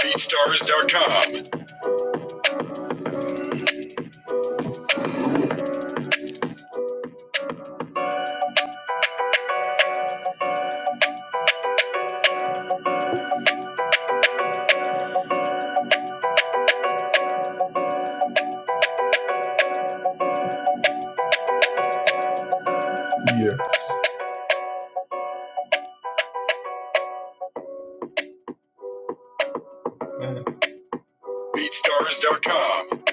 BeatStars.com. BeatStars.com.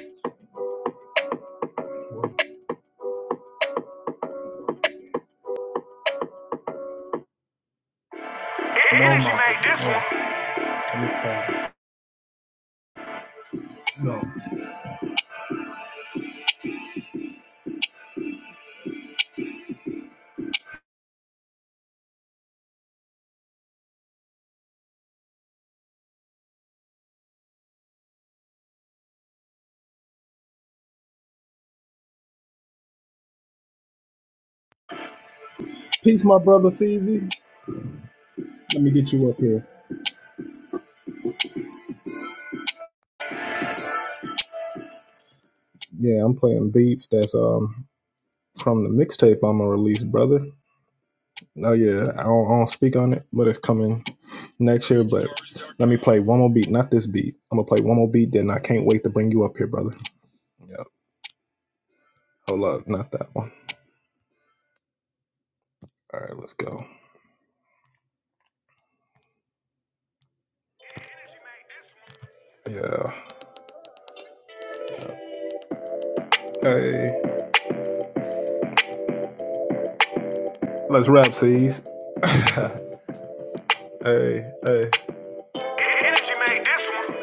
Energy made this one.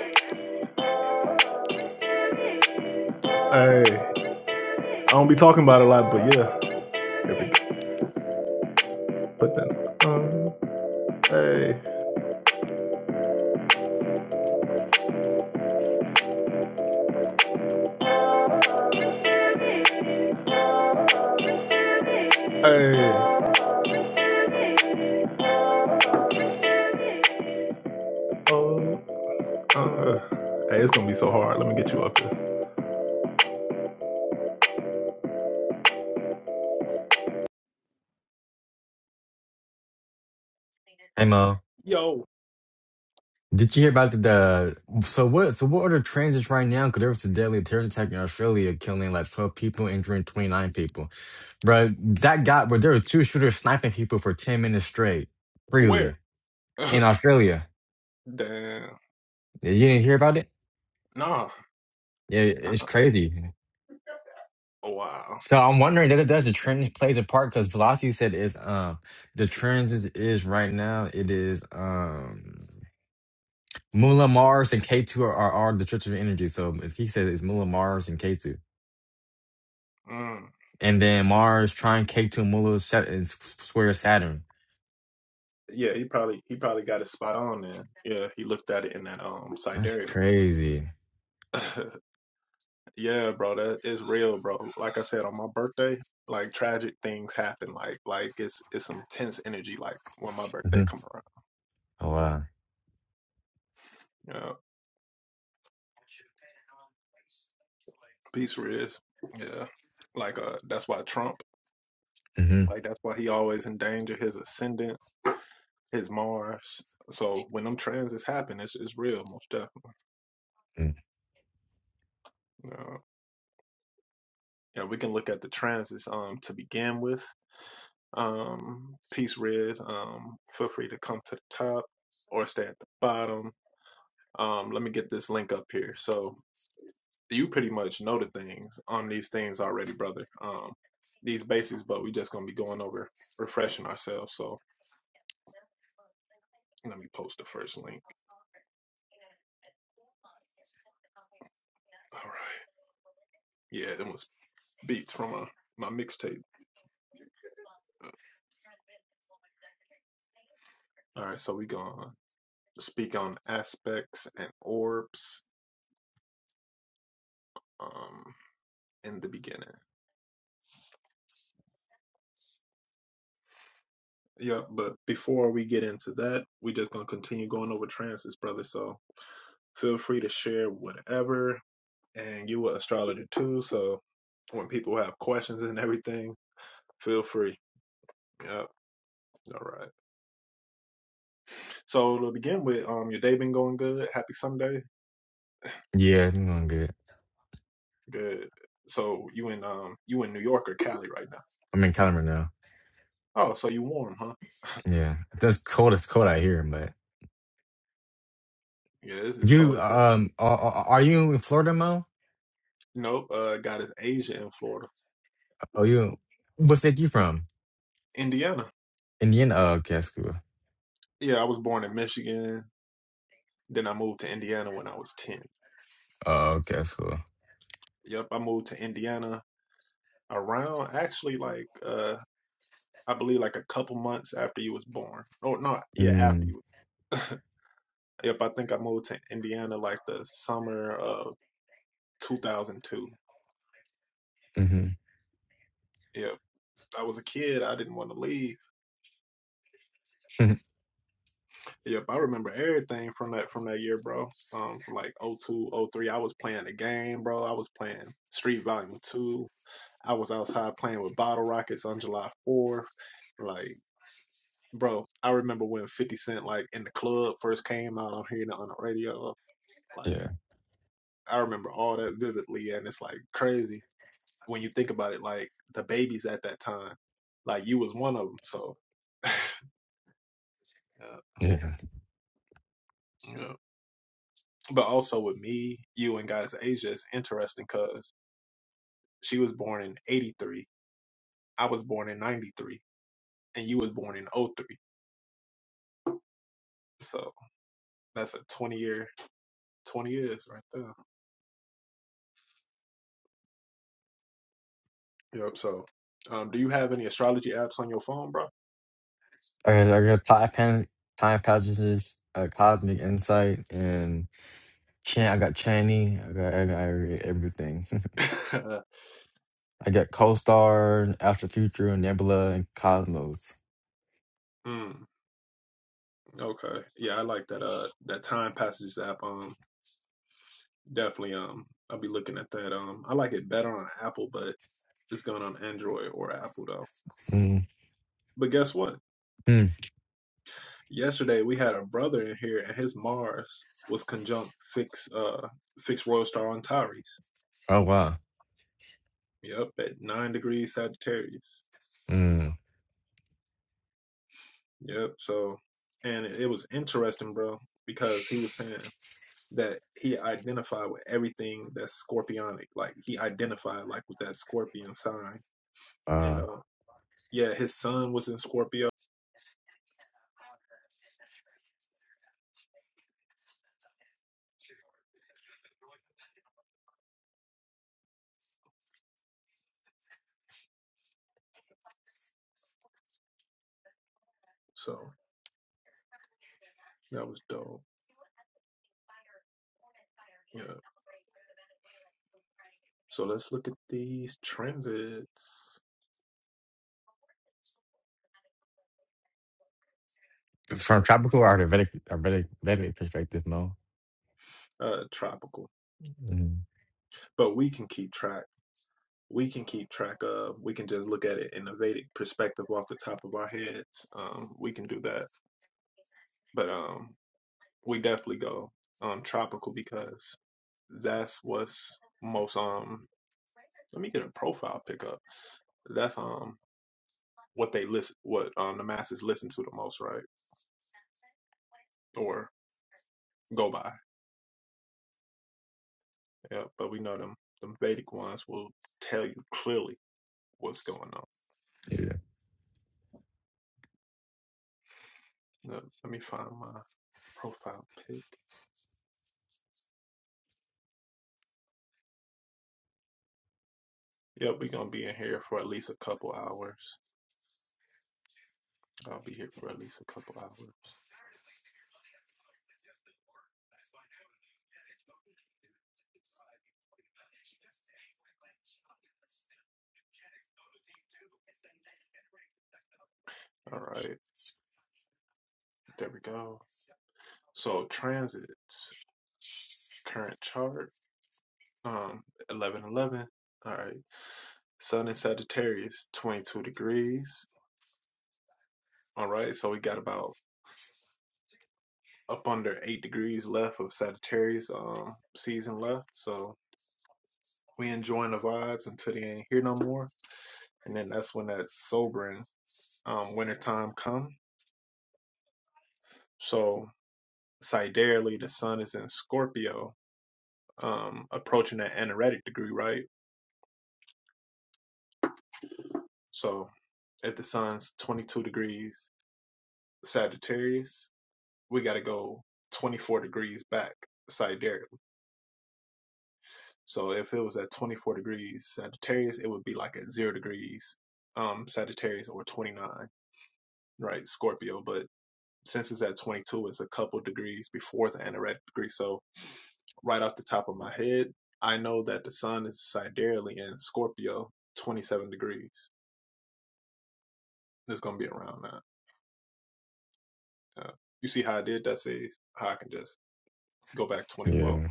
Hey Mo, did you hear about the so what so what are the transits right now? Because there was a deadly terrorist attack in Australia, killing like twelve people, injuring twenty nine people. Bro, that guy, but there were two shooters sniping people for ten minutes straight, freely in Australia. Yeah, You didn't hear about it? Yeah, it's crazy. So I'm wondering that does the trend plays a part because Velocity said is um the trends is, is right now it is um Mula Mars and K two are, are, are the Church of Energy. So if he said it's Mula Mars and K two. and then Mars trying K2 Mula set and s- square Saturn. That's crazy. hmm Oh wow. hmm Yeah, I'm going good. Calendar now. Yeah, that's cold. It's cold out here, but you um are, are are you in Florida, Mo? Oh, you. What state you from? Indiana. Oh, okay, that's cool. Oh, okay, that's cool. Mm-hmm. yeah, yeah. I got, I got Tide Pan, Time Passages, uh, Cosmic Insight, and Chan. I got Channy. I got, I got every- everything. I got co After Future, Nebula, and Cosmos. Mm. Mm. Oh wow. Mm. Uh, from tropical or Vedic, or Vedic, Vedic perspective, no. Mm. Yeah. Yeah.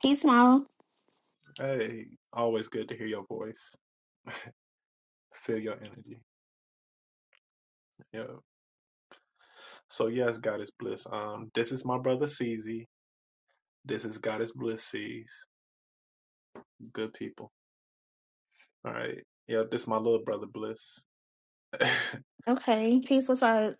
Peace, Mom. Okay. Peace, what's up?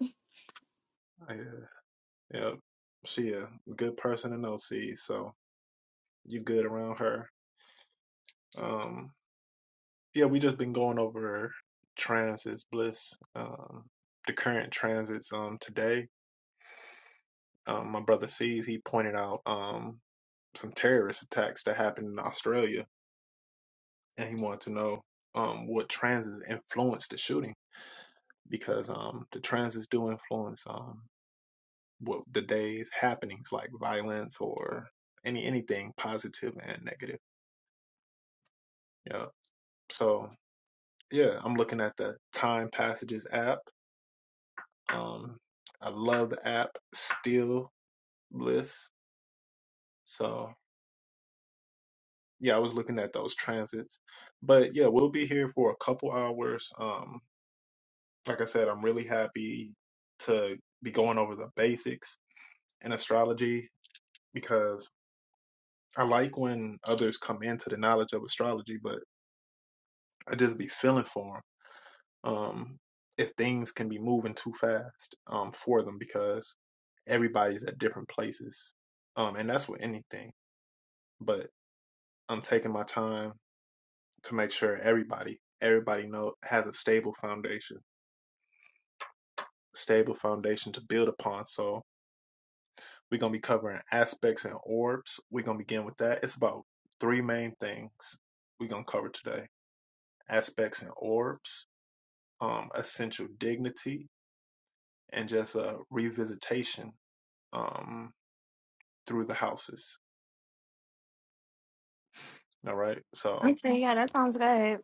Okay, yeah, that sounds good.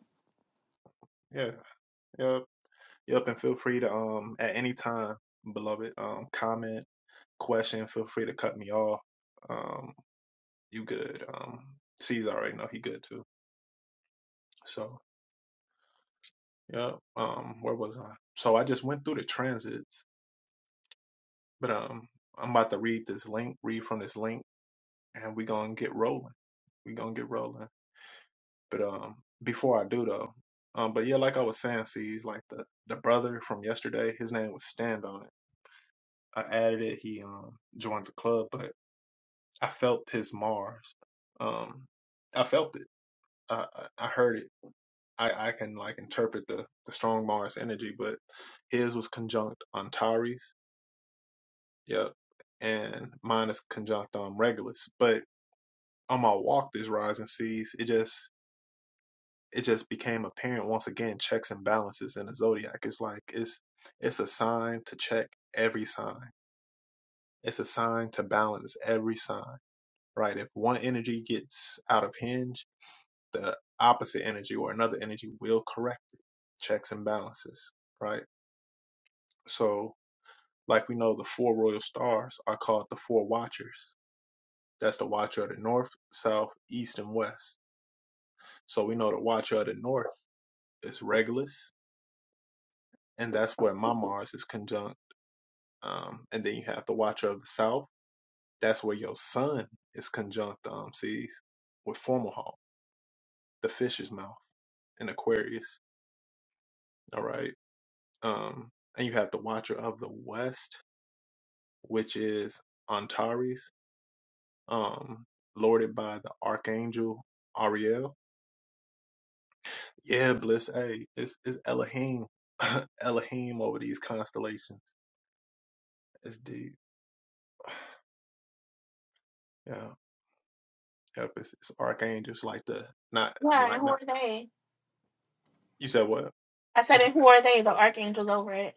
Yeah, and who are they? I said, and who are they? The archangel's over it.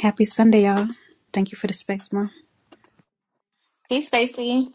Happy Sunday, y'all. Thank you for the space, Mom. Peace, Stacy.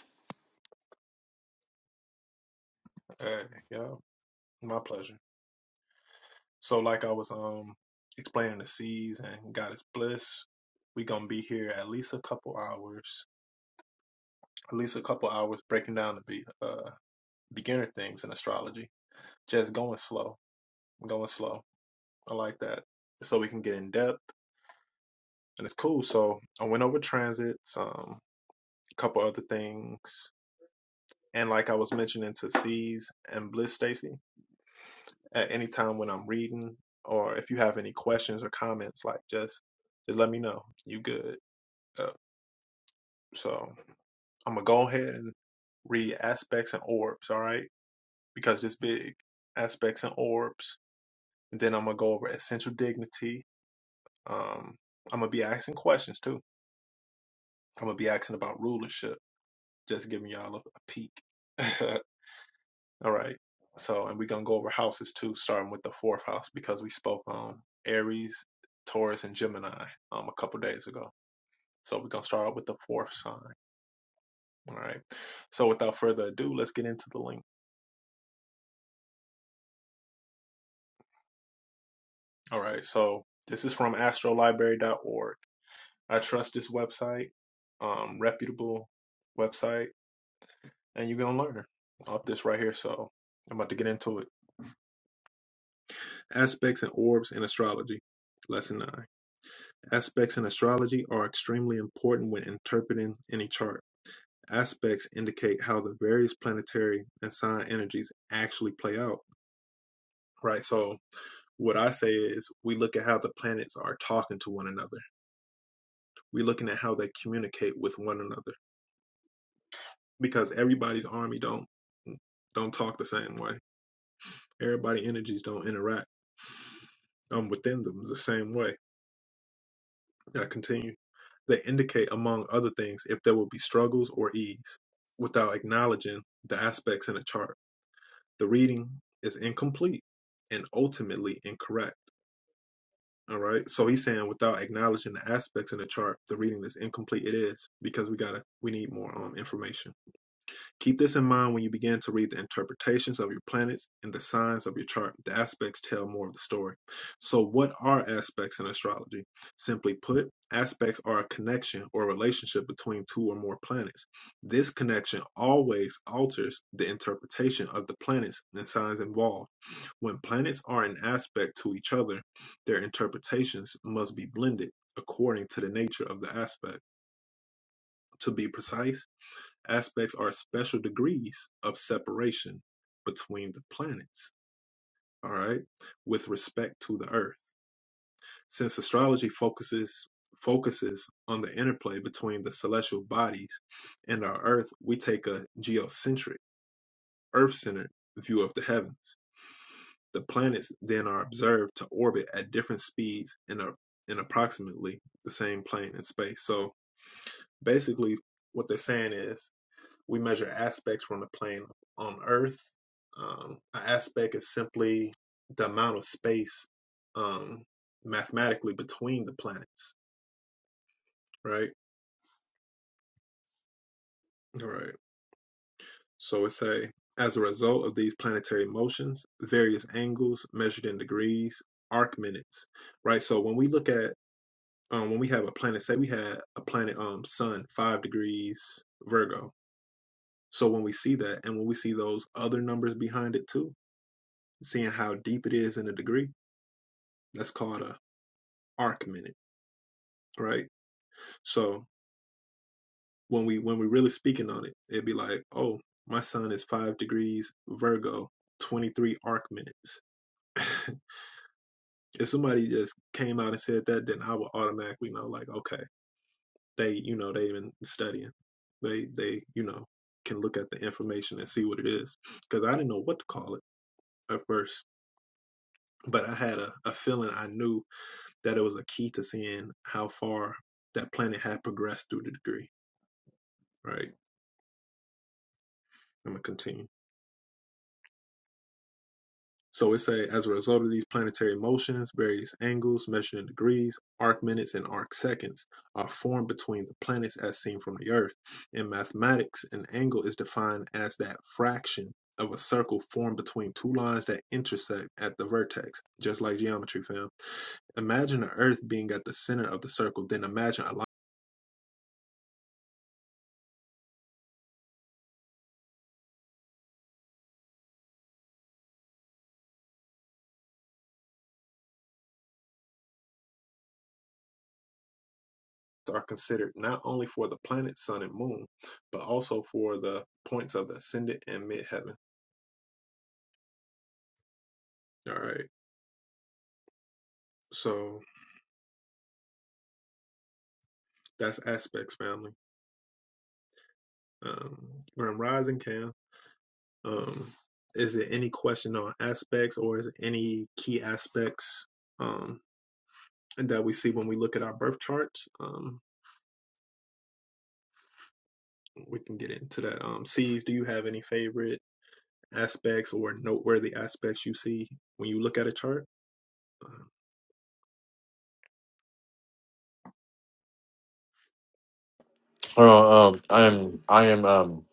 Well, um, I am I am um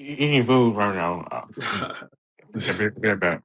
e- eating food right now. Uh, Get get- get back.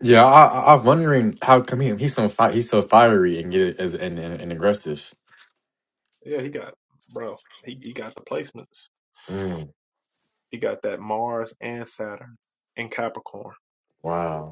Yeah, I, I- I'm wondering how come he, he's so fi- he's so fiery and get as and, and, and aggressive. Mm, wow.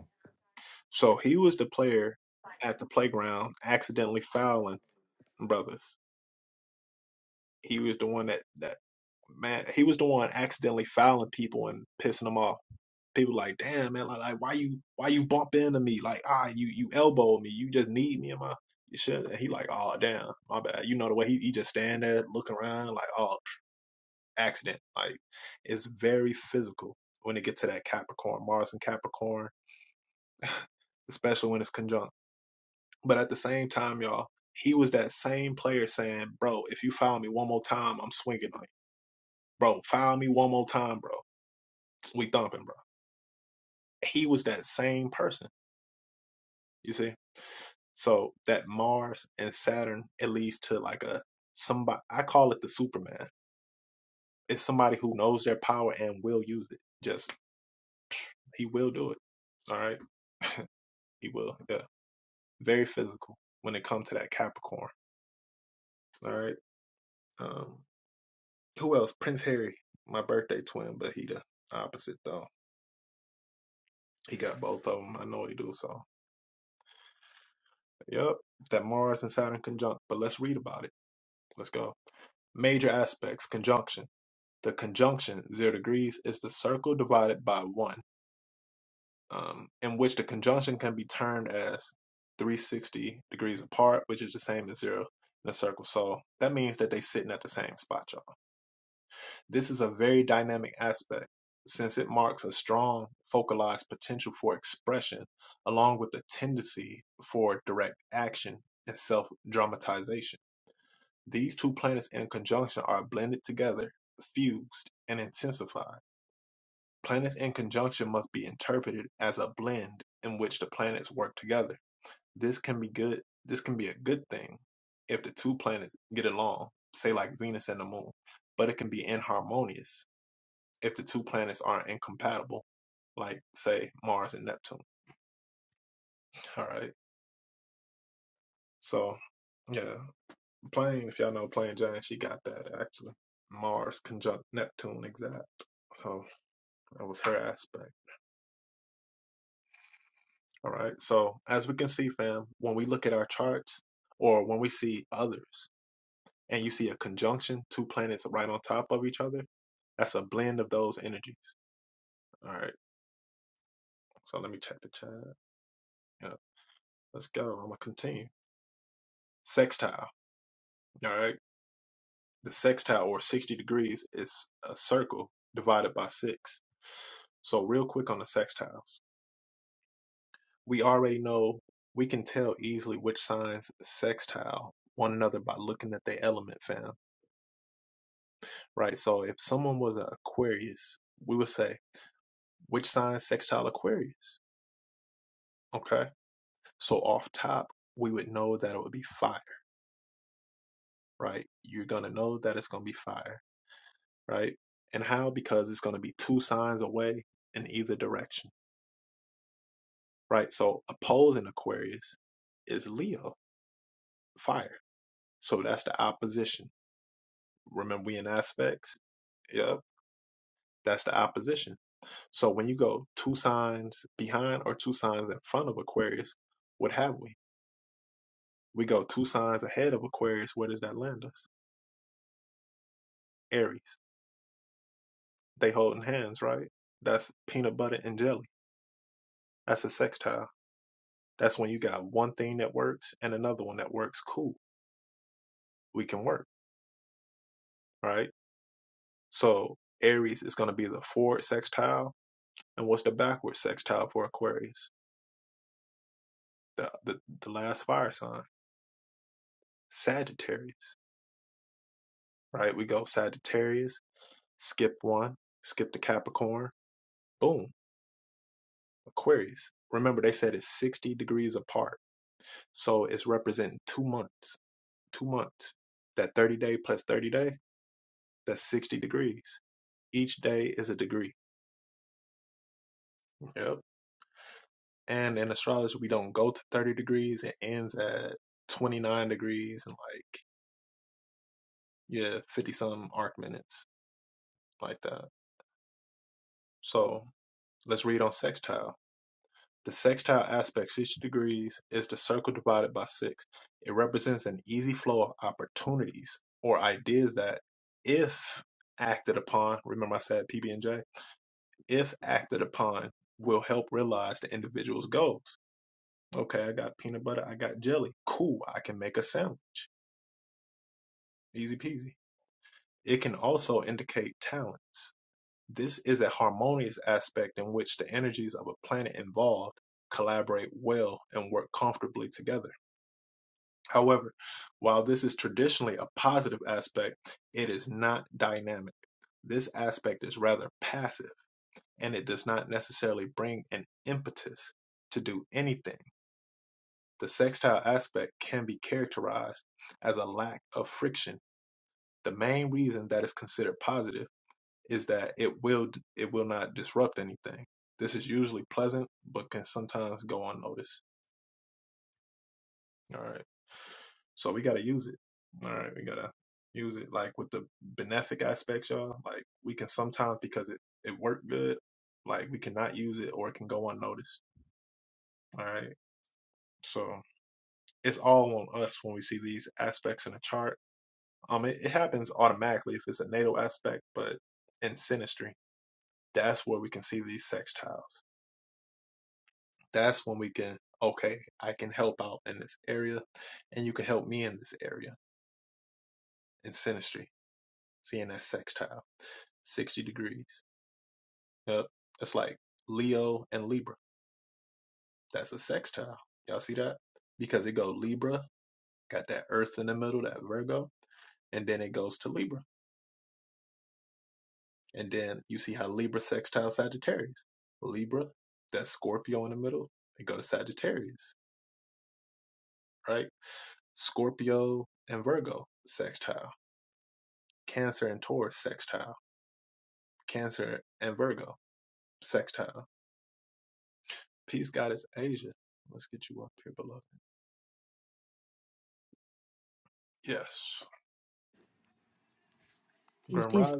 Peace, peace,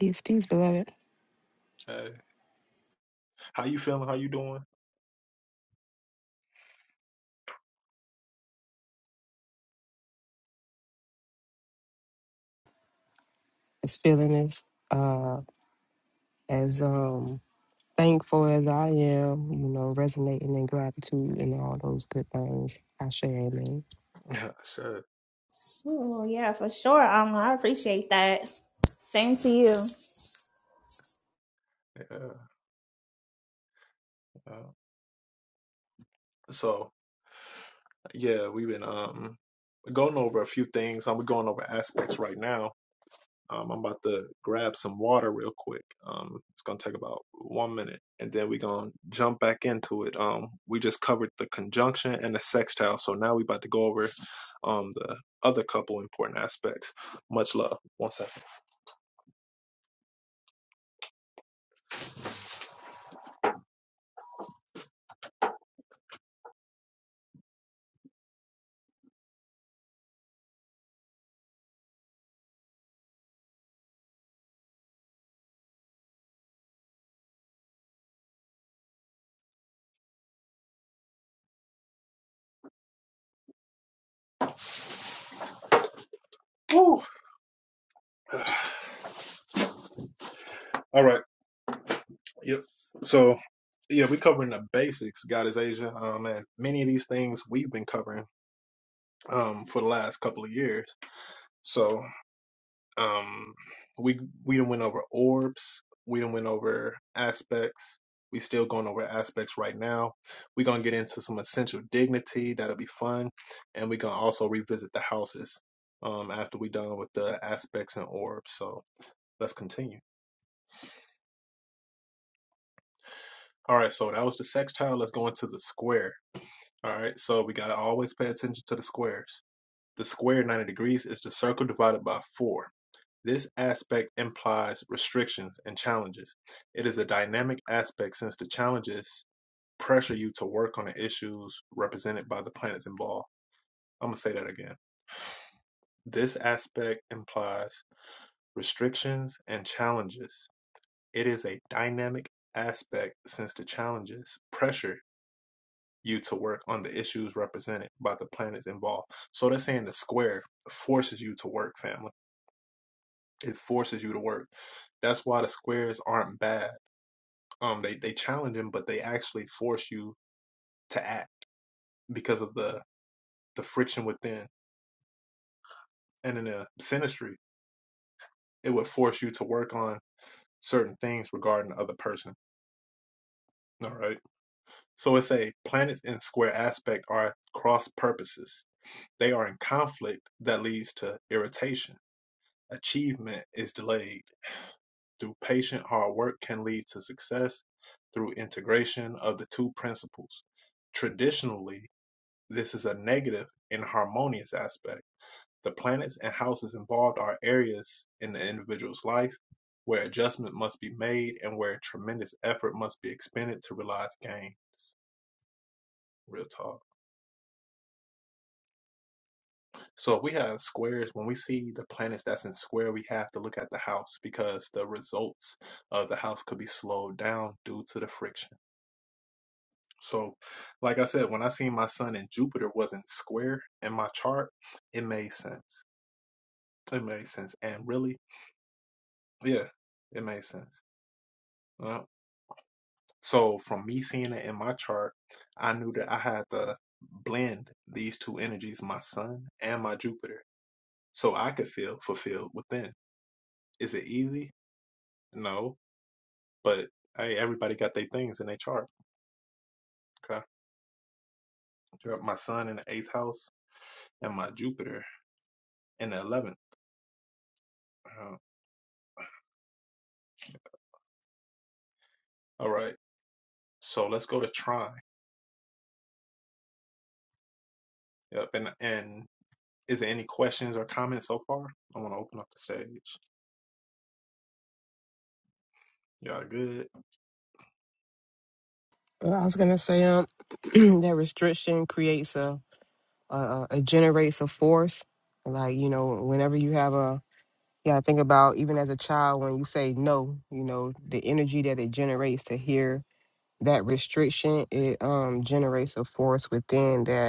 peace, peace, beloved. It's feeling as uh as um thankful as I am, you know, resonating in gratitude and all those good things. I share amen. Oh, yeah, for sure, Alma. I appreciate that. Same to you. Well, I was gonna say um that restriction creates a a a it generates a force. Like, you know, whenever you have a yeah, I think about even as a child when you say no, you know, the energy that it generates to hear that restriction, it um generates a force within that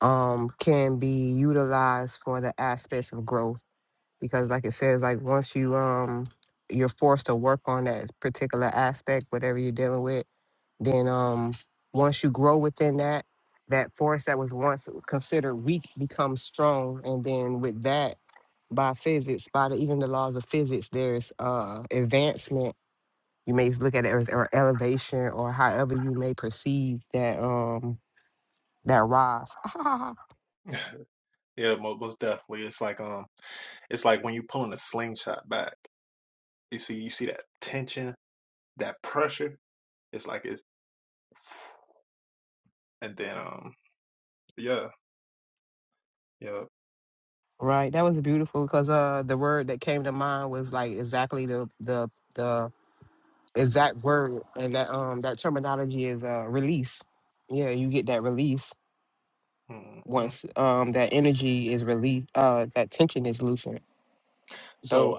um can be utilized for the aspects of growth because like it says like once you um you're forced to work on that particular aspect whatever you're dealing with then um once you grow within that that force that was once considered weak becomes strong and then with that by physics by the, even the laws of physics there's uh advancement you may look at it as or elevation or however you may perceive that um that rise Right. That was beautiful because uh the word that came to mind was like exactly the the the exact word and that um that terminology is uh release. Yeah, you get that release once um that energy is released, uh that tension is loosened. Dope.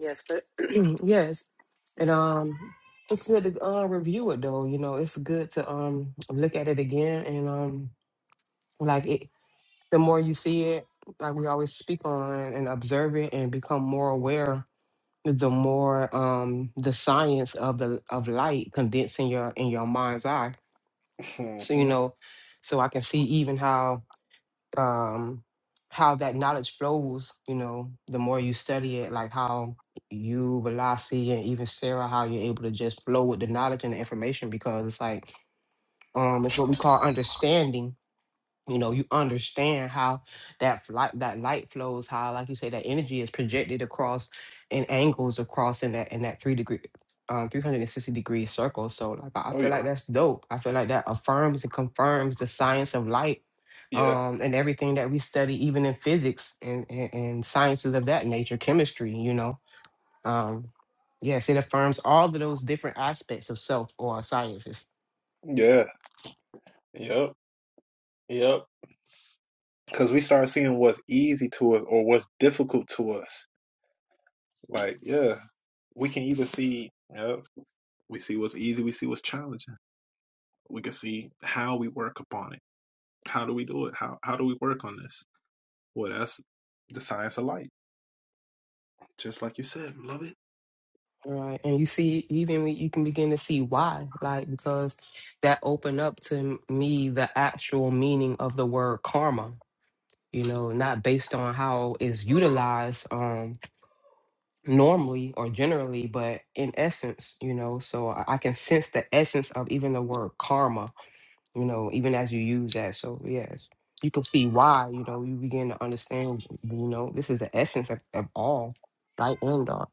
Yes, but yes. And um it's good to uh, review it though, you know, it's good to um look at it again and um like it the more you see it, like we always speak on and observe it and become more aware the more um the science of the of light condensing your in your mind's eye so you know so i can see even how um how that knowledge flows you know the more you study it like how you Velasi and even sarah how you're able to just flow with the knowledge and the information because it's like um it's what we call understanding you know you understand how that light that light flows how like you say that energy is projected across and angles across in that in that three degree um 360 degree circle so like i feel like that's dope i feel like that affirms and confirms the science of light um and everything that we study even in physics and and, and sciences of that nature chemistry you know um yes it affirms all of those different aspects of self or sciences Right. And you see, even when you can begin to see why, like, because that opened up to me the actual meaning of the word karma, you know, not based on how it's utilized um normally or generally, but in essence, you know, so I I can sense the essence of even the word karma you know, even as you use that. So yes, you can see why, you know, you begin to understand, you know, this is the essence of, of all light and dark.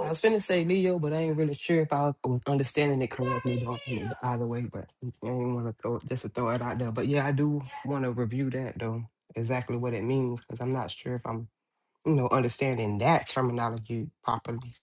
I was finna say Leo, but I ain't really sure if I was understanding it correctly though, you know, either way, but I didn't want to throw it- just to throw it out there. But yeah, I do want to review that though, exactly what it means, because I'm not sure if I'm you know, understanding that terminology properly.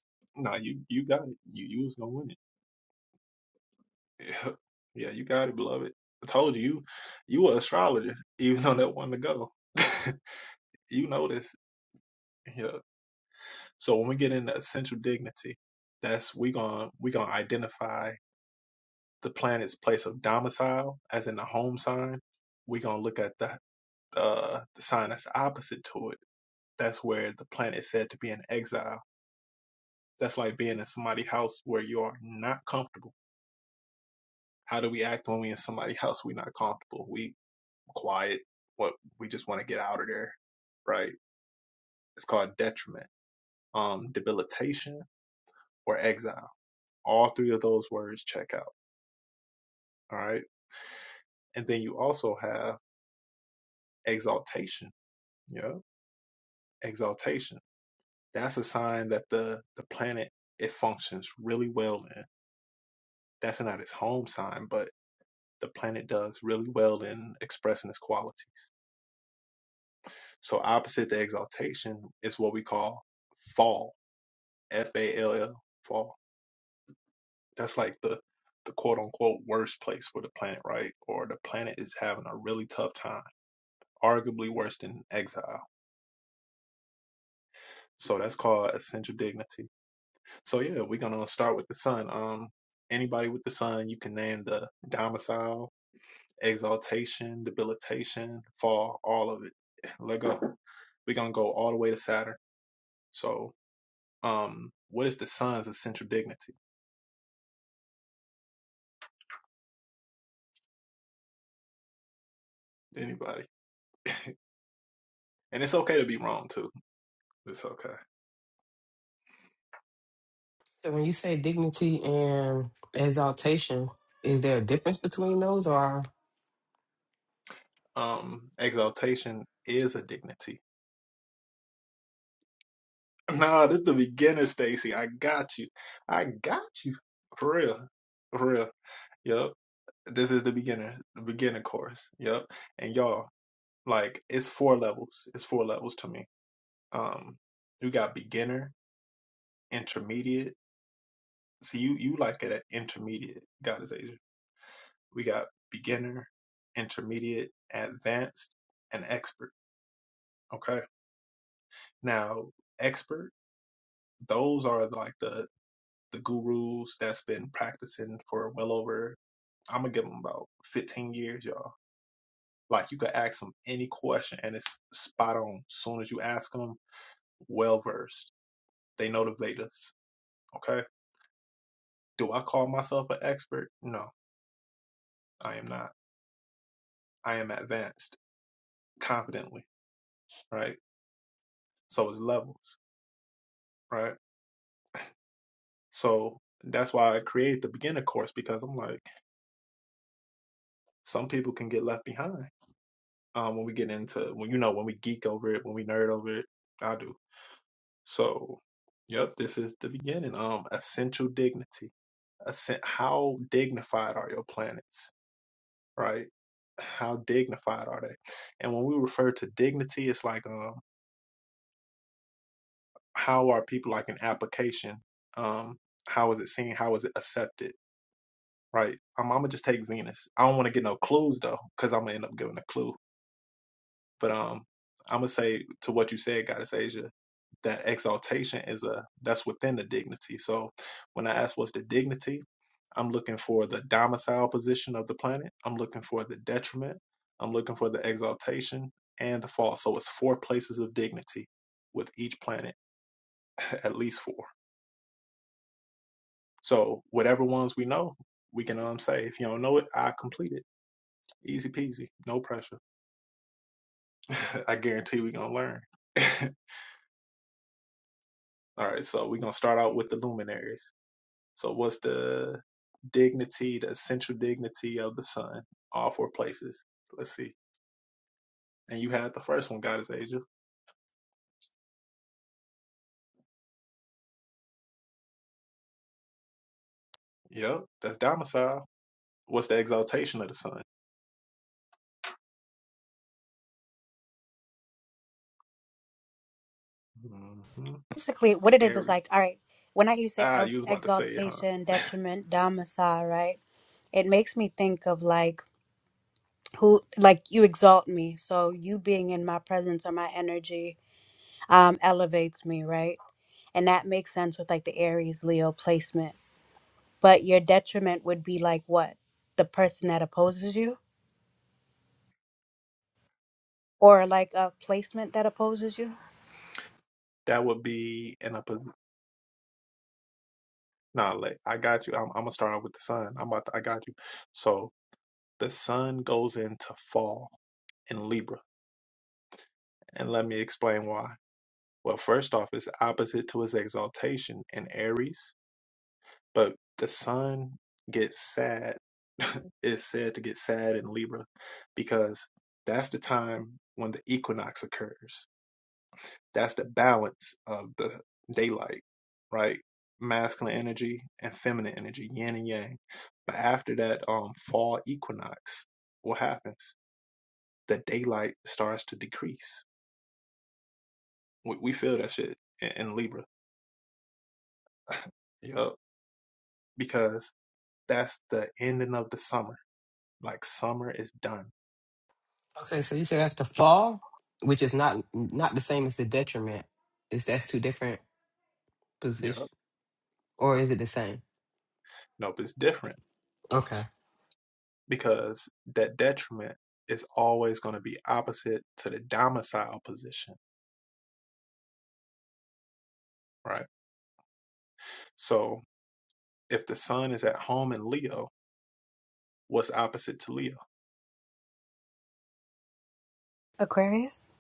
So when you say dignity and exaltation, is there a difference between those or basically what it is is like all right when i you say el- exaltation detriment domicile right it makes me think of like who like you exalt me so you being in my presence or my energy um elevates me right and that makes sense with like the aries leo placement but your detriment would be like what the person that opposes you or like a placement that opposes you okay, so you said that's the fall, which is not not the same as the detriment. Is that's two different positions or is it the same? Okay. aquarius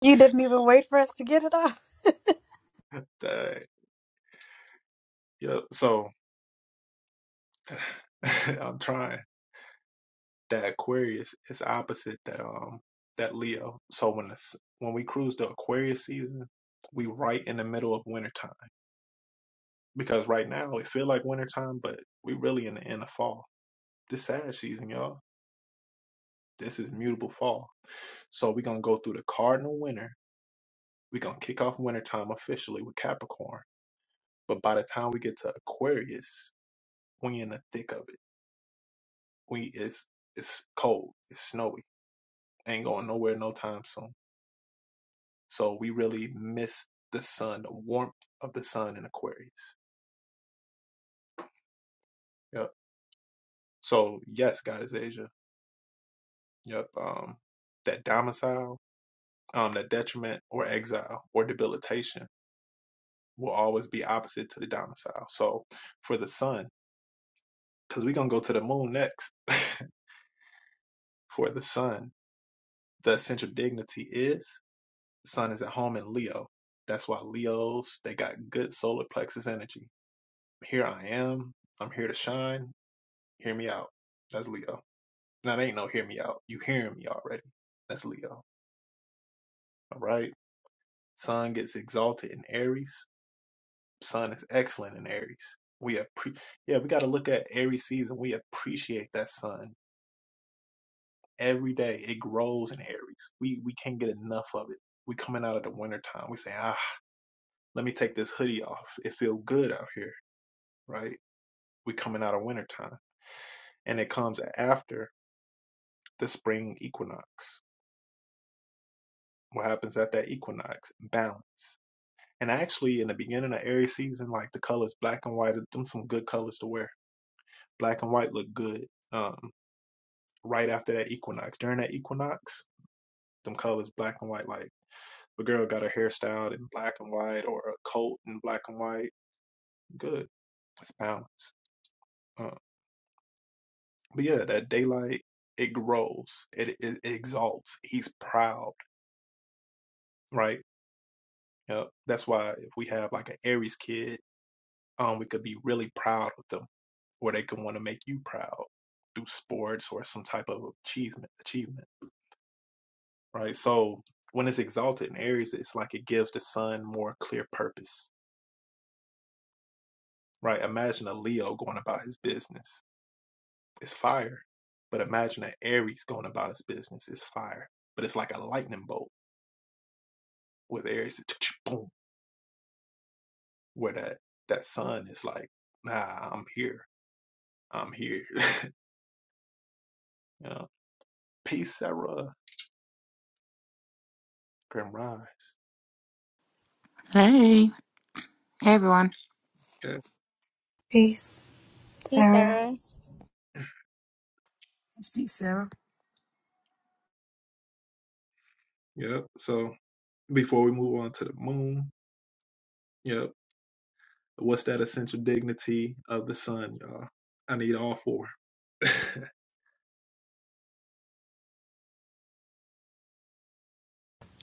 You didn't even wait for us to get it off. Hey, hey everyone. Peace, Peace, Sarah. Sarah. Speak Sarah.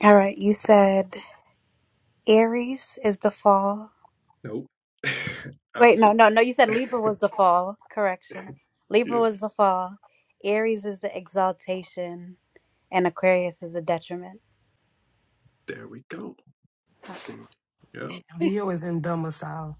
All right, you said Aries is the fall. Wait, no, no, no, you said Libra was the fall. Correction. Libra was the fall. Aries is the exaltation, and Aquarius is the detriment. Leo is in domicile.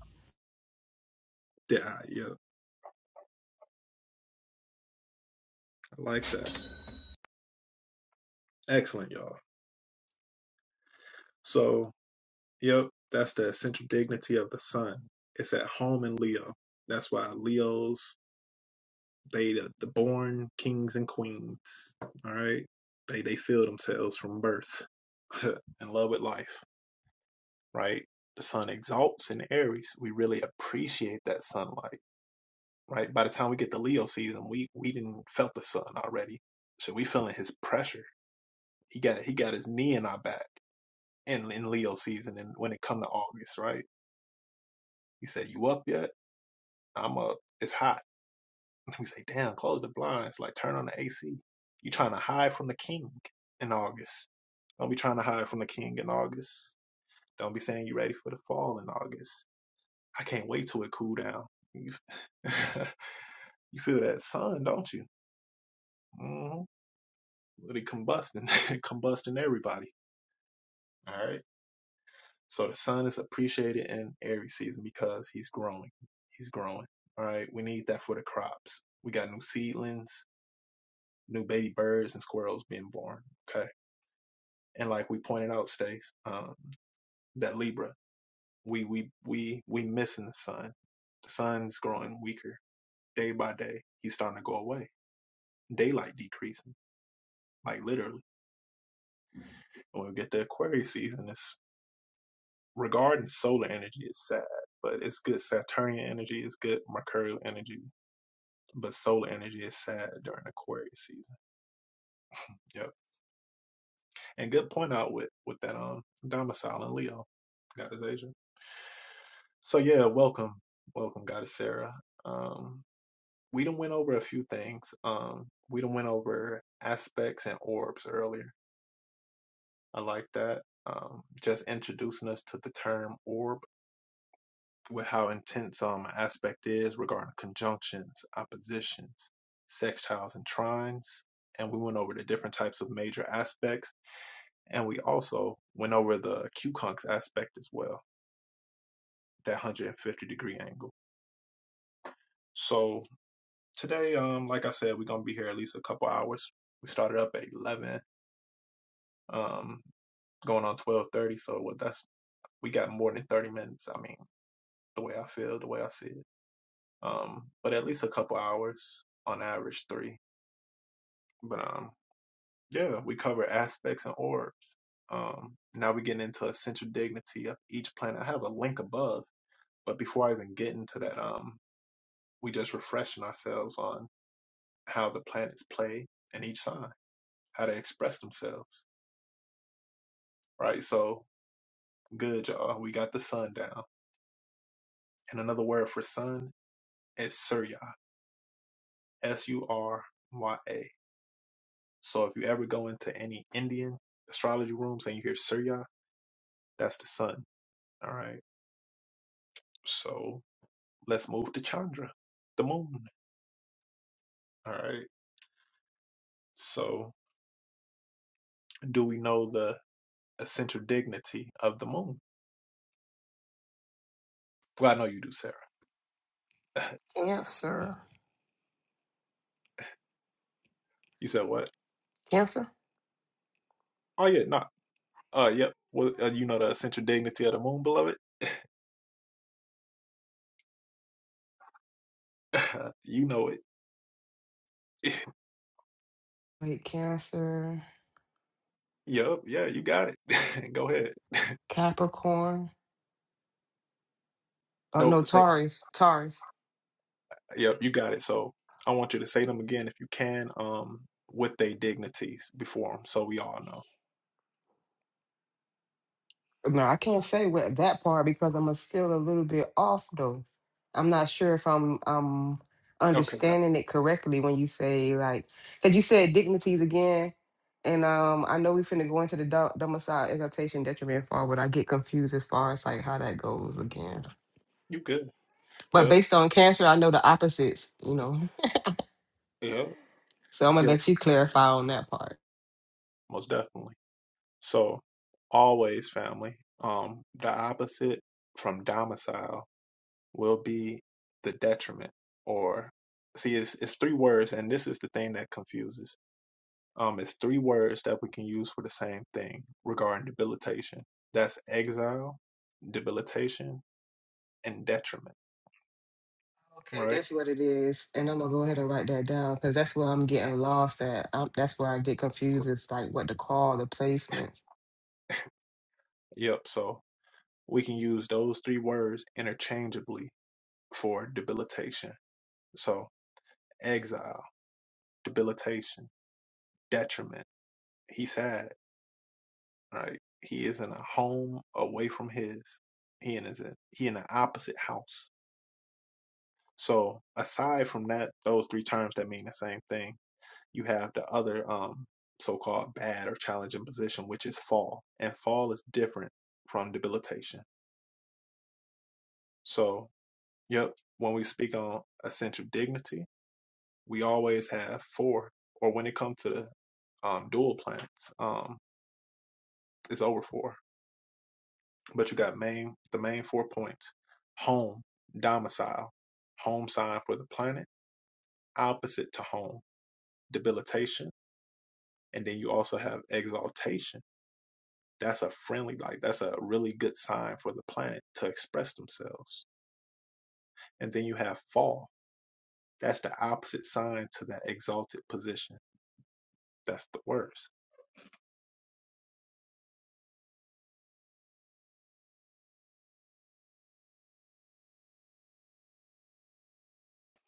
Cancer. Cancer? Wait, Cancer. Capricorn. Oh no, Taurus. Taurus. No, I can't say what that part because I'm a- still a little bit off though. I'm not sure if I'm um understanding it correctly when you say like because you said dignities again, and um I know we finna go into the dom- domicile exaltation detriment far, but I get confused as far as like how that goes again. But based on cancer, I know the opposites, you know. So I'm gonna let you clarify on that part. Okay, that's what it is. And I'm gonna go ahead and write that down because that's where I'm getting lost at. i that's where I get confused. It's like what to call the placement.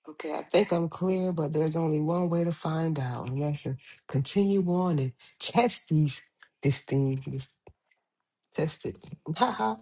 Okay, I think I'm clear, but there's only one way to find out, and that's to continue on and test these this thing, this test it. Haha.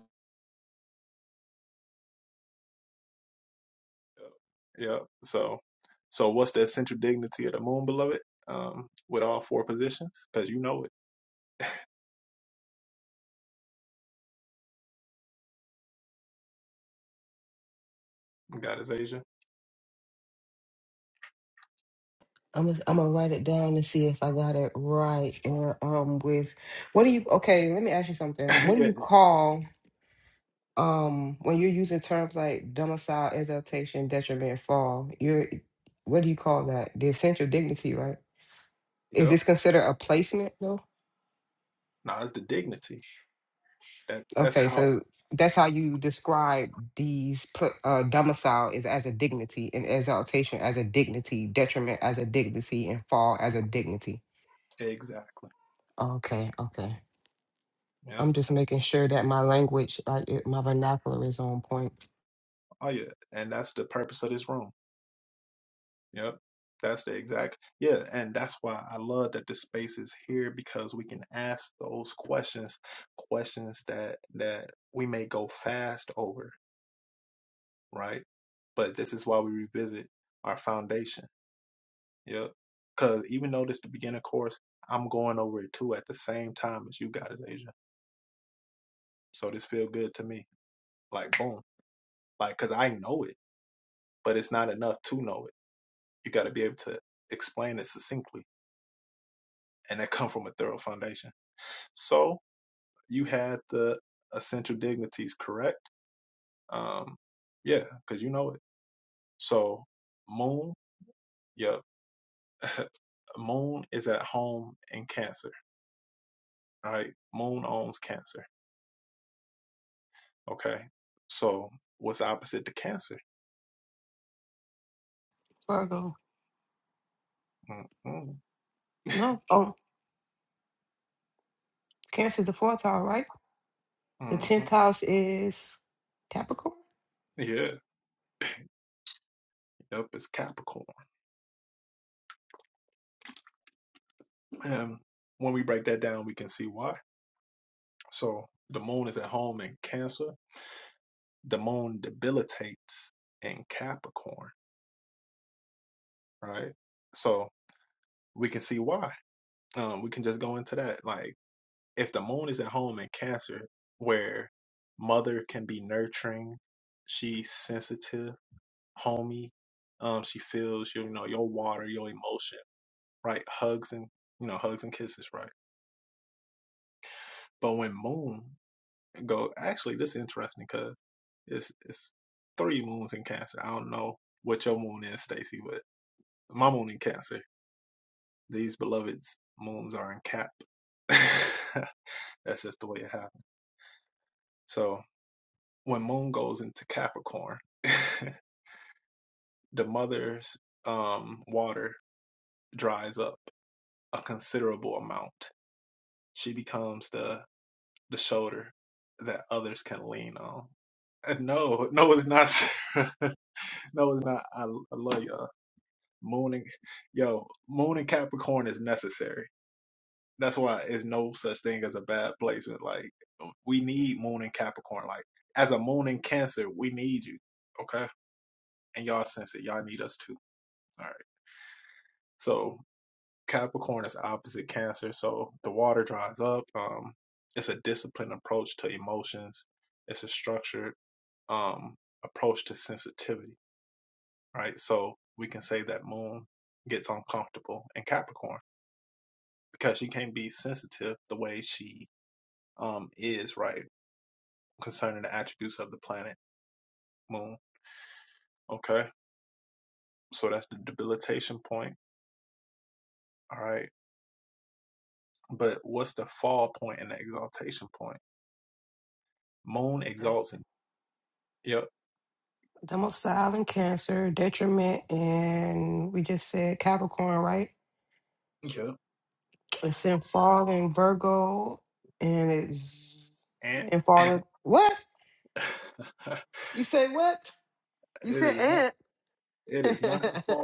I'm gonna, I'm gonna write it down to see if I got it right. And um, with what do you? Okay, let me ask you something. What do you call? um when you're using terms like domicile, exaltation, detriment, fall, you're what do you call that? The essential dignity, right? Is this considered a placement though? Okay, so that's how you describe these pl- uh, domicile is as a dignity and exaltation as a dignity, detriment as a dignity, and fall as a dignity. Okay, okay. I'm just making sure that my language, like it, my vernacular is on point. Virgo. No, no. oh, Cancer's the fourth tower, right? The 10th house is Capricorn, Dang. domicile in Cancer, detriment, and we just said Capricorn, right? It's in fall in Virgo, and it's in fall in what? You say what? You said and. you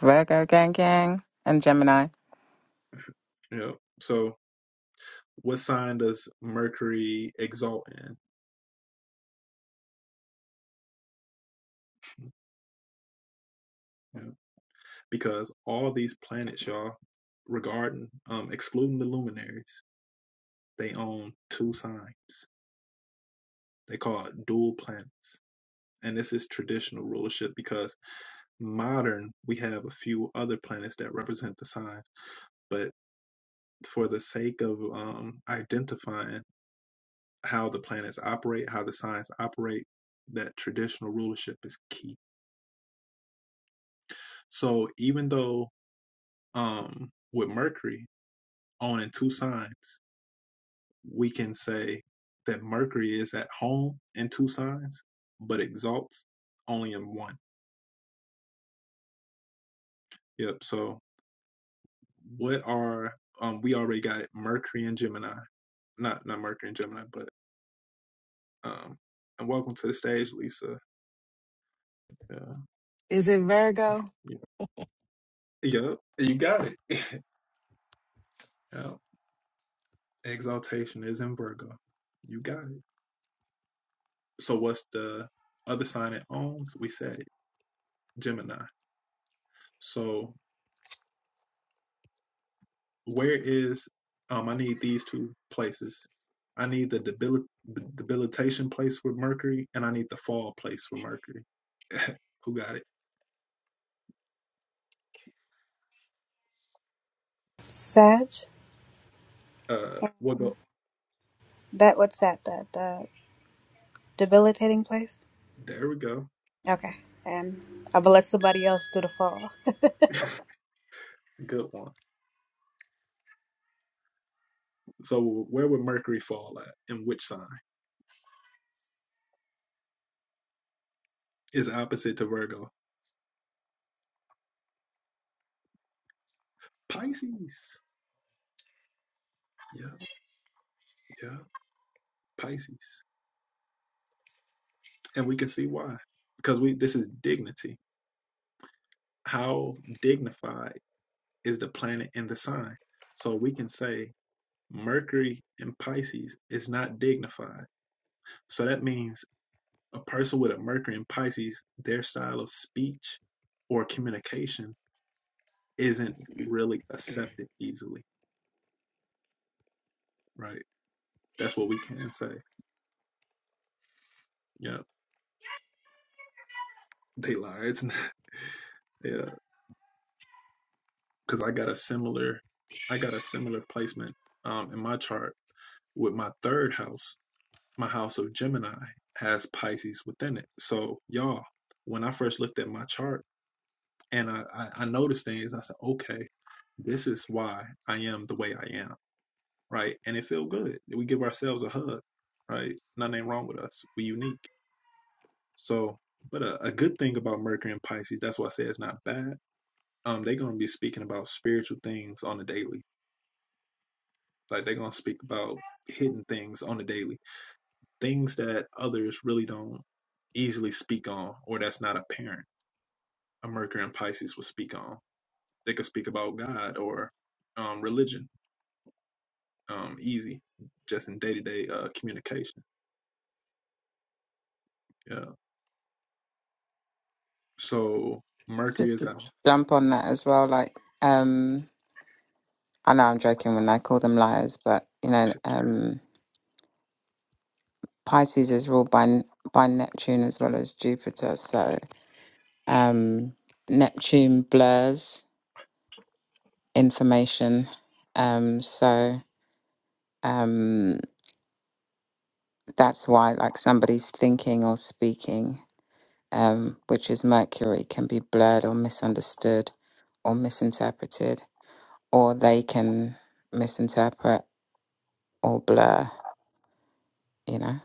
Virgo gang gang and Gemini. Is it Virgo? Sag? That what's that? The the debilitating place? Okay. And I will let somebody else do the fall. Just to jump on that as well, like um I know I'm joking when I call them liars, but you know, um Pisces is ruled by by Neptune as well as Jupiter, so um Neptune blurs information. Um so um that's why like somebody's thinking or speaking, um, which is Mercury, can be blurred or misunderstood or misinterpreted or they can misinterpret or blur, you know.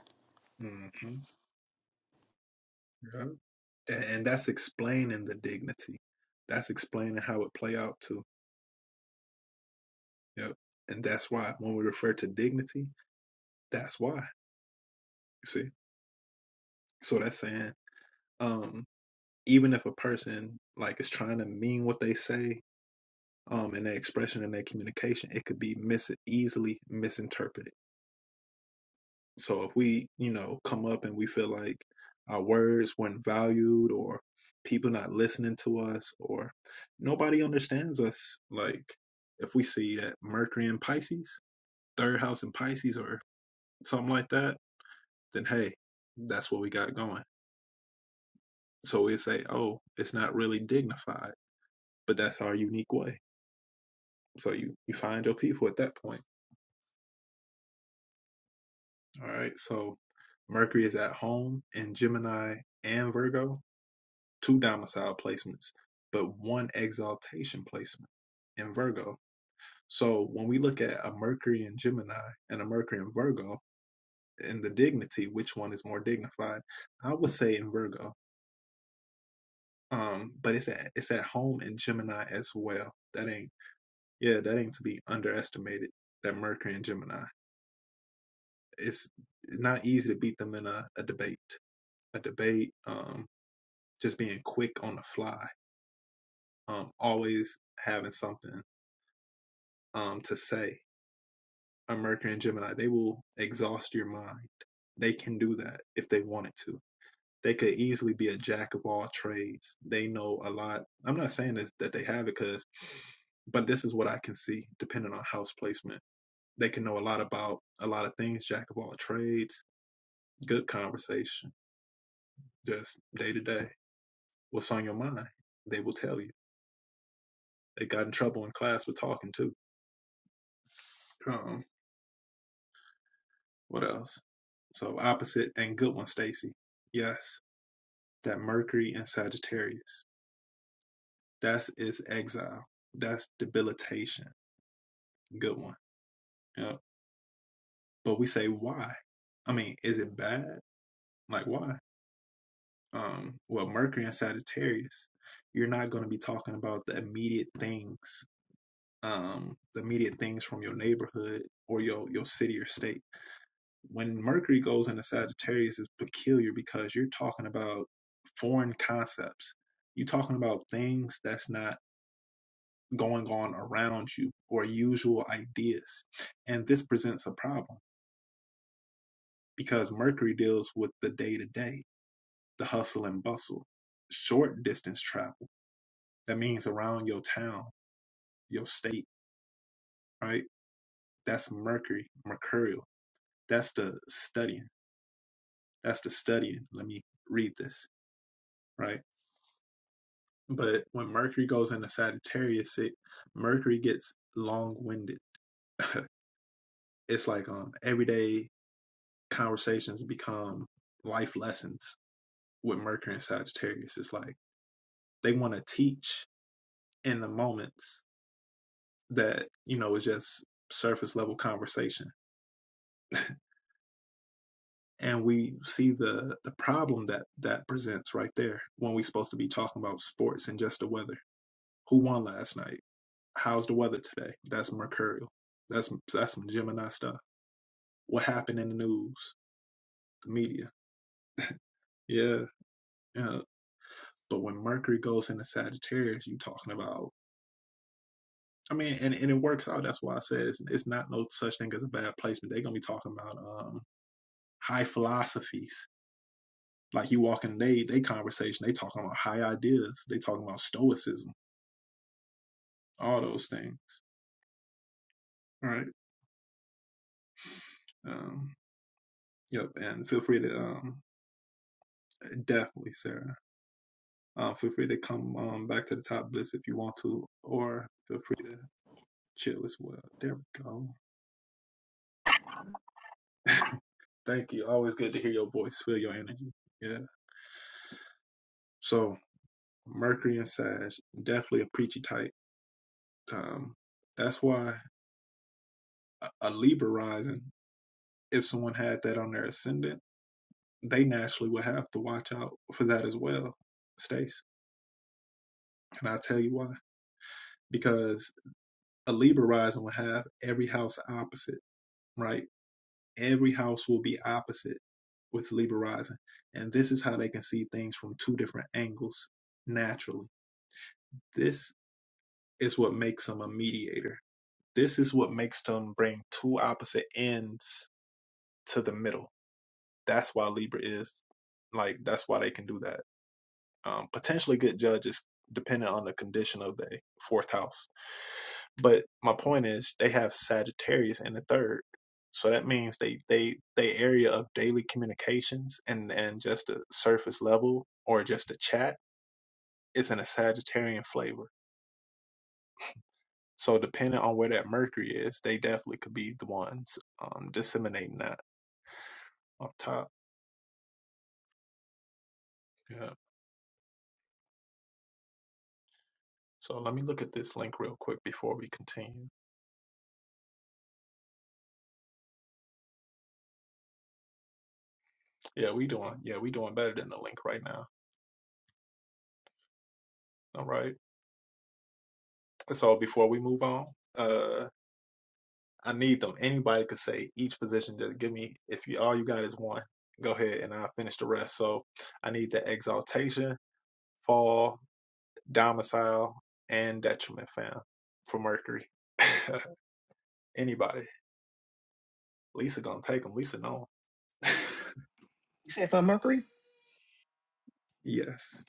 said for Mercury?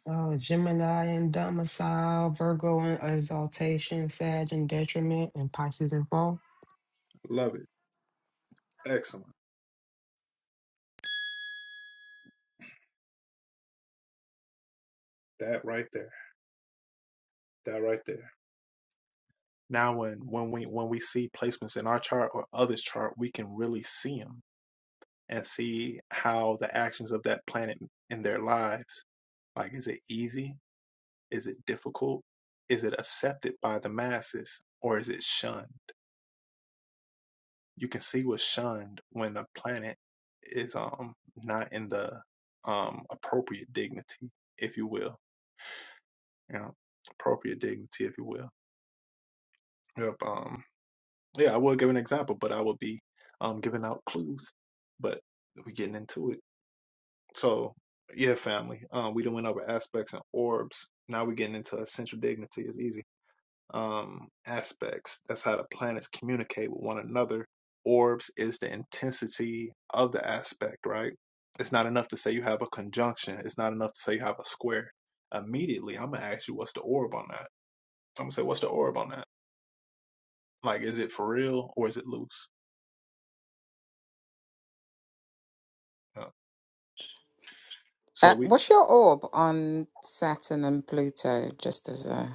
Oh, Gemini and domicile, Virgo and exaltation, Sag and detriment, and Pisces in fall. Uh, what's your orb on Saturn and Pluto? Just as a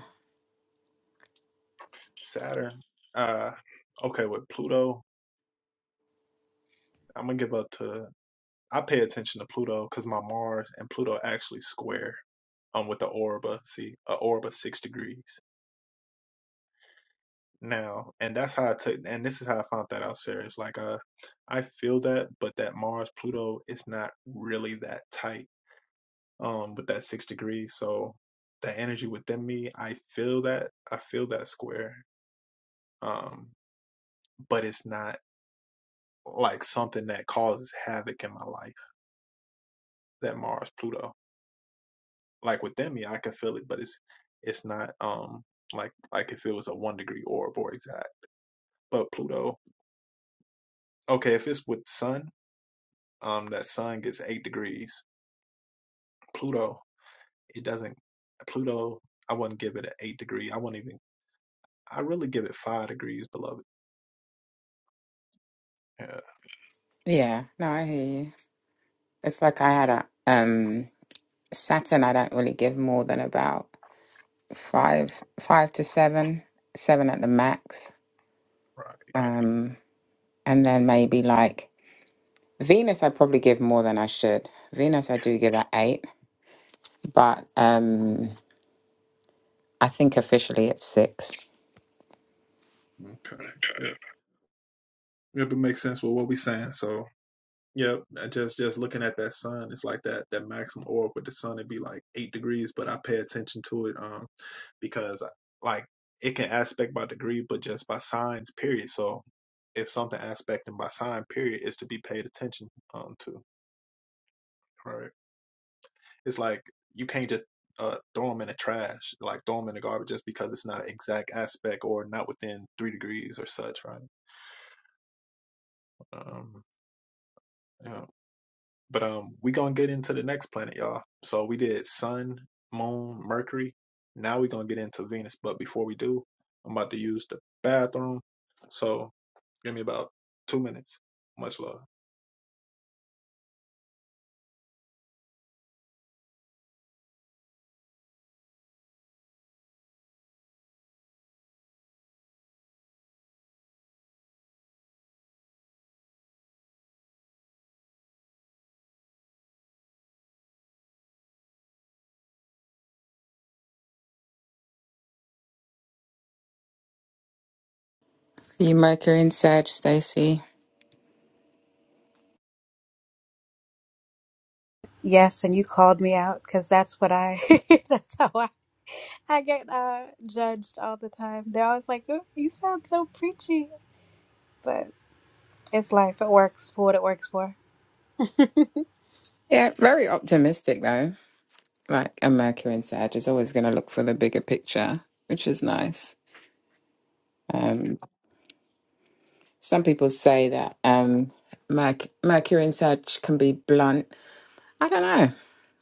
yeah, no, I hear you. It's like I had a um Saturn. I don't really give more than about five, five to seven, seven at the max. Um, and then maybe like Venus, I probably give more than I should. Venus, I do give at eight, but um, I think officially it's six. You Mercury in Sag, Stacey. Yes, and you called me out because that's what I that's how I I get uh judged all the time. They're always like, "Ooh, you sound so preachy. But it's life. It works for what it works for. Yeah, very optimistic though. Like a Mercury in Sag is always going to look for the bigger picture, which is nice. Um, some people say that um, Merc- Mercury in Sag can be blunt. I don't know.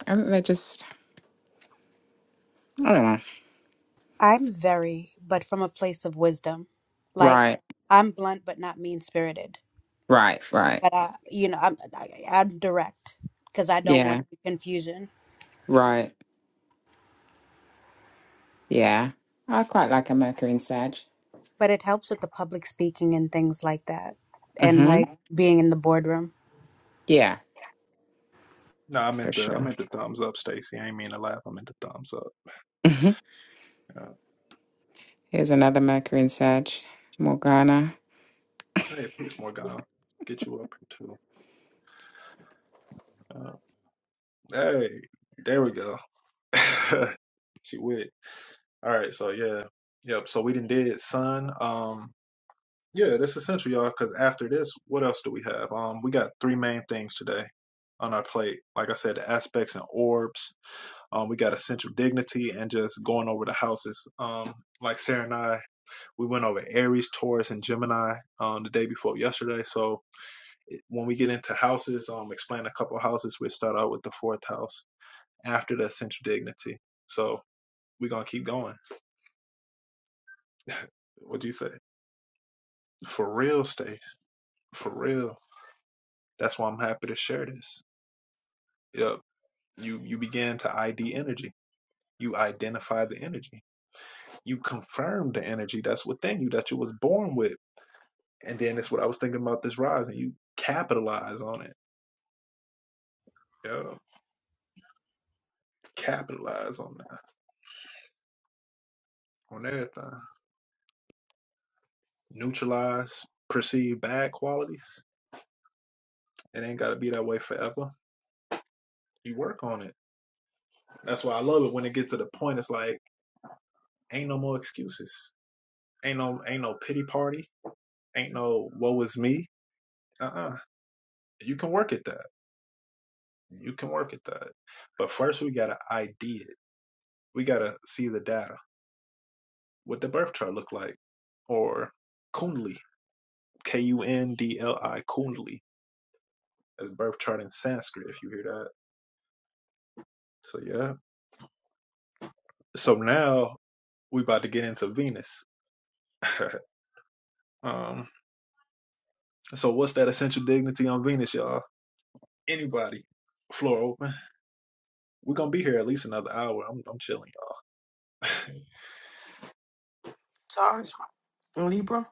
I think they're just, I don't know. I'm very, but from a place of wisdom. Like Right, I'm blunt but not mean-spirited. right, right. But I, you know, I'm I, I'm direct because I don't want Yeah, confusion. right. Yeah. I quite like a Mercury in Sag. But it helps with the public speaking and things like that. And hmm like being in the boardroom. Yeah, for sure. hmm Here's another Mercury in Sag, Morgana. Taurus and Libra.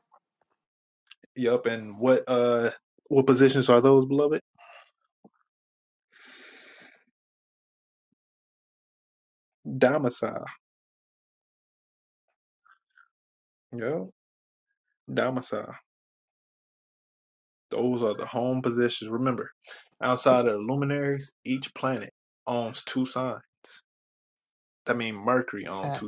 That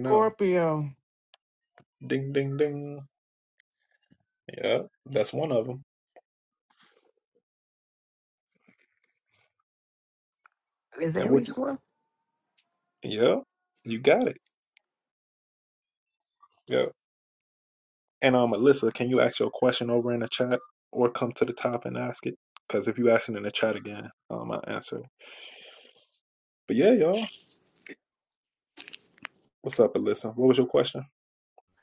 Scorpio, is Aries one.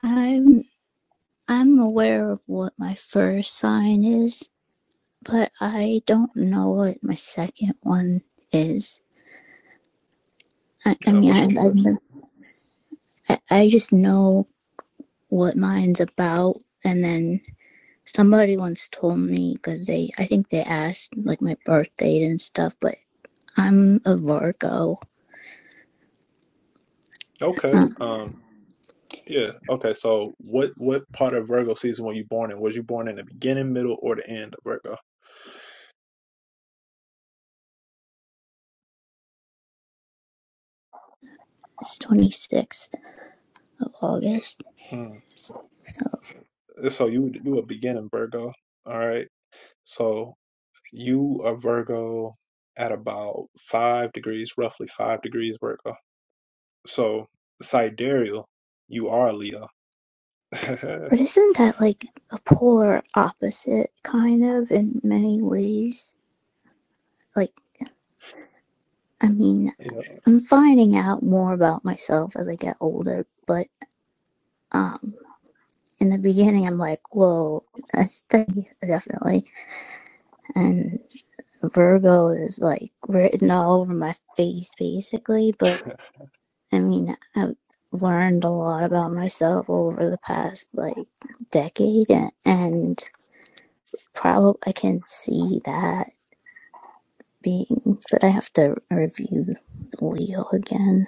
I'm I'm aware of what my first sign is, but I don't know what my second one is. I, I mean, I, I I just know what mine's about, and then somebody once told me because they I think they asked like my birth date and stuff, but I'm a Virgo. Uh, it's 26th of August. So, but isn't that like a polar opposite kind of in many ways? like? I mean, I'm finding out more about myself as I get older, but um, in the beginning, I'm like, whoa, that's de- definitely. And Virgo is like written all over my face, basically. But I mean, I've learned a lot about myself over the past like decade, and probably I can see that being, but I have to review Leo again.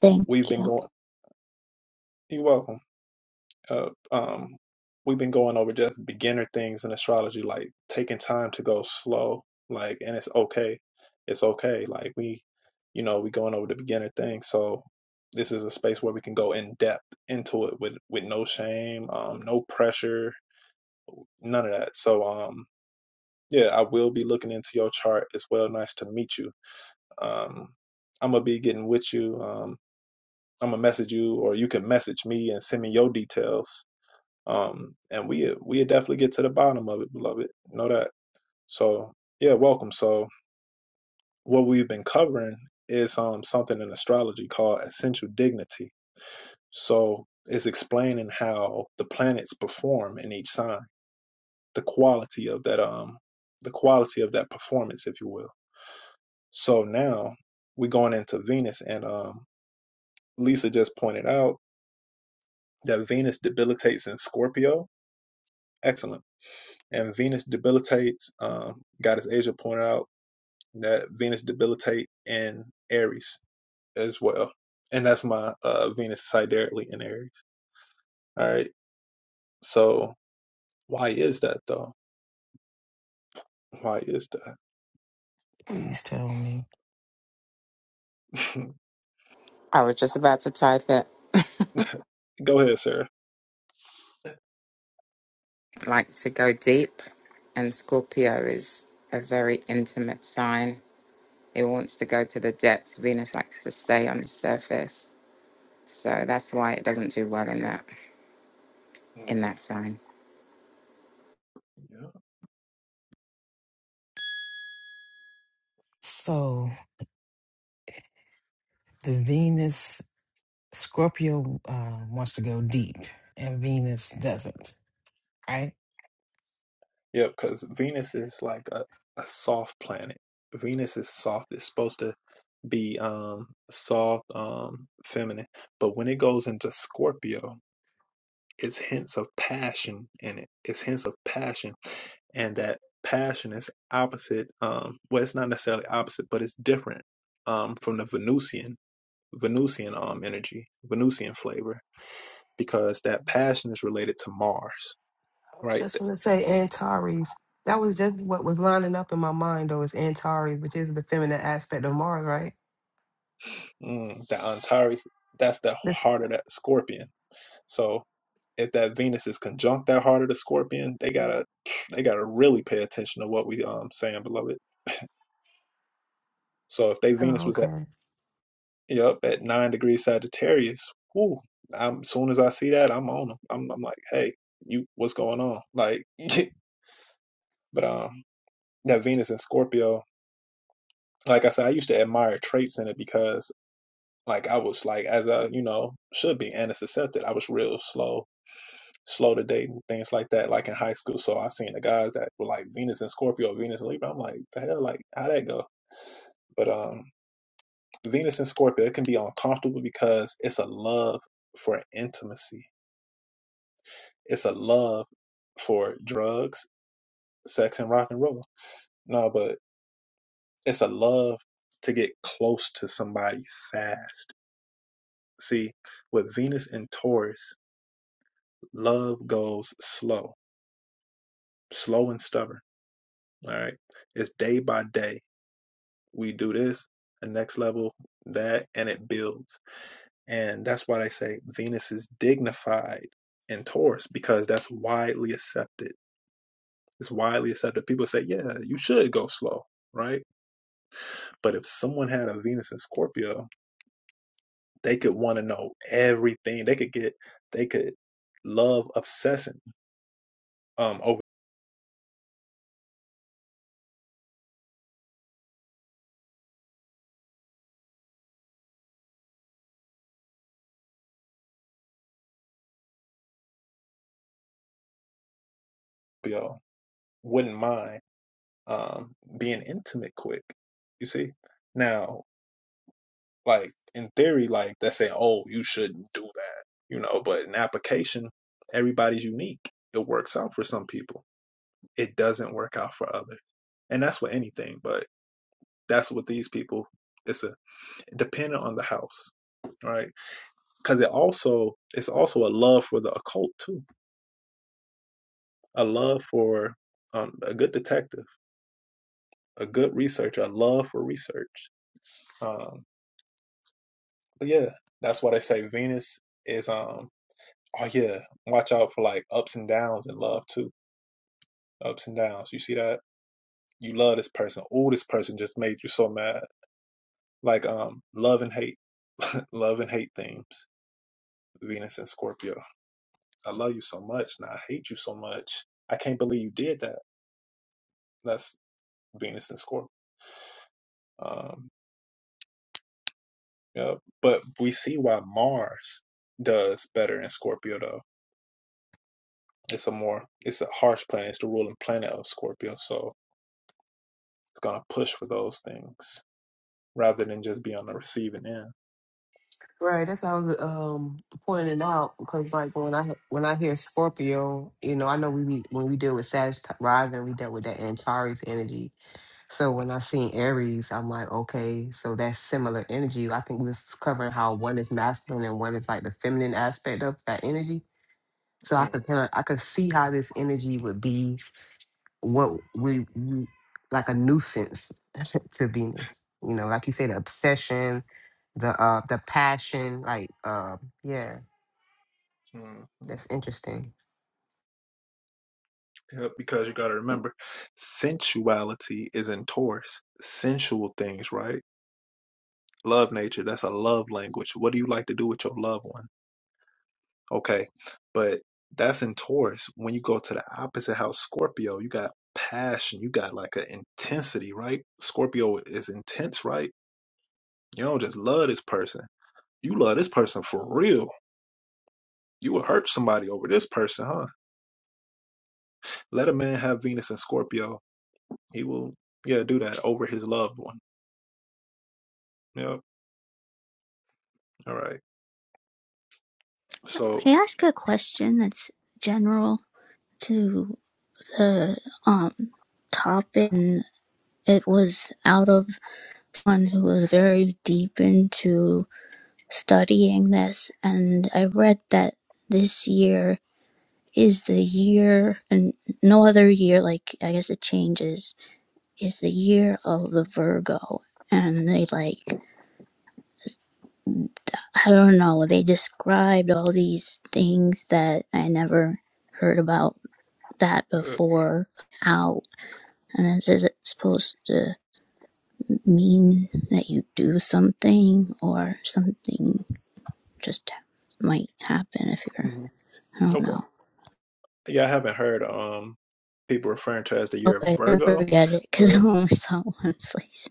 Thank you. please tell me. I was just about to type it. like to go deep, and Scorpio is a very intimate sign. It wants to go to the depths. Venus likes to stay on the surface, so that's why it doesn't do well in that in that sign. So the Venus, Scorpio uh, wants to go deep, and Venus doesn't, right? I was just gonna say Antares. That was just what was lining up in my mind though, is Antares, which is the feminine aspect of Mars, right? That's oh, okay. Right, that's what I was um pointing out because like when I when I hear Scorpio, you know, I know we be- when we deal with Sag rising, we dealt with that Antares energy. So when I seen Aries, I'm like, okay, so that's similar energy. I think we was covering how one is masculine and one is like the feminine aspect of that energy. So I could kind of I could see how this energy would be what we we- like a nuisance to Venus. You know, like you say, the obsession, the uh the passion, like uh yeah, that's interesting. May I ask a question that's general to the um topic? And it was out of someone who was very deep into studying this, and I read that this year is the year, and no other year, like I guess it changes, is the year of the Virgo, and they like I don't know, they described all these things that I never heard about that before out. And is it supposed to mean that you do something or something just might happen if you're, I don't know. Okay, then forget it because I only saw one place.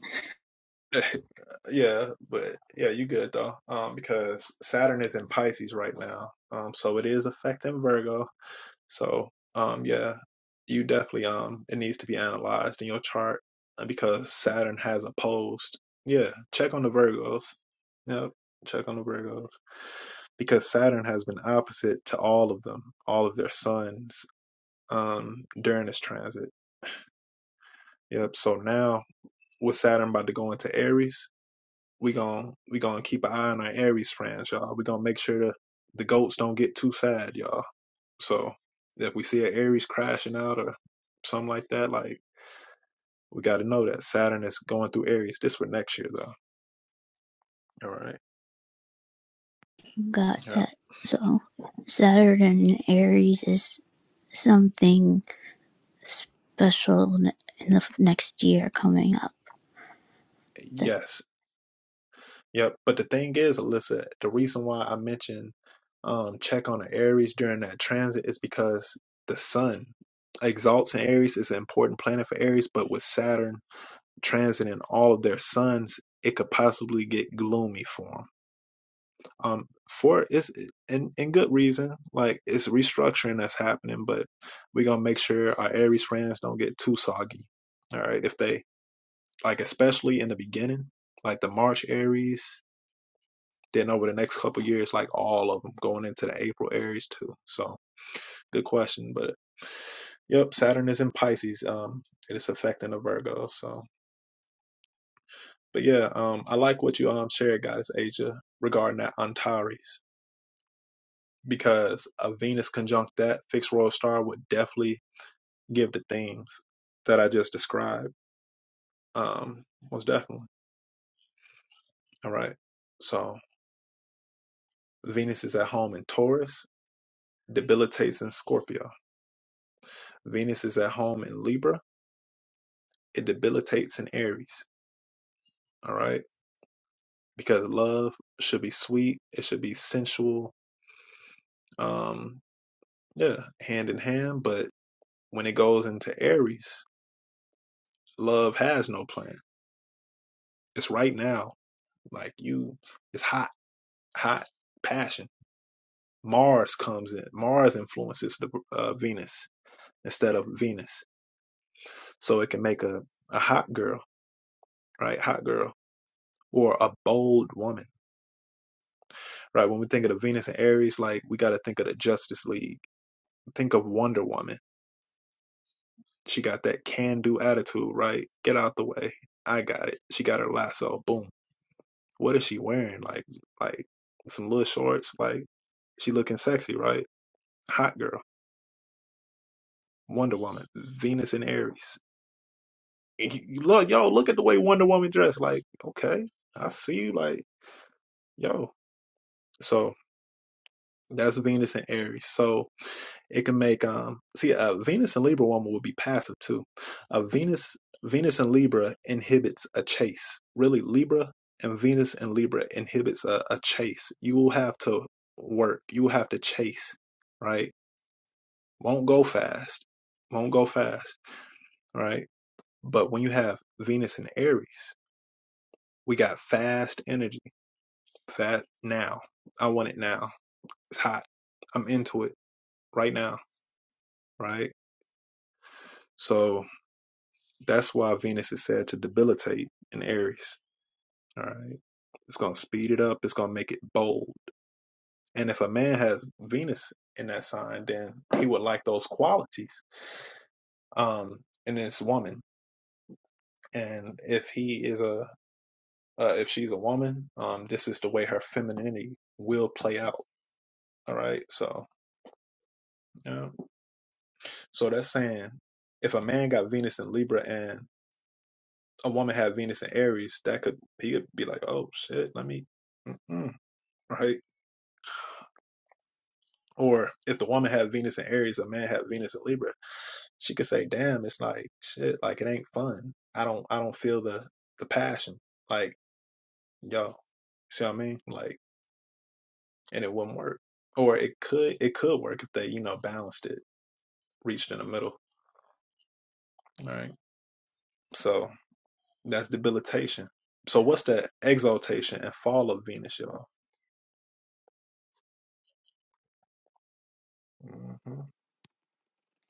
Got that. So, Saturn in Aries is something special in the next year coming up The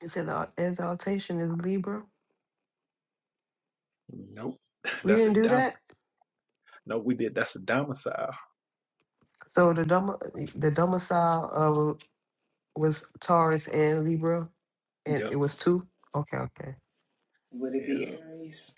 You said the exaltation is Libra. We didn't do that. So the dom- the domicile uh, was Taurus and Libra, and it was two. Okay, okay. Would it be Aries?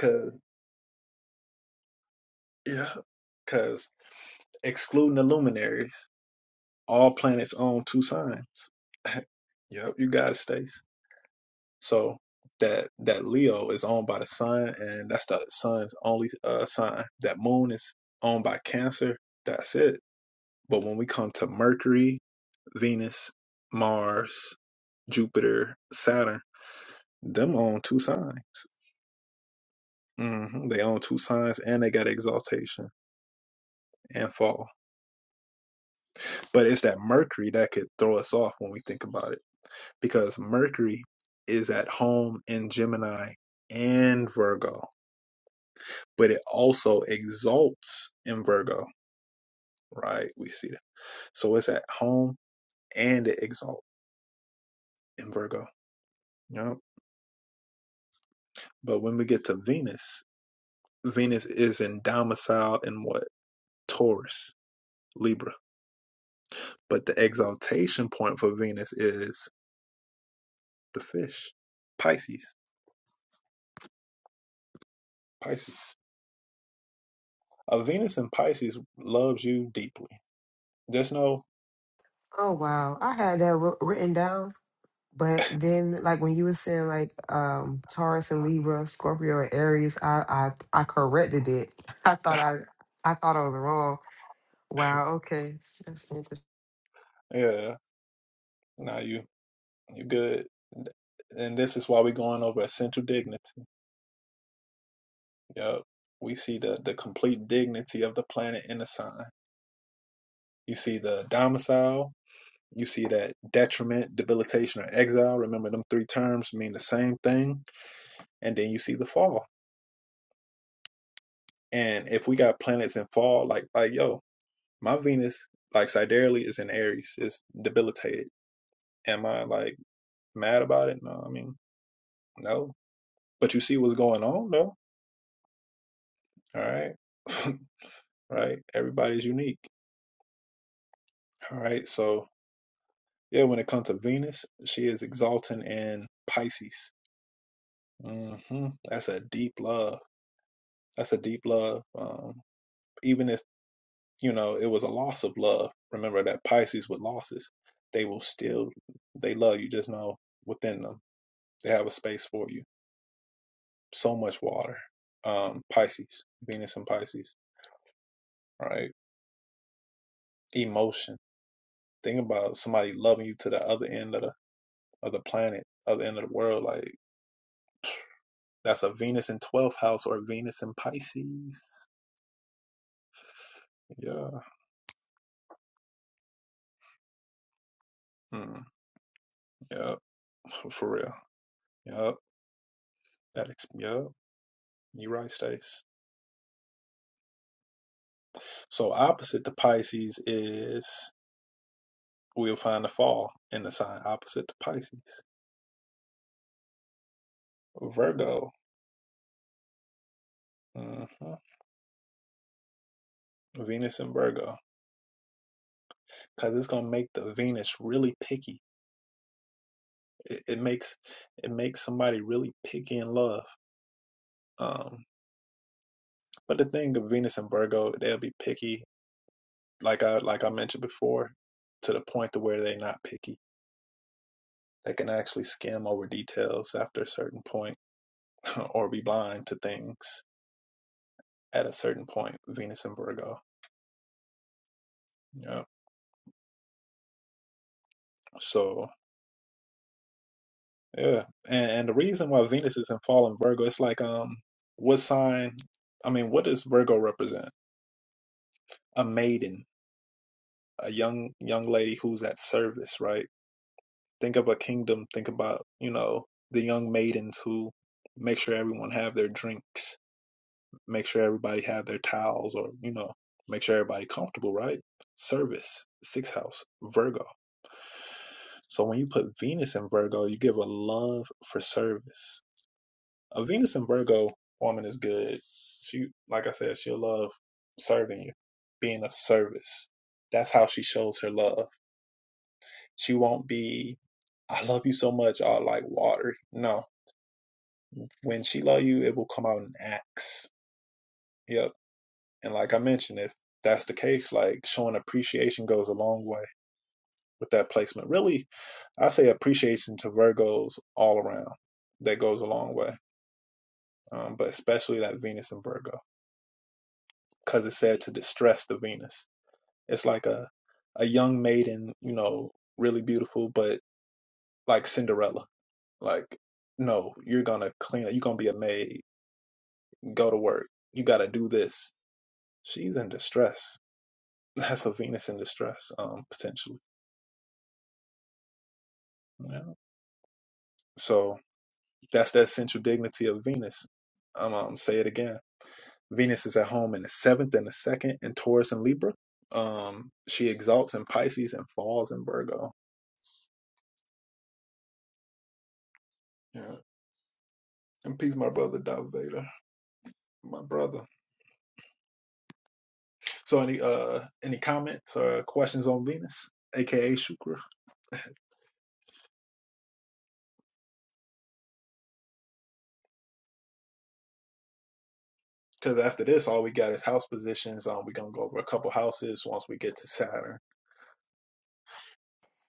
Oh wow, I had that wr- written down But then, like when you were saying, like um Taurus and Libra, Scorpio and Aries, I I I corrected it. I thought I I thought I was wrong. Wow. Okay. That's interesting.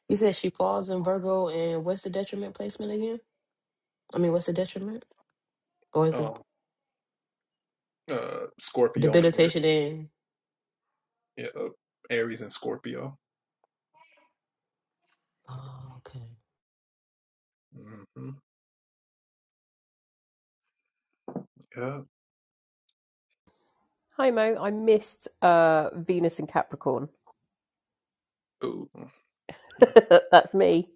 You said she falls in Virgo, and what's the detriment placement again? I mean, what's the detriment? Or is it debilitation in? Oh, okay. Hi Mo, I missed uh, Venus and Capricorn. That's me.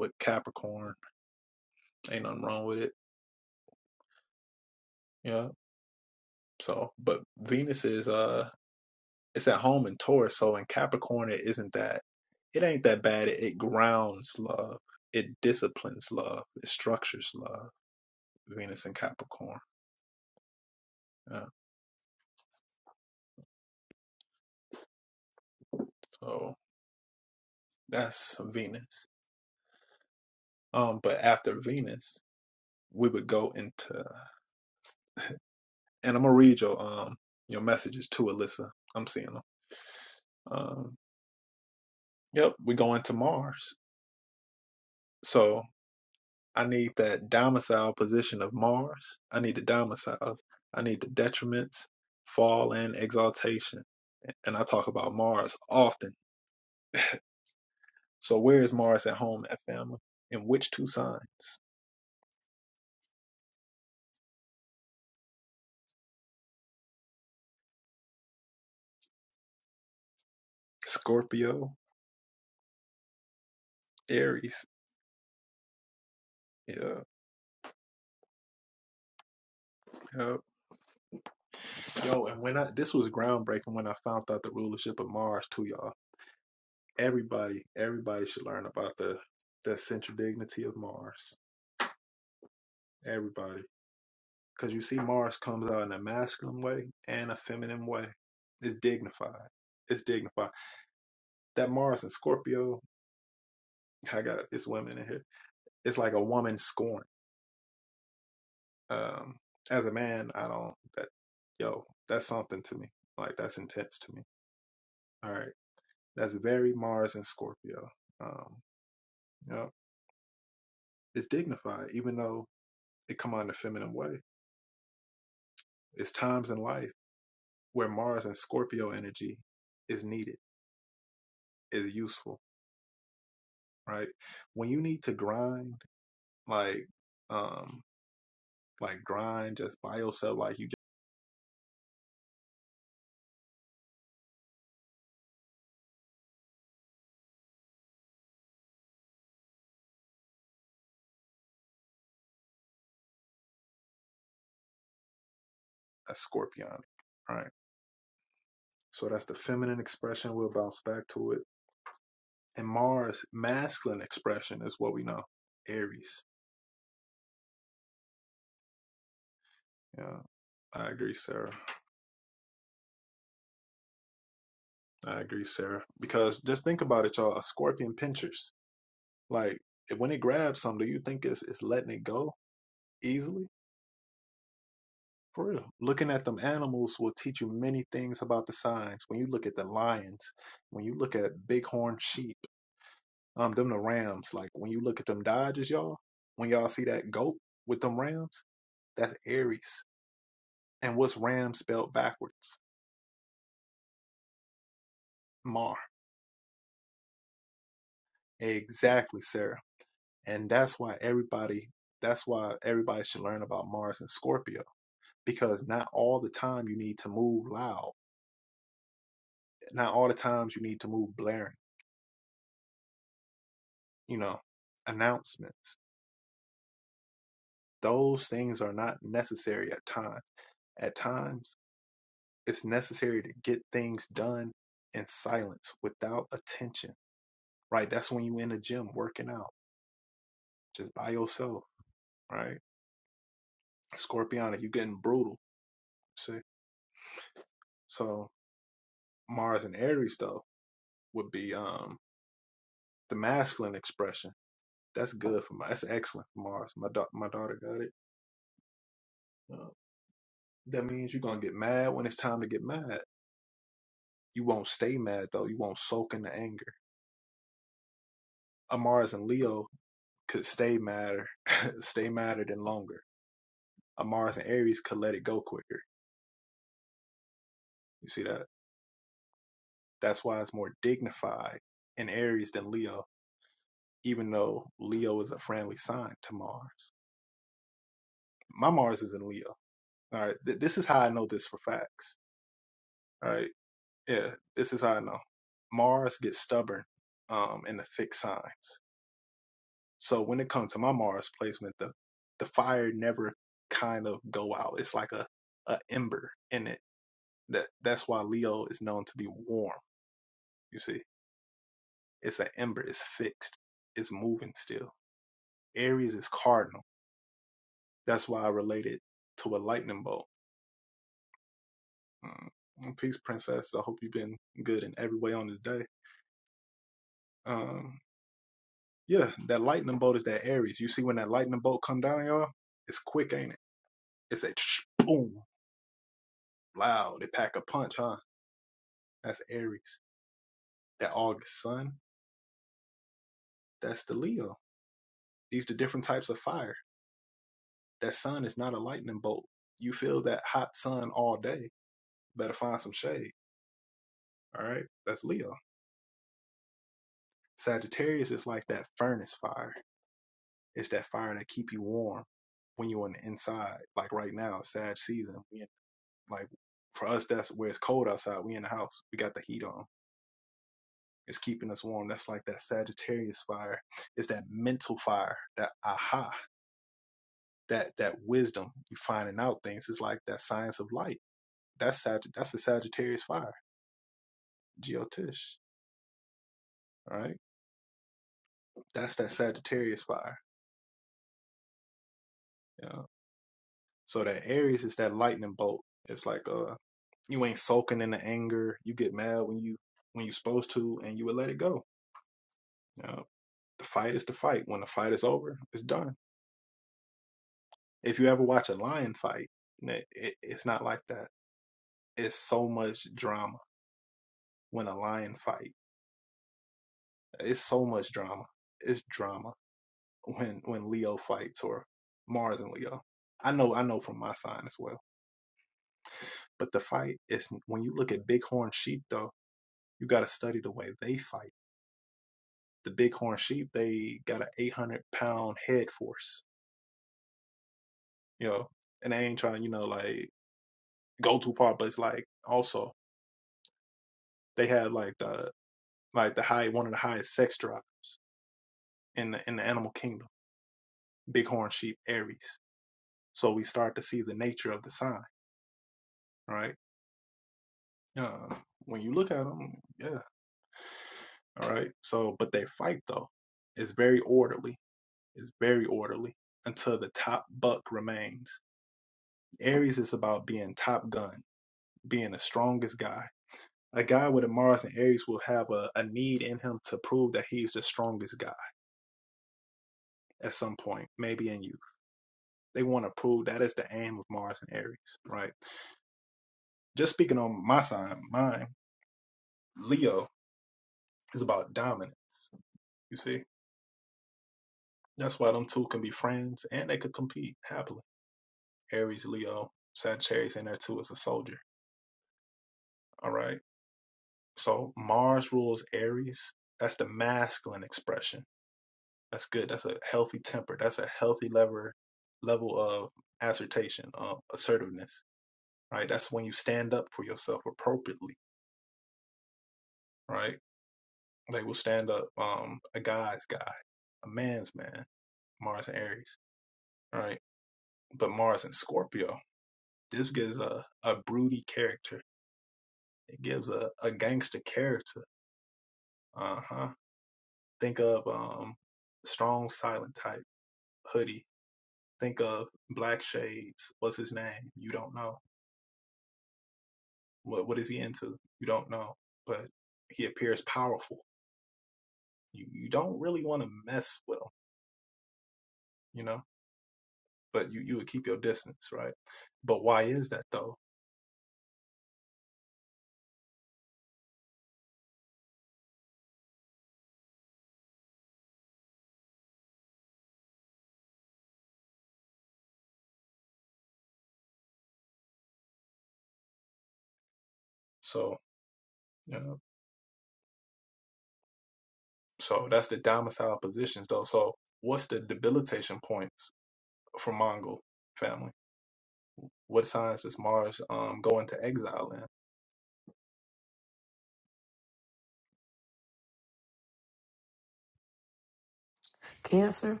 Cancer.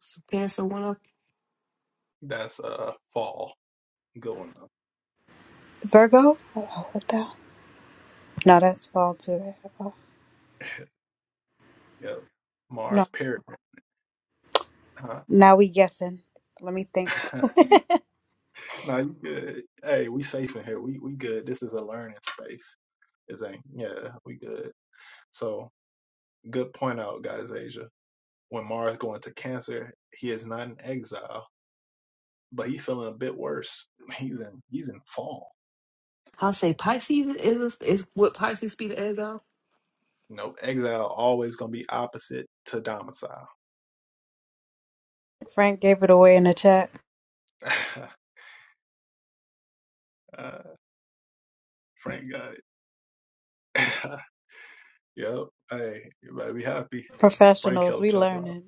Is Cancer. One of Virgo? Oh, What the No, that's fall too. No, now we guessing. Let me think. I'll say Pisces is is what Pisces speed is ego. Frank gave it away in the chat. Professionals, we learning.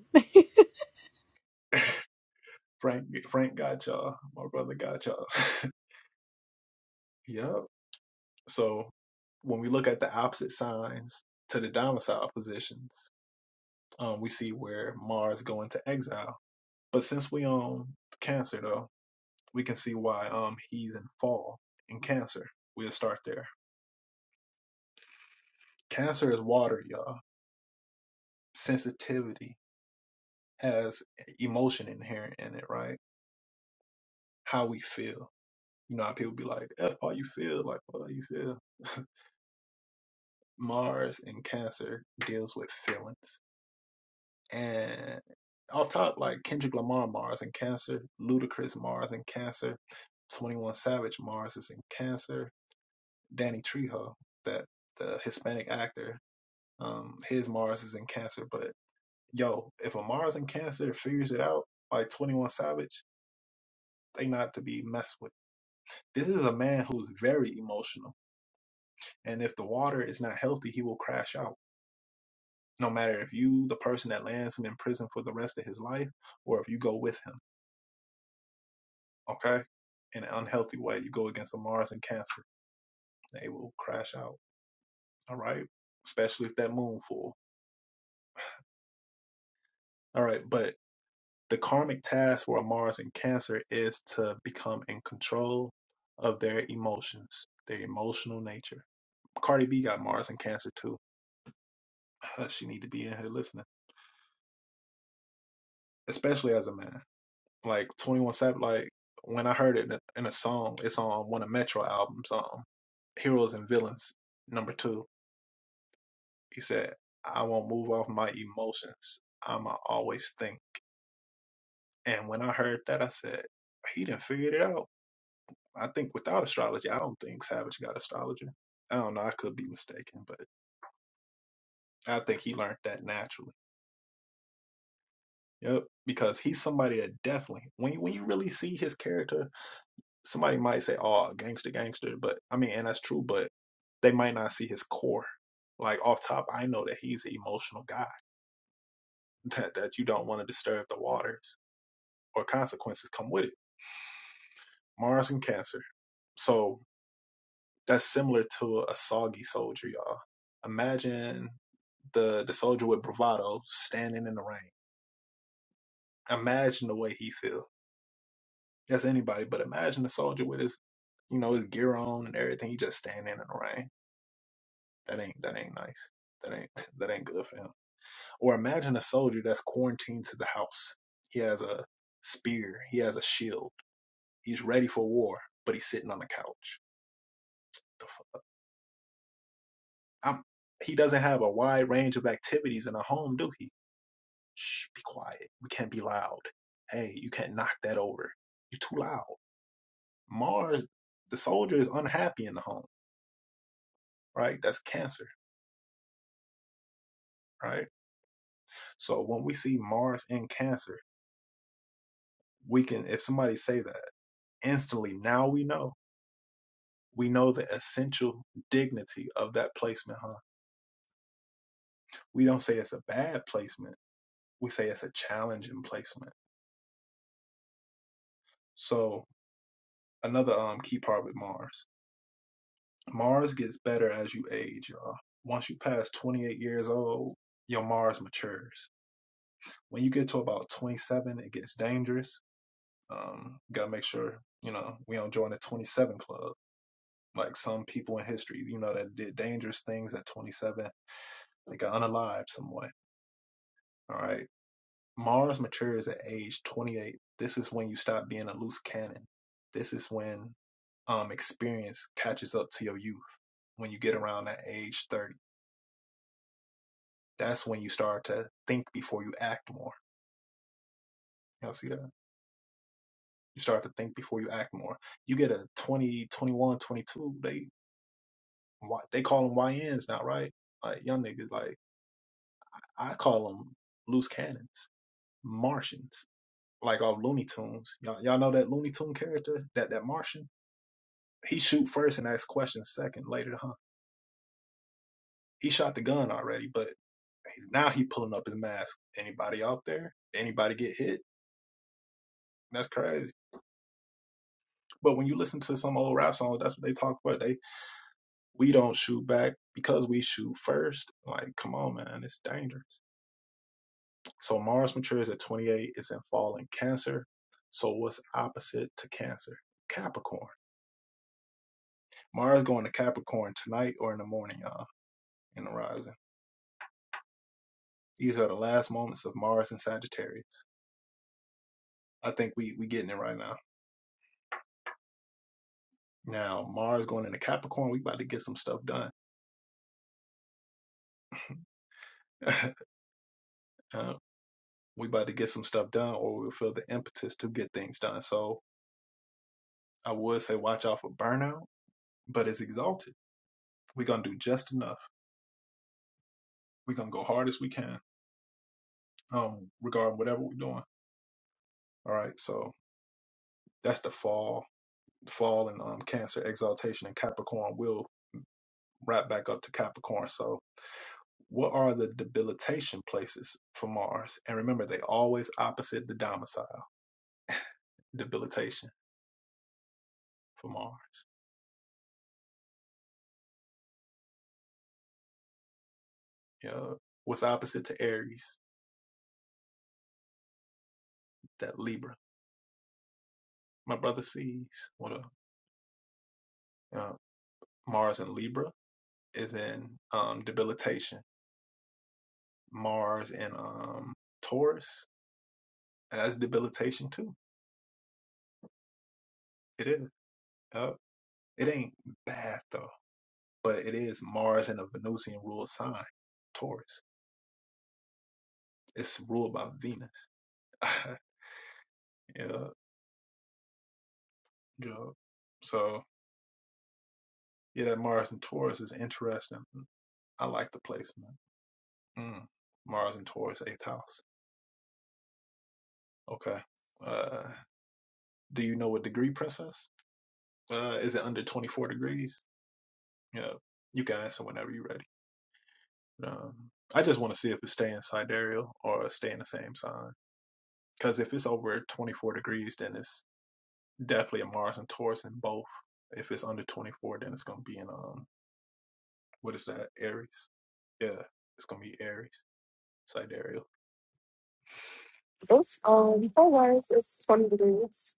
It's um four words. It's twenty degrees.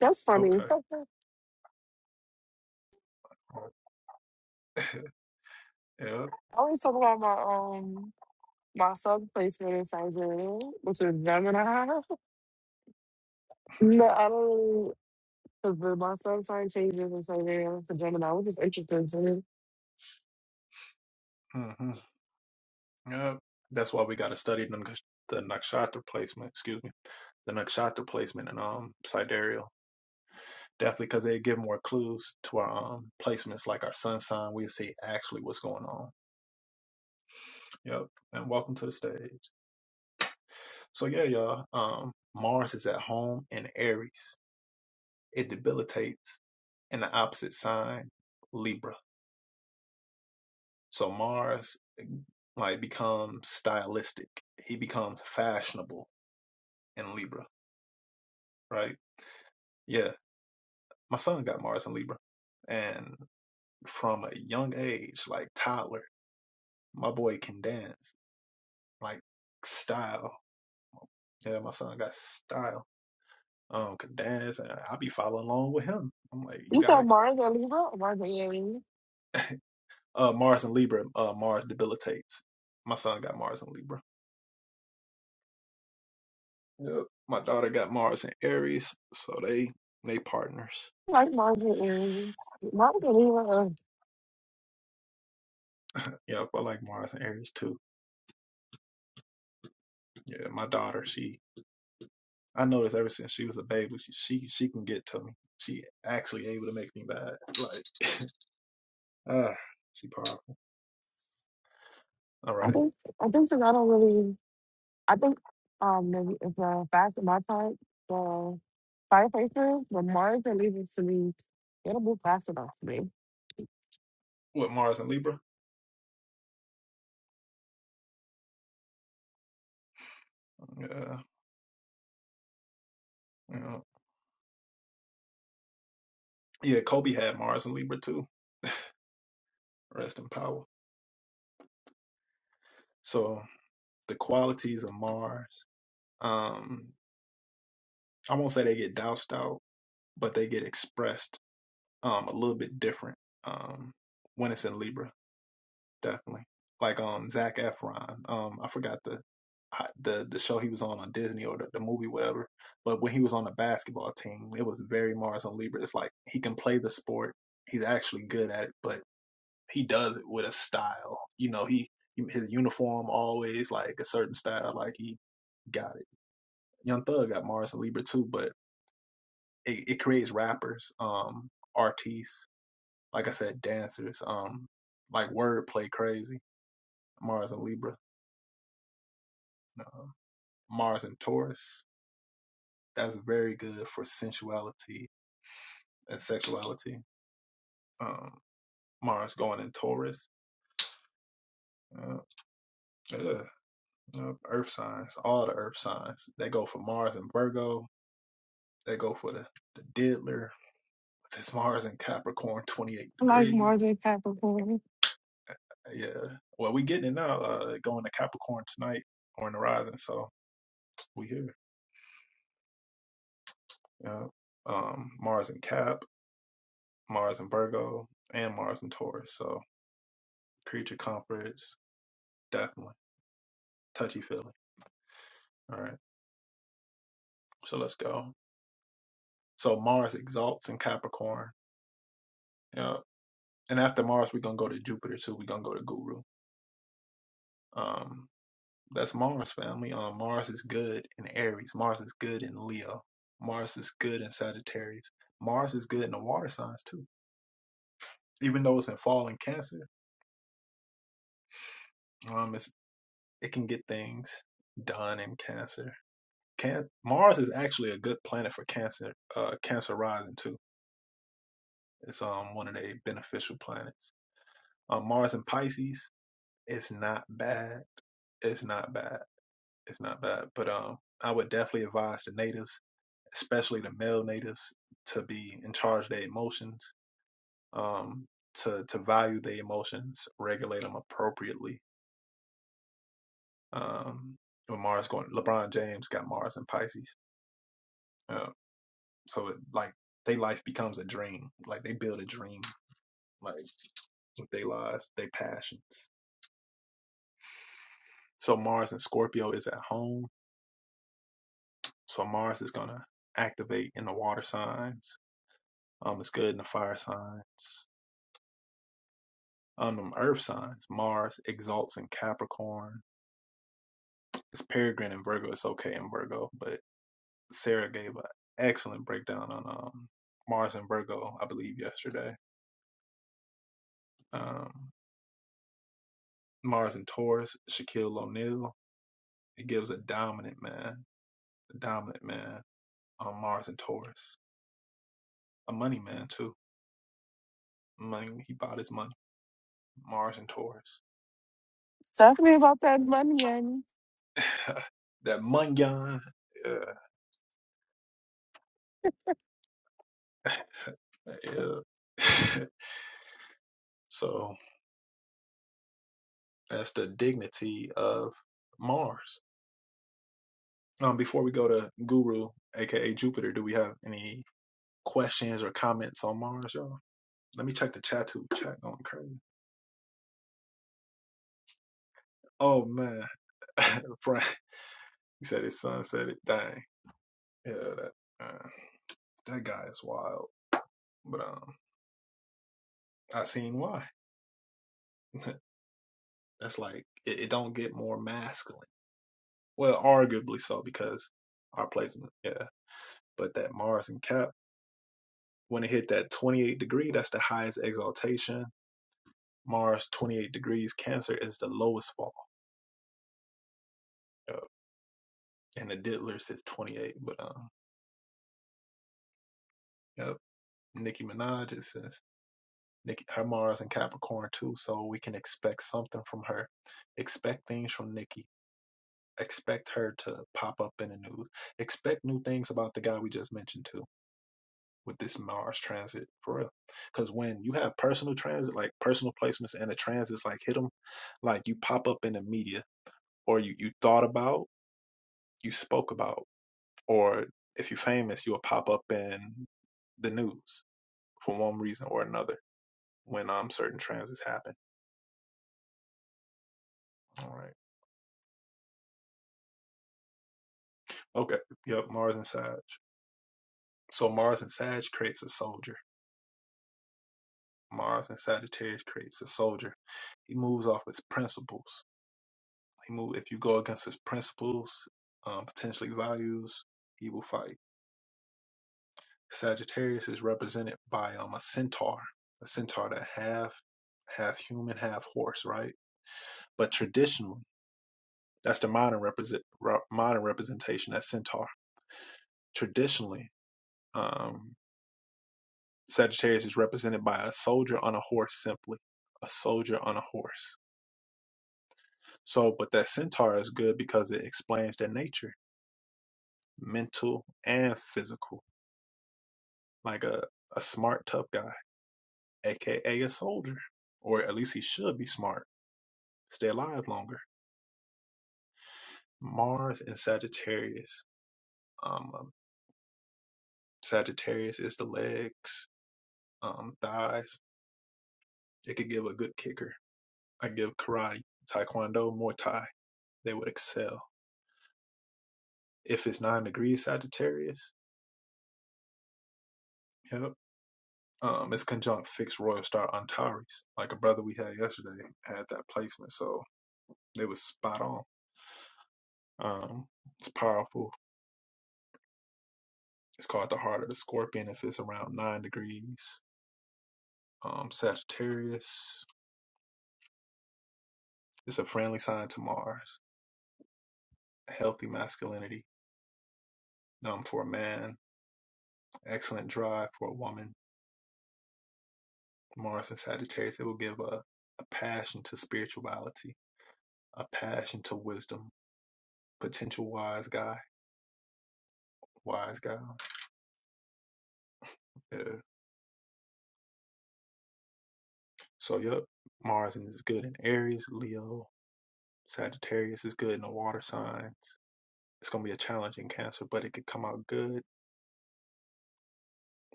That's funny. I always talk about my um my son placement in Siberia, which is Gemini. No, I don't because the my sun sign changes in Siberia to Gemini, which is interesting to me. You saw Mars and Libra, or Mars and Aries. I like Mars and Aries. Mars and Libra. uh, I think I think so. I don't really. I think um maybe it's a fast on my part. The fireplaces, but Mars and Libra to me, it'll move fast enough to me. I like Mars and Capricorn. Tell me about that money and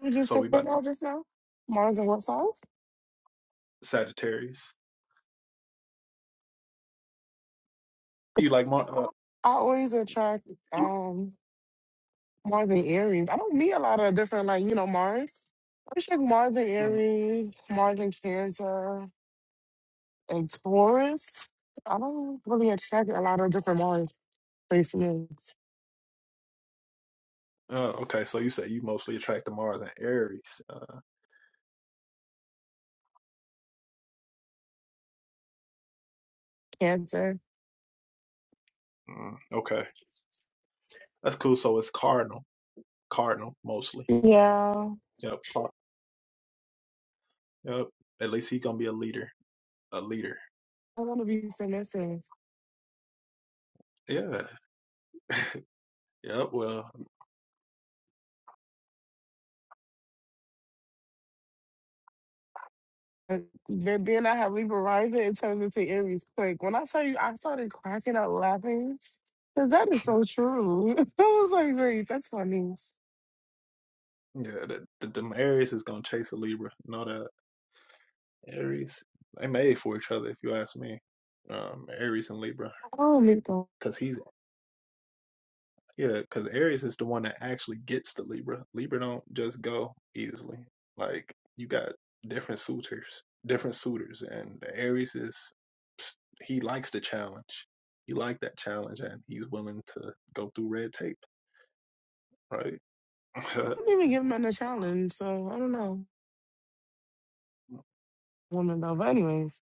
we just talked about just now. Mars and what sign? I always attract um Mars and Aries. I don't meet a lot of different like you know Mars. I just like Mars and Aries, Mars and Cancer, and Taurus. I don't really attract a lot of different Mars placements. Cancer. Yeah, I want to be submissive. But then then I have Libra rising, it turns into Aries quick. When I tell you, I started cracking up laughing. 'cause that is so true. I was like, great, that's funny. Oh, my God. I didn't even give them a challenge, so I don't know. Woman, though. But, anyways,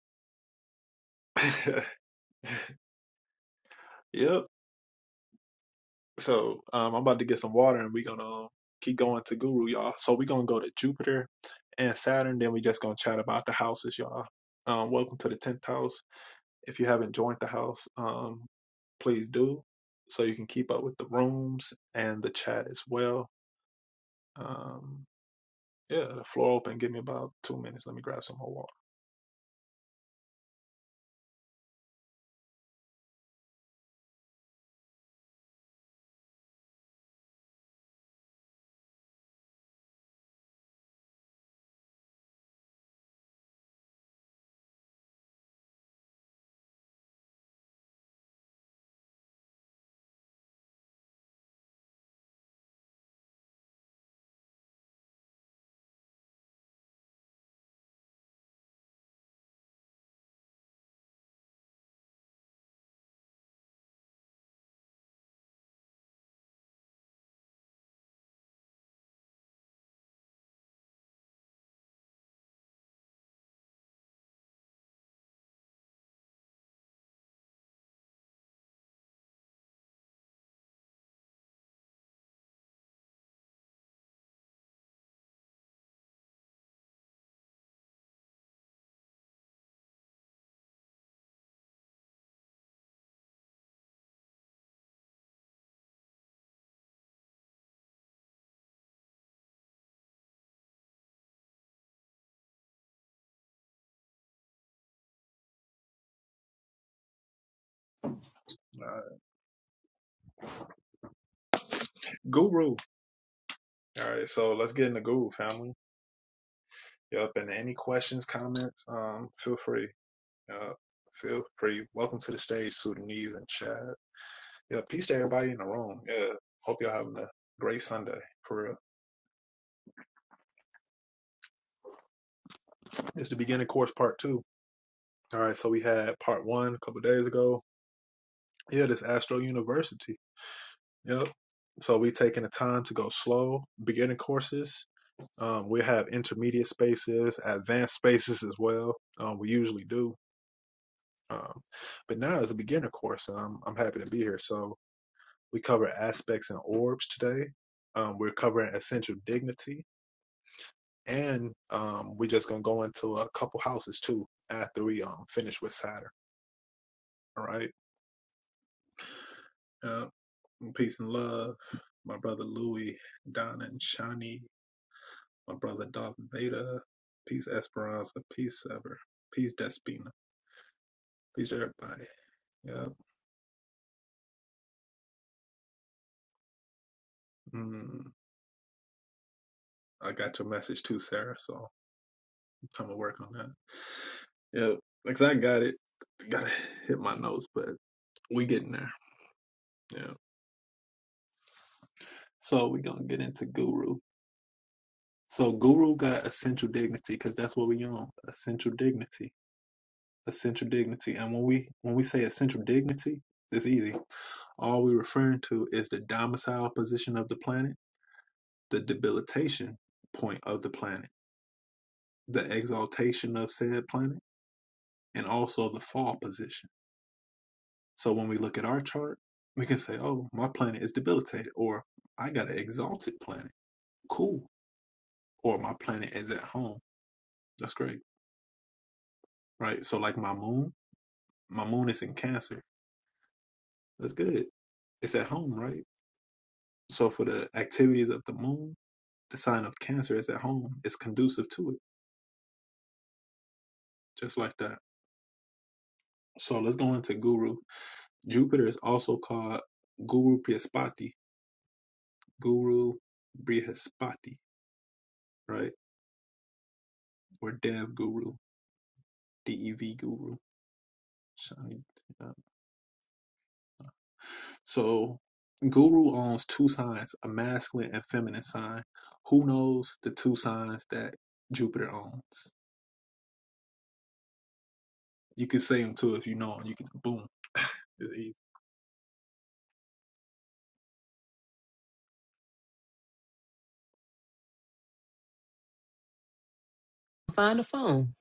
Find the phone.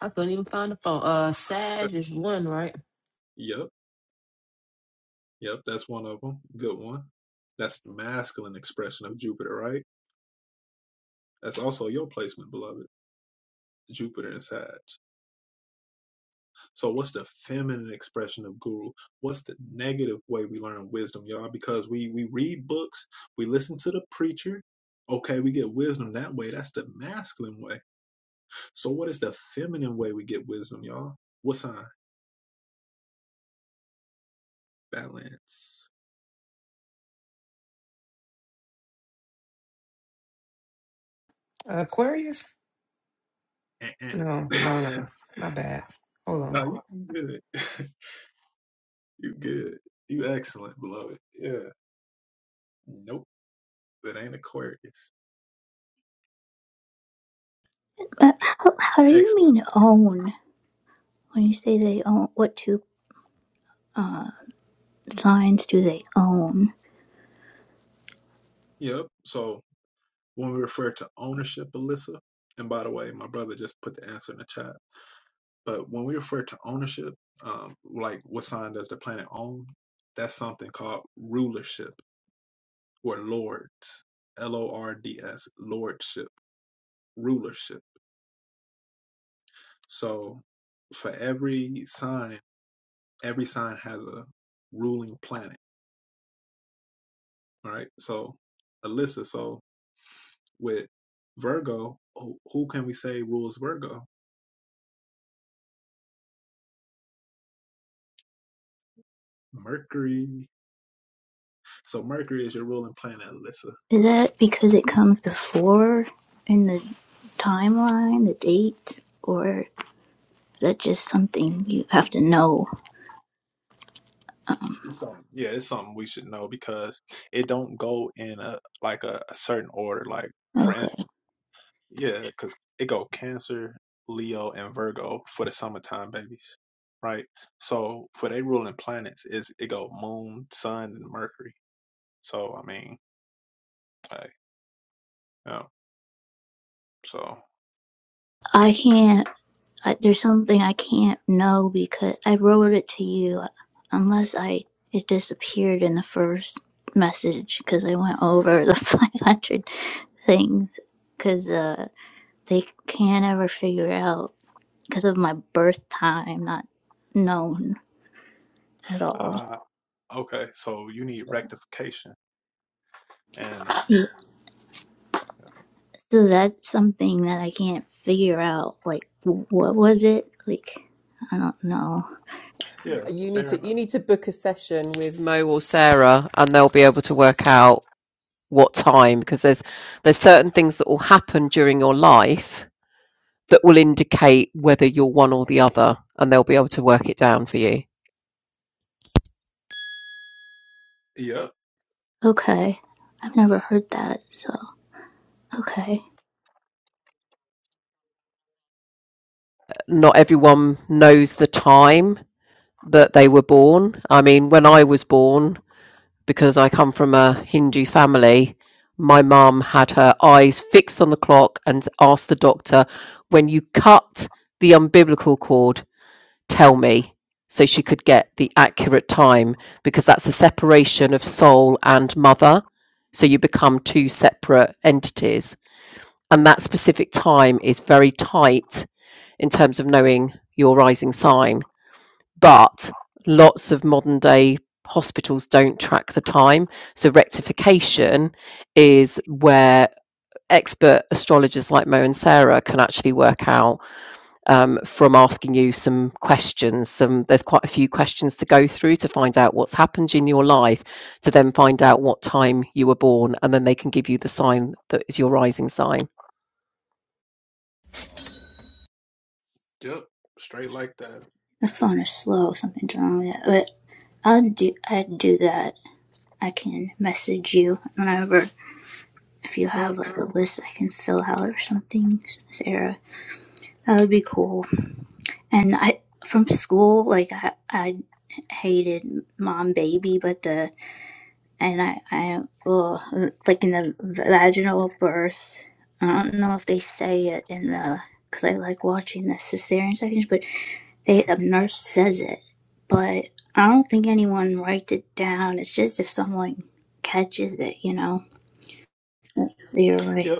I couldn't even find the phone. Uh, Sag is one, right? Aquarius. No, no, no. My bad. Hold on. Uh, how, how do you mean own? When you say they own, what two signs do they own? Is that because it comes before in the timeline, the date, or is that just something you have to know? Um, okay. I can't, I, there's something I can't know because I wrote it to you uh, unless I, it disappeared in the first message because I went over the 500 things because, uh. they can't ever figure out because of my birth time not known at all Yeah, so that's something that i can't figure out like what was it like i don't know You need to you need to book a session with Mo or Sarah, and they'll be able to work out what time because there's there's certain things that will happen during your life that will indicate whether you're one or the other, and they'll be able to work it down for you. okay i've never heard that so okay Not everyone knows the time that they were born. I mean, when I was born, because I come from a Hindu family. My mum had her eyes fixed on the clock and asked the doctor, when you cut the umbilical cord, tell me, so she could get the accurate time, because that's a separation of soul and mother. So you become two separate entities. And that specific time is very tight in terms of knowing your rising sign but lots of modern day hospitals don't track the time. So rectification is where expert astrologers like Mo and Sarah can actually work out um, from asking you some questions. Some there's quite a few questions to go through to find out what's happened in your life, to then find out what time you were born, and then they can give you the sign that is your rising sign. my phone is slow something's wrong with it but i'll do i do that i can message you whenever if you have like a list i can fill out or something sarah that would be cool And I from school, like I, I hated mom baby, but the and I I well, like in the vaginal birth. I don't know if they say it in the because I like watching the cesarean sections, but they a nurse says it, but I don't think anyone writes it down. It's just if someone catches it, you know. So you're right.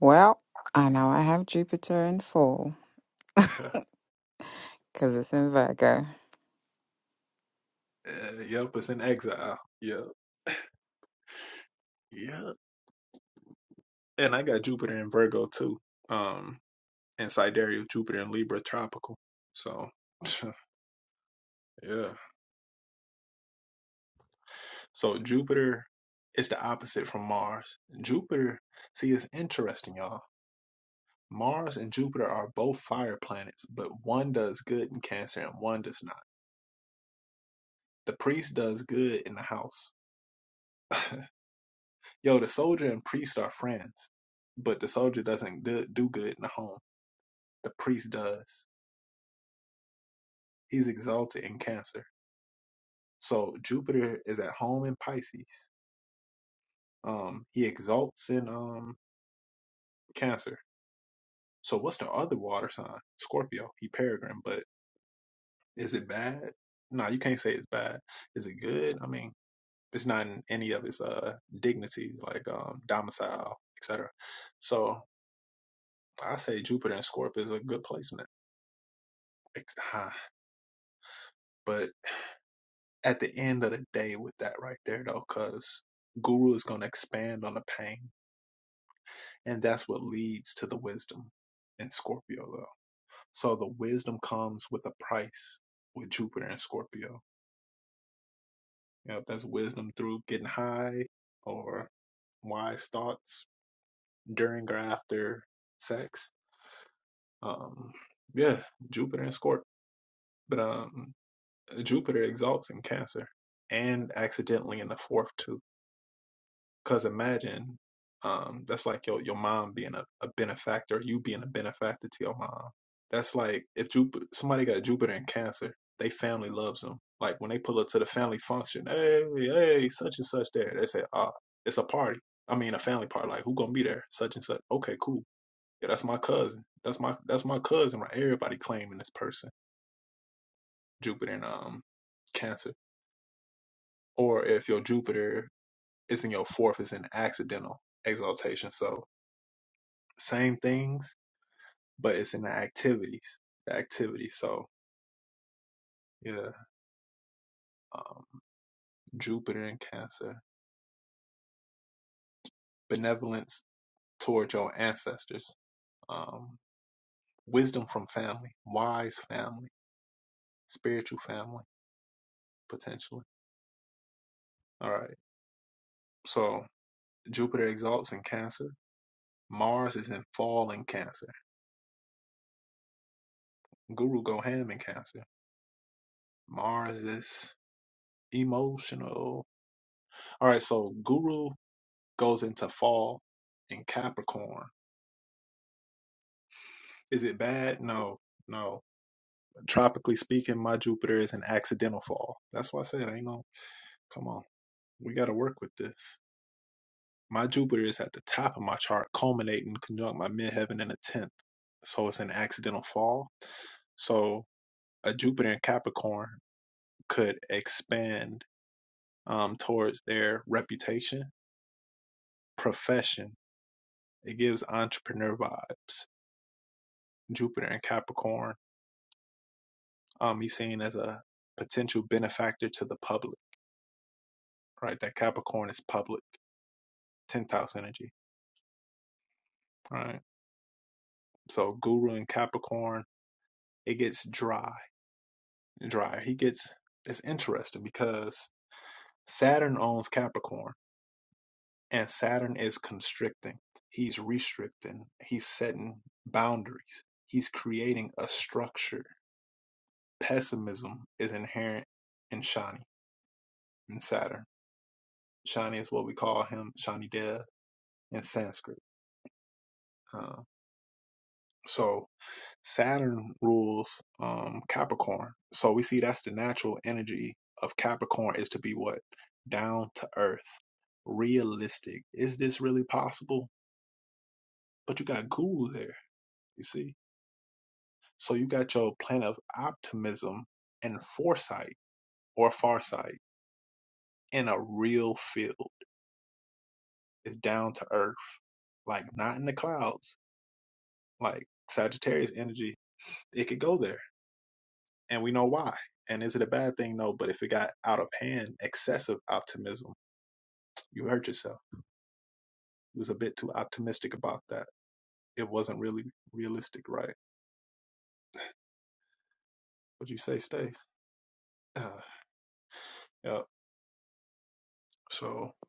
Well, I know I have Jupiter in fall because it's in Virgo.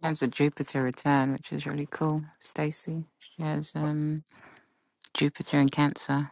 There's a Jupiter return, which is really cool. Stacy, she has um, Jupiter in Cancer,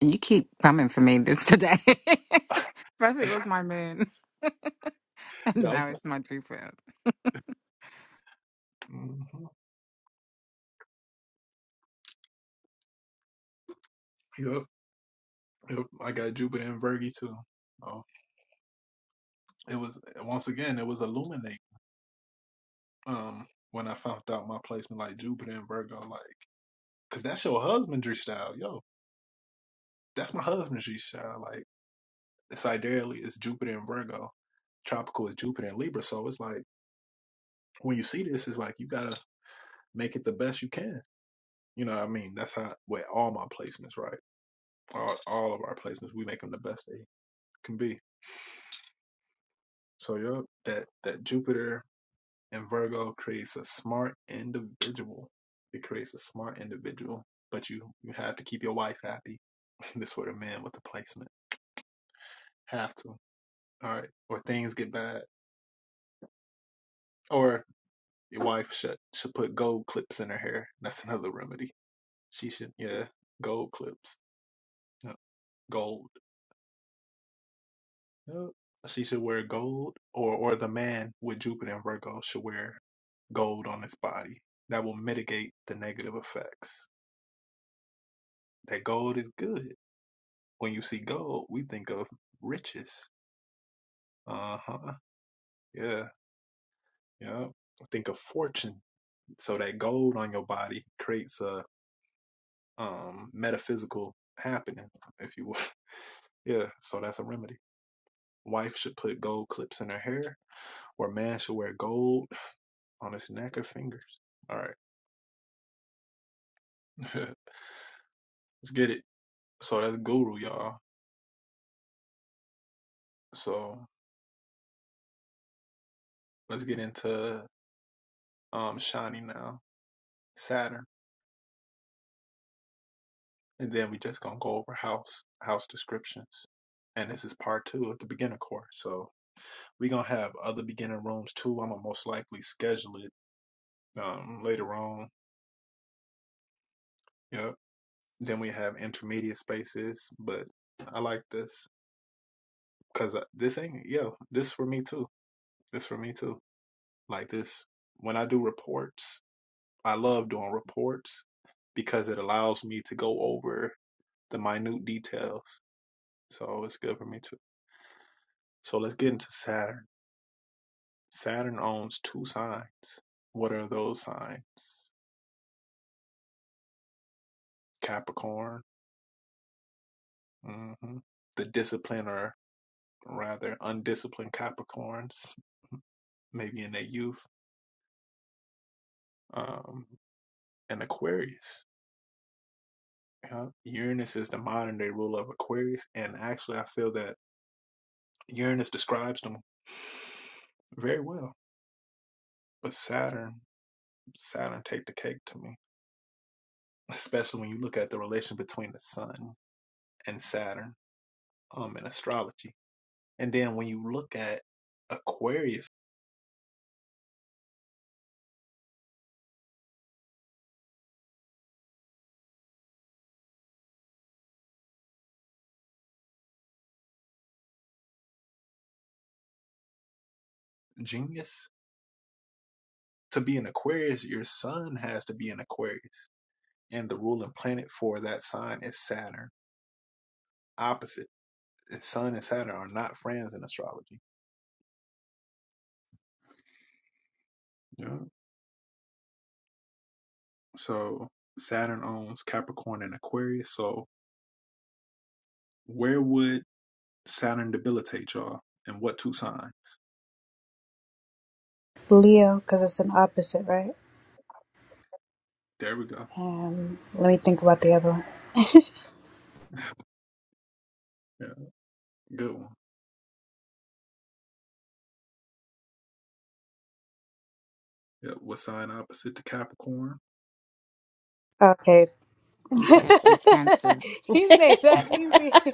and you keep coming for me this today. First, it was my moon. and now it's my Jupiter. Leo, because it's an opposite, right? Um, let me think about the other one. Okay, You Cancer. pesky cancers. he made that easy.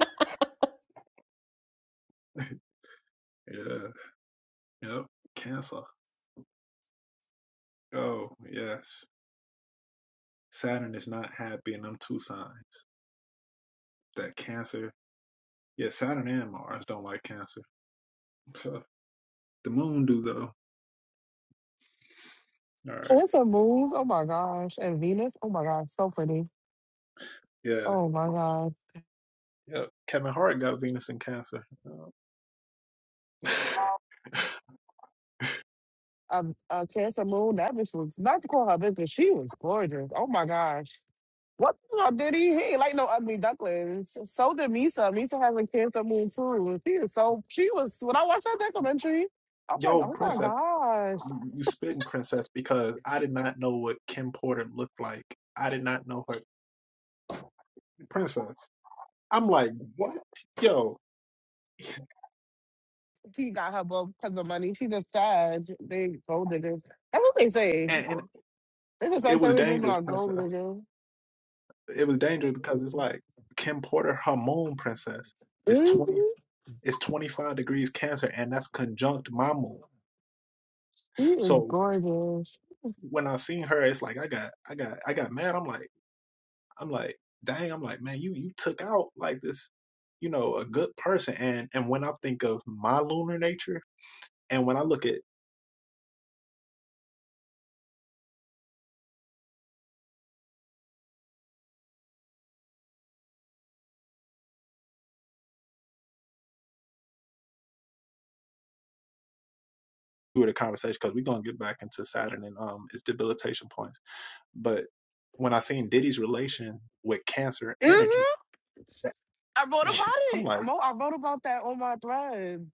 it's a move. Oh, my gosh. And Venus, oh, my gosh, so pretty. Oh, my God. Um, uh, Cancer Moon, that bitch was, not to call her bitch, but she was gorgeous. Oh, my gosh. What the hell did he? He ain't like no ugly ducklings. So did Misa. Misa has a cancer moon too. She is so she was when I watched that documentary, I was like, oh my gosh. He got her both because of money. She just sad. They gold diggers. That's what they say. They just said every woman are gold diggers. Mm-hmm. She is gorgeous. Mm-hmm. I wrote about it. Mo, I wrote about that on my thread.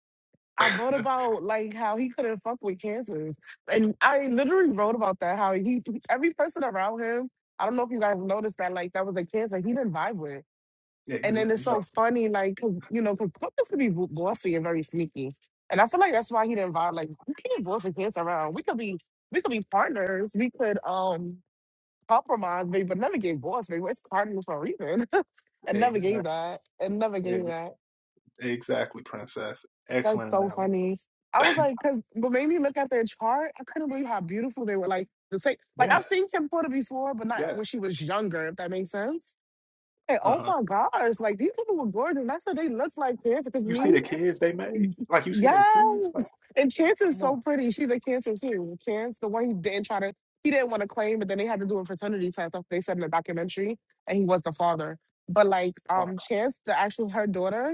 I wrote about like how he couldn't fuck with Kansas, and I literally wrote about that. How he every person around him. I don't know if you guys noticed that. Like that was a cancer he didn't vibe with, and then it's so funny. Like 'cause, you know, because Clippers could be bu- bossy and very sneaky, and I feel like that's why he didn't vibe. Like we can't boss a cancer around. We could be we could be partners. We could um compromise, babe, but never gave boss. Babe, it's partners for a reason, and never gave that, and never gave that. That's so funny. I was like, because what made me look at their chart, I couldn't believe how beautiful they were. Like the same, like I've seen Kim Porter before, but not when she was younger. If that makes sense. Like, oh my gosh, like these people were gorgeous. And I said they looked like cancer because me, yes. And Chance is so pretty. She's a cancer too. Chance, the one he didn't try to, he didn't want to claim, but then they had to do a fraternity test. Like they said in the documentary, and he was the father. But like, um, Chance, the actual her daughter,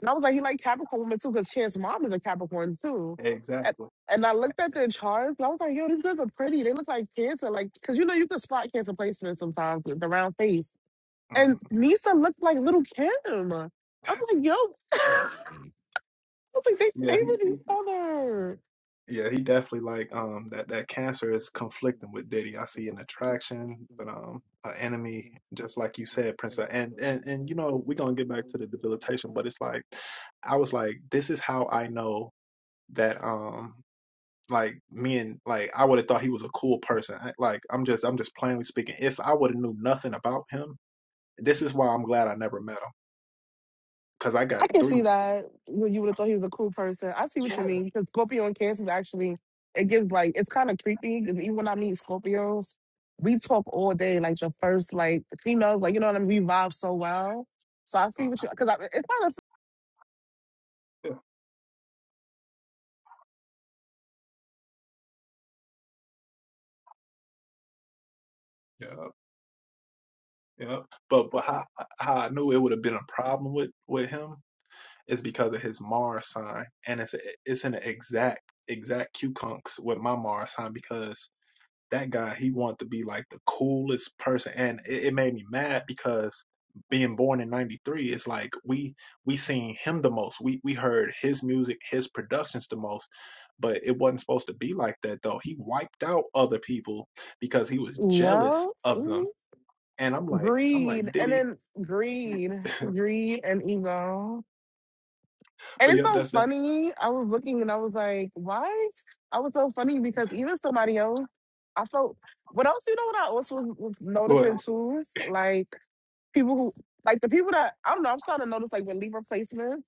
and I was like, he liked Capricorn women too, because Chan's mom is a Capricorn too. And, and I looked at their charts, and I was like, yo, these girls are pretty. They look like cancer. Like, because you know, you can spot cancer placements sometimes with the round face. And Nisa looked like little Kim. I was like, yo, I was like, they favored each other. I can see that when you would have thought he was a cool person. I see what you mean because Scorpio and Cancer is actually it gives like it's kind of creepy. 'cause Even when I meet Scorpios, we talk all day. Like your first like females, like you know what I mean. We vibe so well. So I see what you because it's kind of yeah mhm. greed and then greed, greed and ego. And it's so funny. I was looking and I was like, why? I was so funny because even somebody else, I felt, what else, you know what I also was, was noticing too? Like, people who like the people that I am I'm starting to notice like with Libra placements.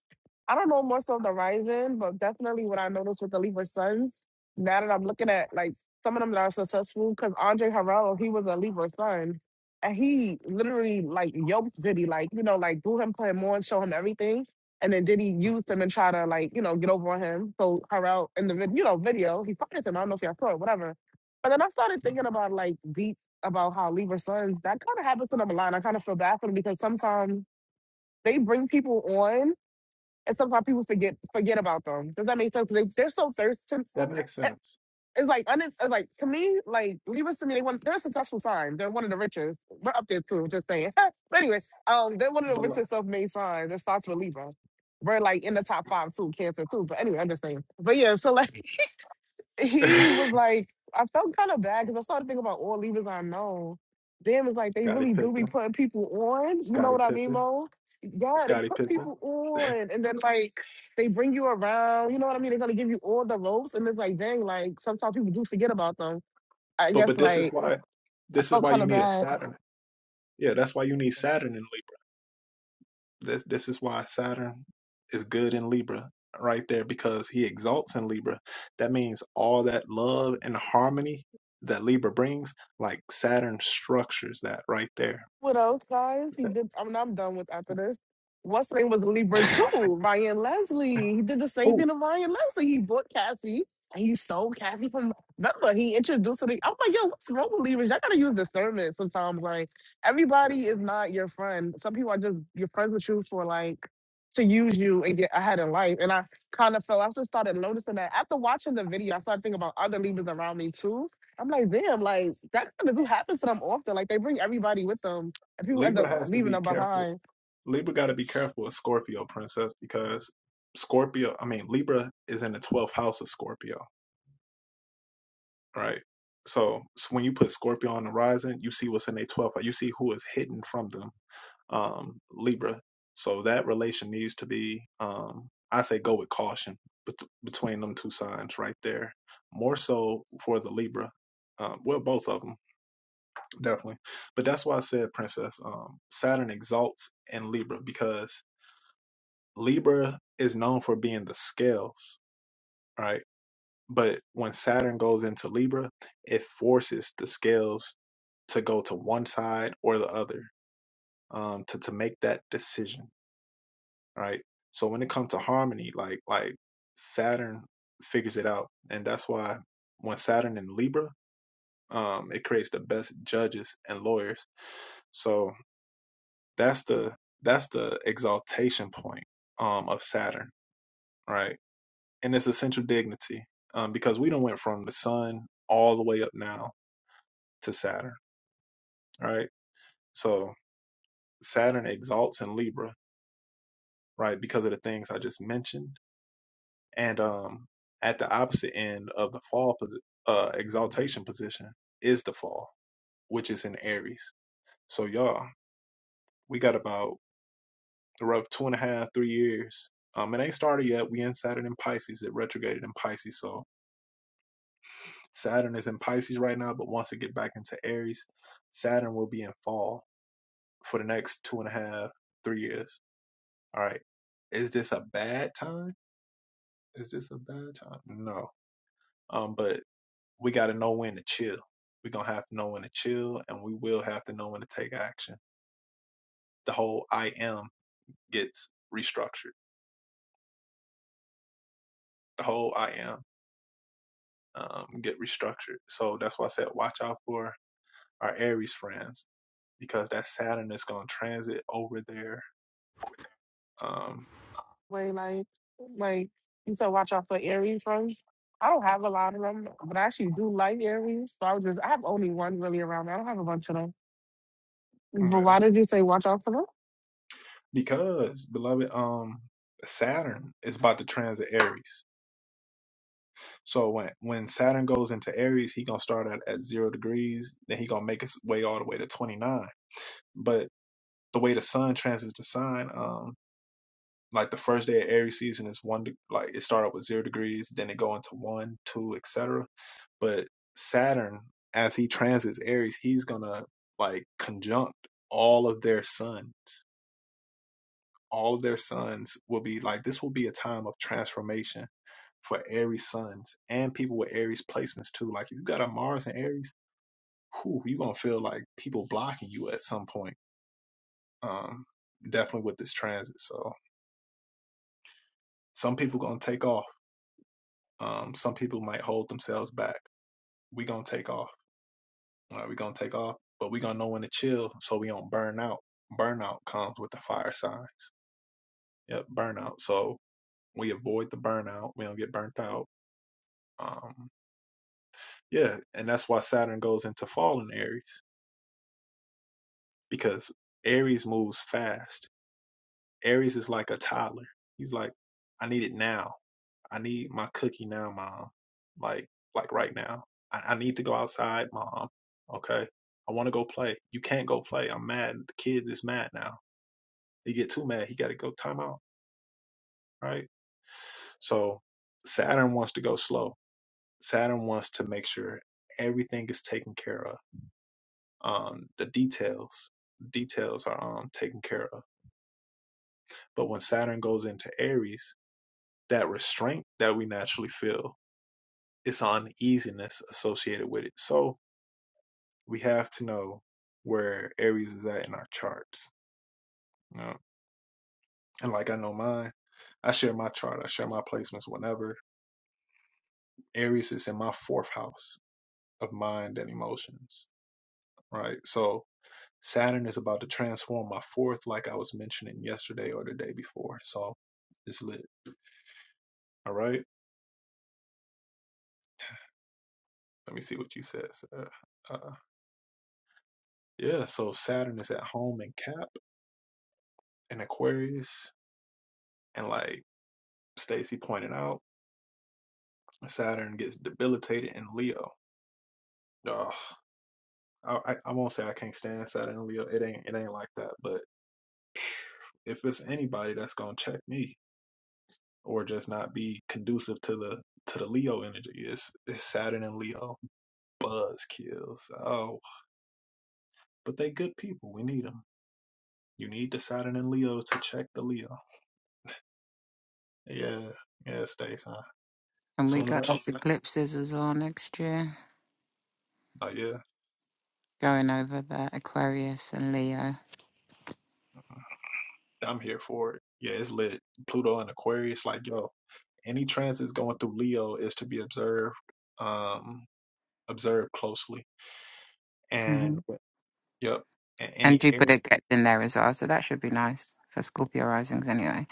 I don't know more so the rising, but definitely what I noticed with the Libra sons. Now that I'm looking at like some of them that are successful, because Andre Harrell, he was a Libra son, and he literally like yoked Diddy, like you know, like do him, put him on, show him everything, and then Diddy used him and try to like you know get over on him. So Harrell in the vid- you know video, he fired him. I don't know if y'all saw it, whatever. But then I started thinking about like deep about how Libra sons, that kind of happens to them a lot. and I kind of feel bad for them because sometimes they bring people on and sometimes people forget forget about them. Does that make sense? They, they're so thirsty. It- It's like, un, it's like to me, like Libras to me, they want, they're a successful sign. They're one of the richest. We're up there too, just saying. but anyway, um, they're one of the richest self-made signs. It starts with Libra. We're like in the top five too, Cancer too. But anyway, I'm just saying. But yeah, so like he was like, I felt kind of bad because I started thinking about all leaders I know. Damn, it's like they really do be putting people on. You know what I mean, Mo? Yeah, they put people on, and then like they bring you around. You know what I mean? They're gonna give you all the ropes, and it's like, dang, like sometimes people do forget about them. I guess like I felt kind of bad. with those guys. He did. I mean, I'm done with after this. What's her name was a Libra too? Ryan Leslie. He did the same thing to Ryan Leslie. He bought Cassie and he sold Cassie from. Remember, he introduced her. To, I'm like, yo, what's wrong with Libras? Y'all gotta use discernment sometimes. Like, everybody is not your friend. Some people are just your friends with you for like to use you and get ahead in life. And I kind of felt I just started noticing that after watching the video. I started thinking about other Libras around me too. I'm like, damn, like that kind of do happens to them often. Like they bring everybody with them and people end up leaving them behind. Way like, like you said, watch out for Aries first. I don't have a lot of them, but I actually do like Aries. So I was just, I have only one really around me. I don't have a bunch of them. But why did you say watch out for them? And we got those eclipses as well next year, going over the Aquarius and Leo. hmm And Jupiter gets in there as well, so that should be nice for Scorpio risings anyway.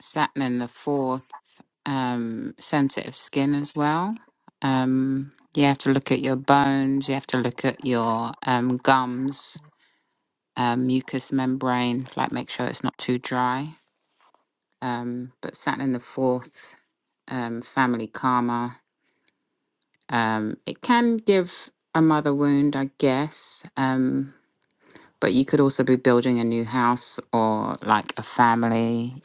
Saturn in the fourth, um, sensitive skin as well. Um, you have to look at your bones, you have to look at your um, gums, um, mucous membrane, like make sure it's not too dry. Um, but Saturn in the fourth, um, family karma Um, it can give a mother wound, I guess. Um, but you could also be building a new house or like a family.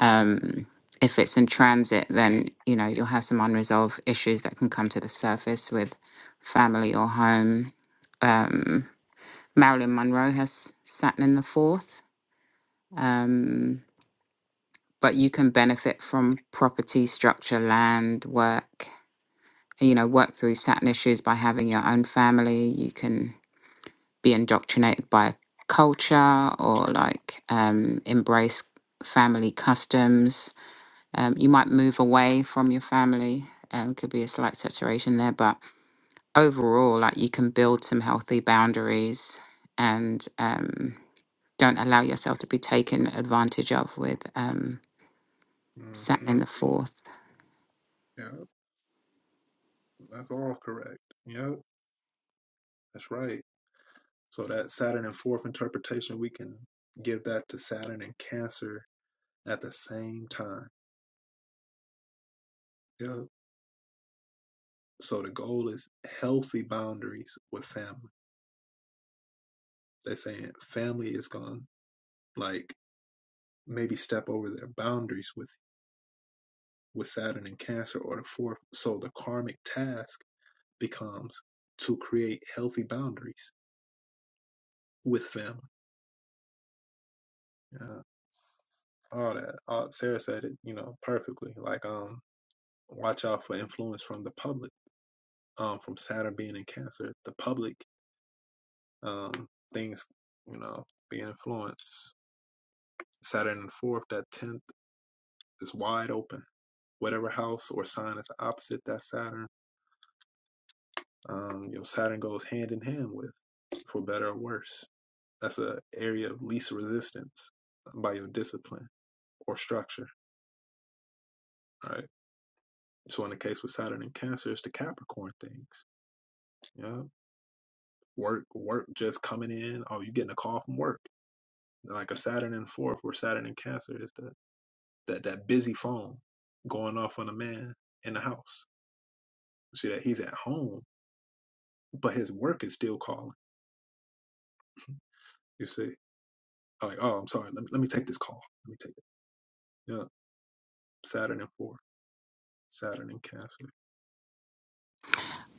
Um, if it's in transit, then you know you'll have some unresolved issues that can come to the surface with family or home. Um, Marilyn Monroe has Saturn in the fourth, um, but you can benefit from property, structure, land, work. You know, work through Saturn issues by having your own family. You can be indoctrinated by culture or like um, embrace family customs. Um, you might move away from your family. Um, could be a slight saturation there, but overall, like you can build some healthy boundaries and um, don't allow yourself to be taken advantage of with um, Saturn in the fourth.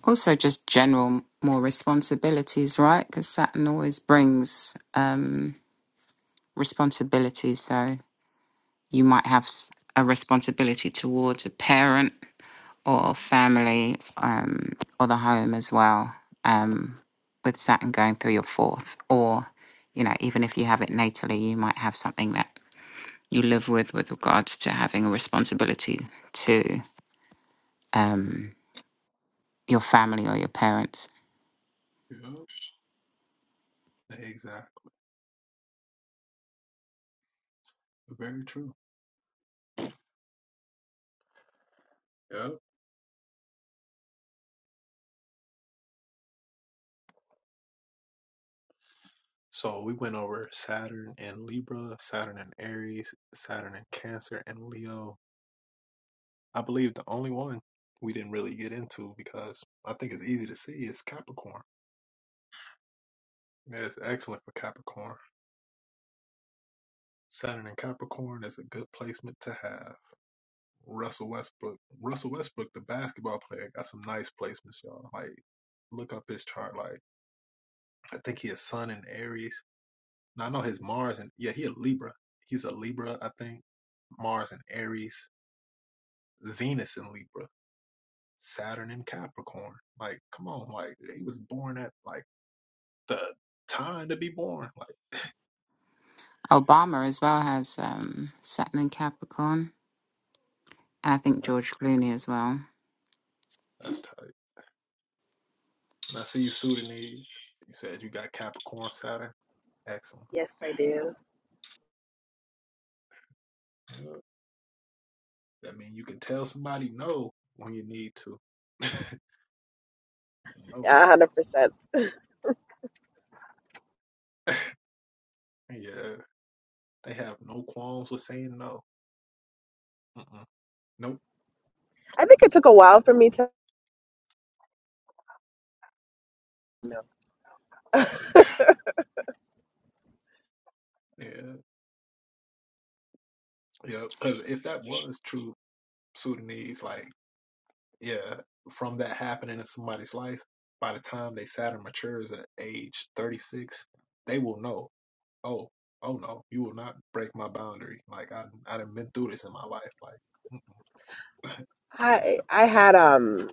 Also, just general more responsibilities, right? Because Saturn always brings um, responsibilities. So you might have s- a responsibility towards a parent or family um, or the home as well um, with Saturn going through your fourth. Or, you know, even if you have it natally, you might have something that you live with with regards to having a responsibility to um, your family or your parents. Obama as well has um, Saturn in Capricorn. And I think George Clooney as well. Yes, I do. Yeah, A hundred percent. I think it took a while for me to. I I had um.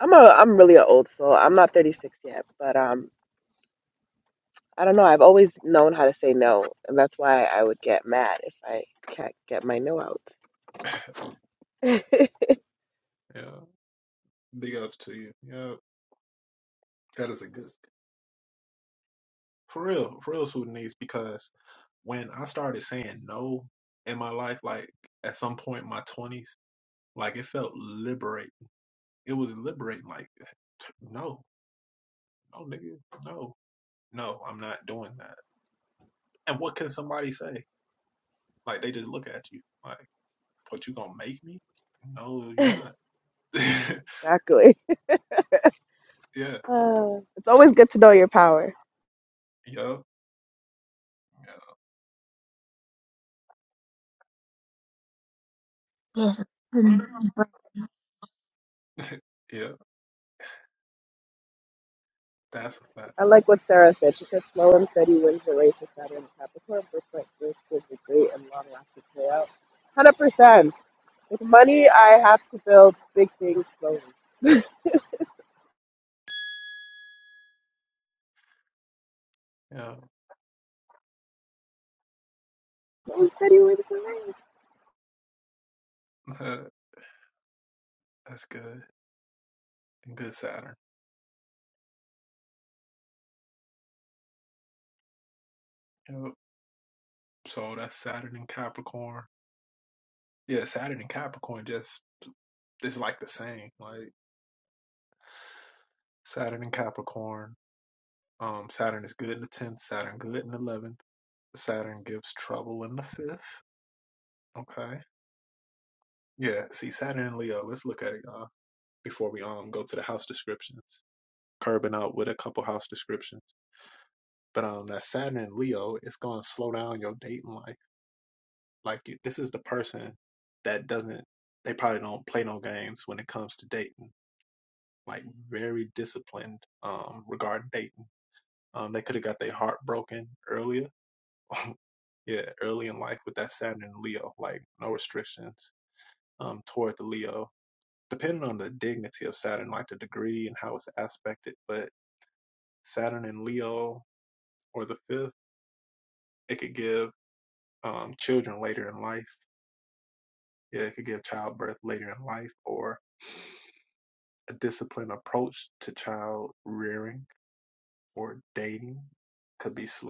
I'm a I'm really an old soul. I'm not 36 yet, but um. I don't know. I've always known how to say no, and that's why I would get mad if I can't get my no out. exactly. Uh, it's always good to know your power. yeah I like what Sarah said. She said slow and steady wins the race with Saturn and Capricorn. Birthright growth gives a great and long lasting payout. one Hundred percent. With money, I have to build big things slowly. That is Teddy Whitaker.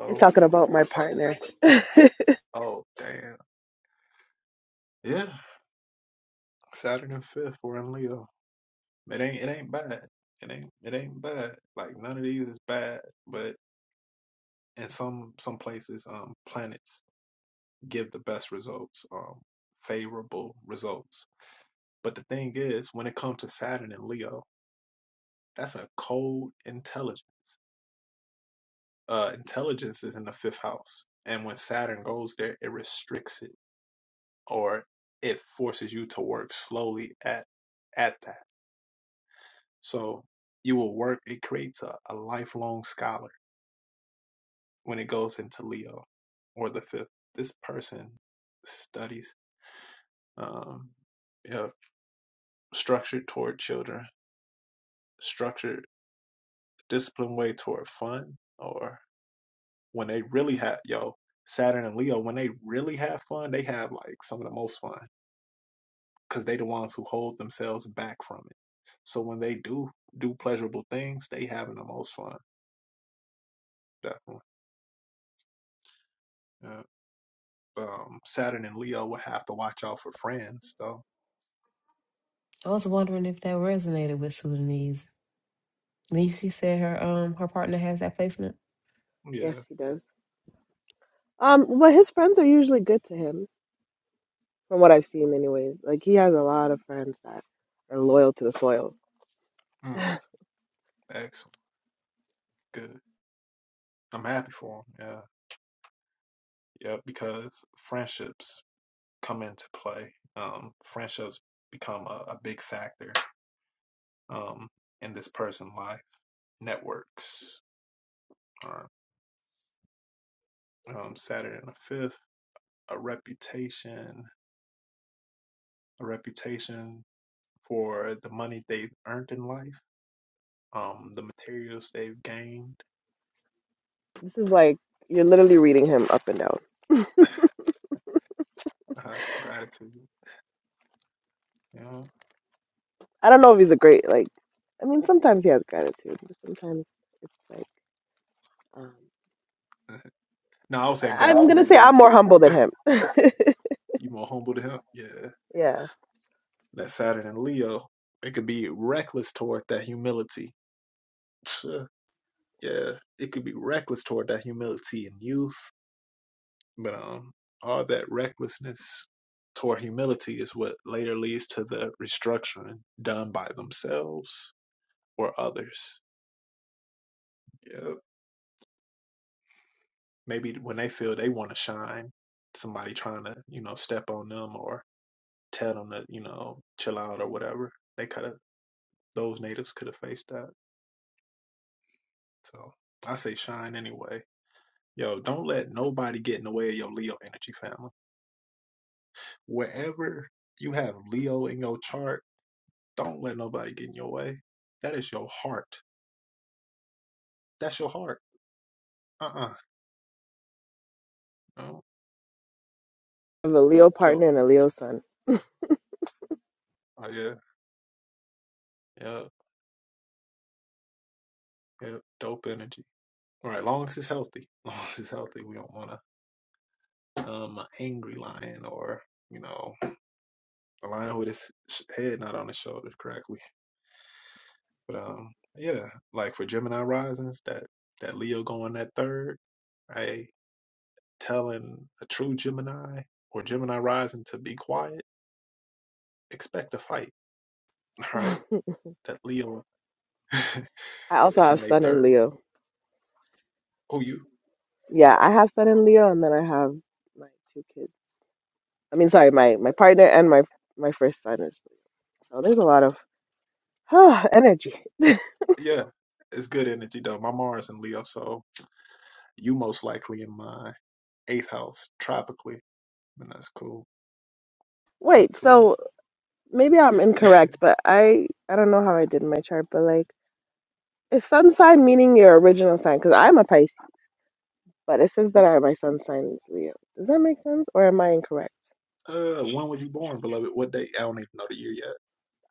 You're talking about my partner. yes, I was wondering if that resonated with Sudanese. Then she said her um her partner has that placement. he does. Um, well, his friends are usually good to him, from what I've seen, anyways. Like he has a lot of friends that are loyal to the soil. This is like you're literally reading him up and down. I don't know if he's a great like. I mean, sometimes he has gratitude, but sometimes it's like um, I- I'm gonna say I'm more humble than him. Yeah. I have a Leo partner and a Leo son. I also have son in Leo. Yeah, I have son in Leo, and then I have my two kids. I mean, sorry, my my partner and my my first son is. Oh, there's a lot of energy. Wait, so maybe I'm incorrect, but I I don't know how I did my chart, but like is sun sign meaning your original sign? Because I'm a Pisces, but it says that I, my sun sign is Leo. Does that make sense, or am I incorrect?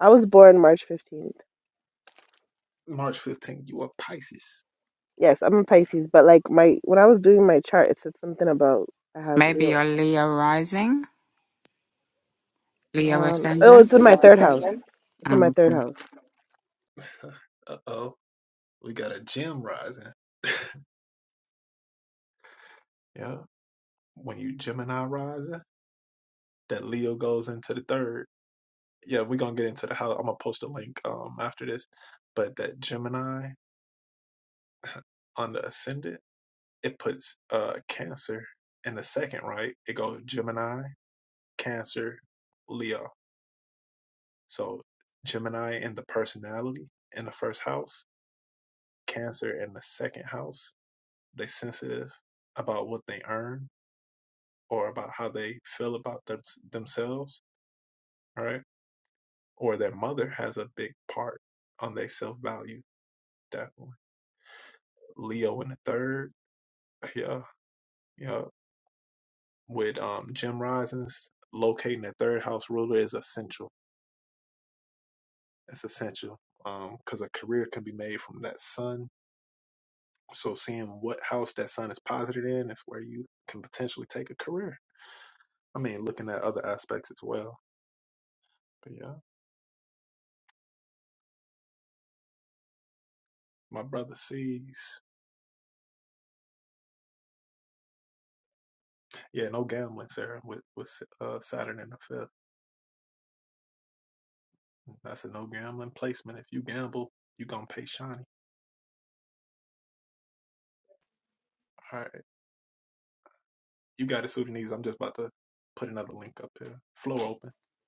I was born March 15th. Yes, I'm a Pisces, but like my when I was doing my chart, it said something about I have Maybe Leo you in my chart. Leo rising, Leo Um, oh, it's in ascendant. my third house. It's in my Um, third house.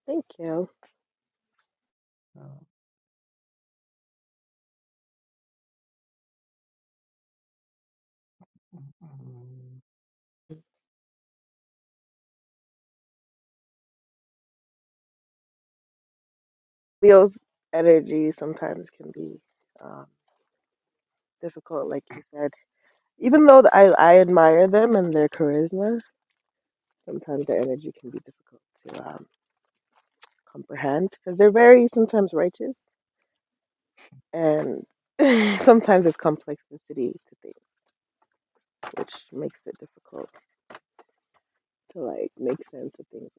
Thank you. Leo's energy sometimes can be um, difficult, like you said Even though I, I admire them and their charisma, sometimes their energy can be difficult to um, comprehend because they're very sometimes righteous and sometimes it's complexity to things, which makes it difficult to like make sense of things.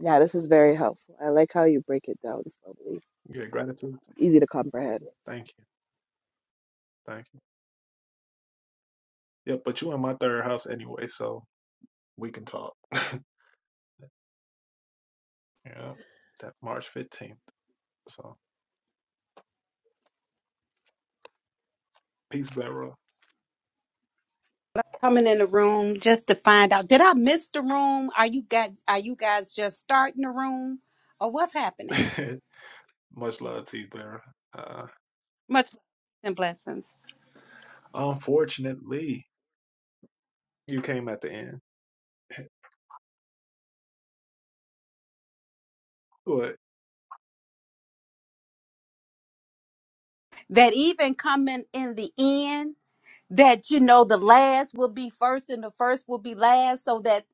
Yeah, this is very helpful. I like how you break it down slowly, easy to comprehend. coming in the room just to find out did i miss the room are you guys are you guys just starting the room or what's happening much love and blessings that even coming in the end that you know the last will be first and the first will be last so that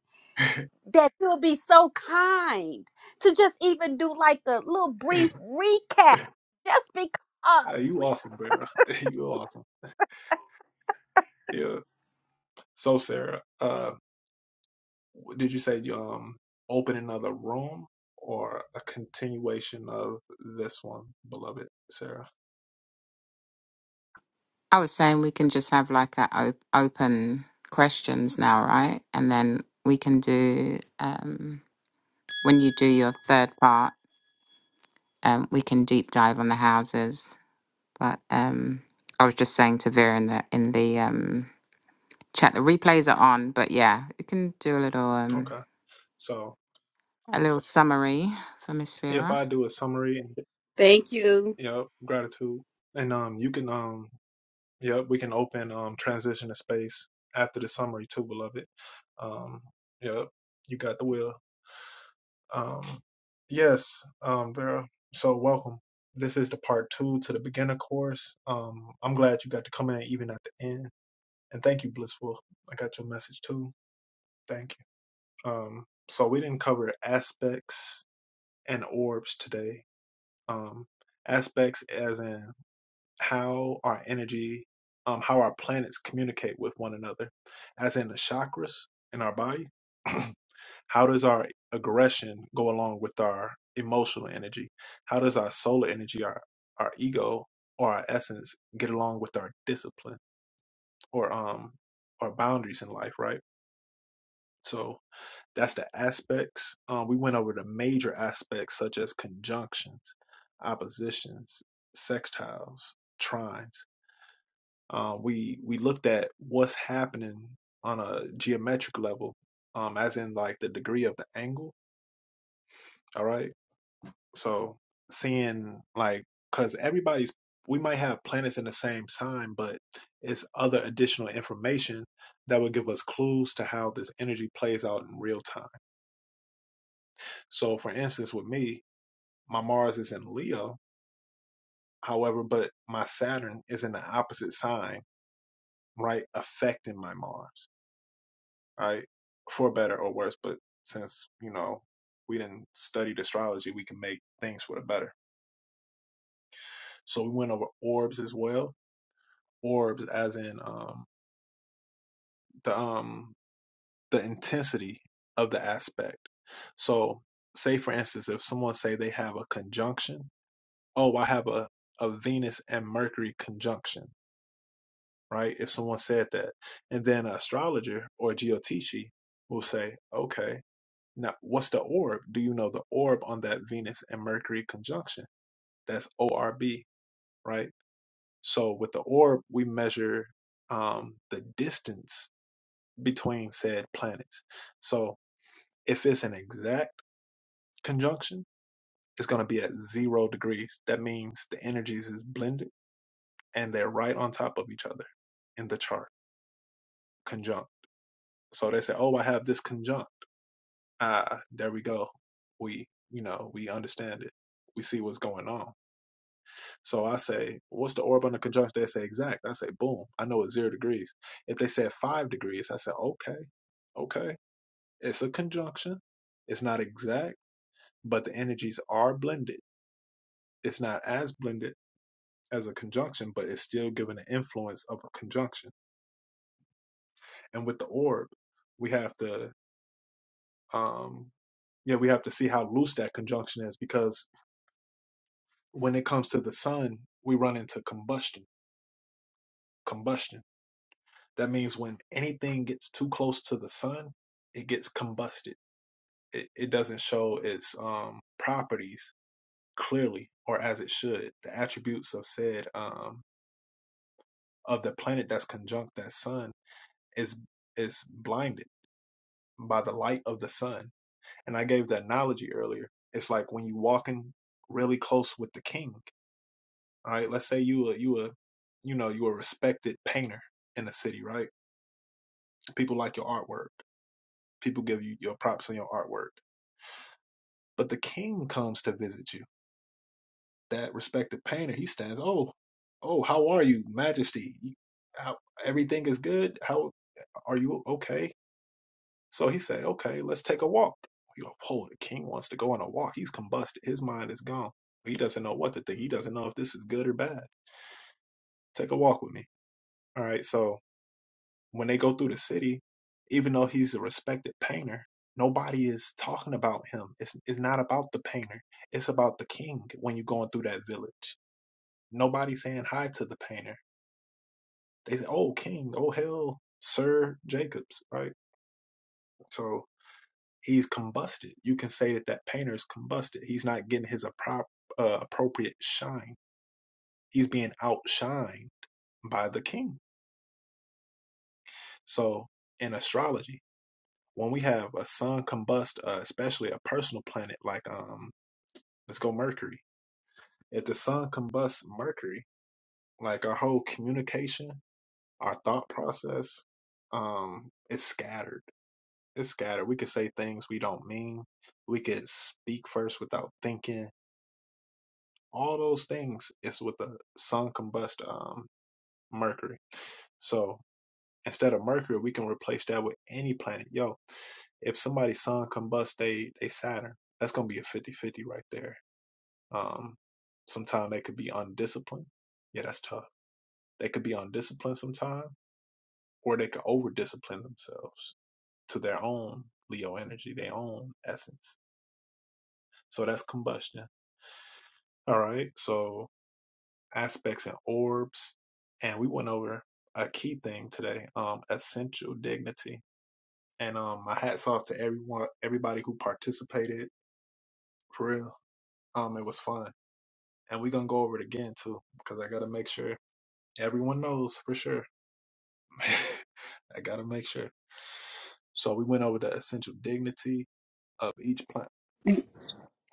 that you'll be so kind to just even do like a little brief recap just because I was saying we can just have like a op- open questions now, right? And then we can do um, when you do your third part, um, we can deep dive on the houses. But um, I was just saying to Vera in the in the um, chat, the replays are on. But yeah, you can do a little um, a little summary for Miss Vera. Thank you.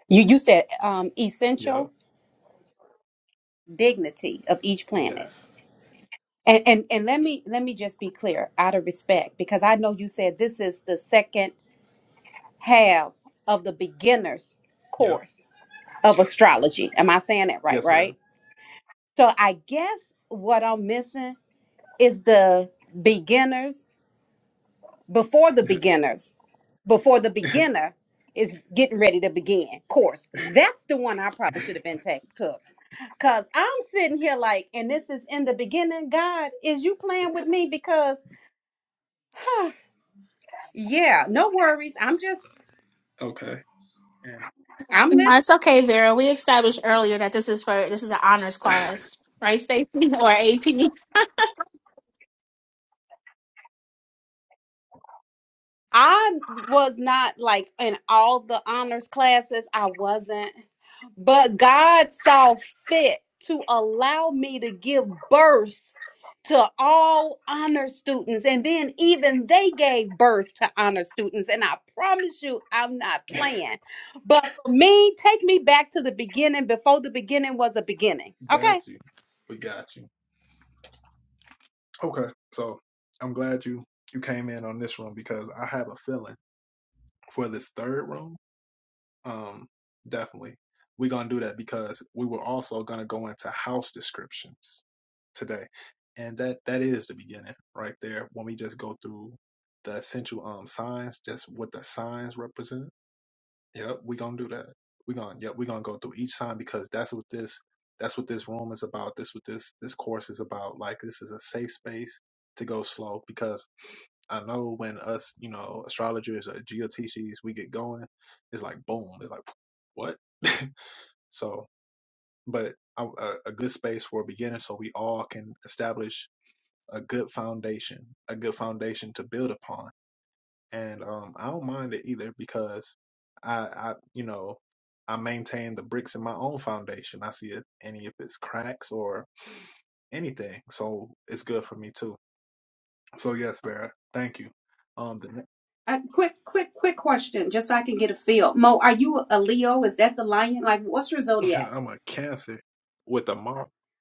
You you said um, essential dignity of each planet. And, and and let me let me just be clear out of respect because I know you said this is the second half of the beginner's course of astrology. Am I saying that right, right? So I guess what I'm missing is the beginners before the beginners before the beginner is getting ready to begin course that's the one i probably should have been take, took because i'm sitting here like and this is in the beginning god is you playing with me because yeah no worries i'm just i'm listening No, It's okay, Vera. We established earlier that this is for this is an honors class, right, Stacy or AP? I was not like in all the honors classes. I wasn't. But God saw fit to allow me to give birth to all honor students. And then even they gave birth to honor students. And I promise you, I'm not playing. But for me, take me back to the beginning before the beginning was a beginning. Okay. A quick, quick, quick question, just so I can get a feel. Mo, are you a Leo? Is that the lion? Like, what's your zodiac?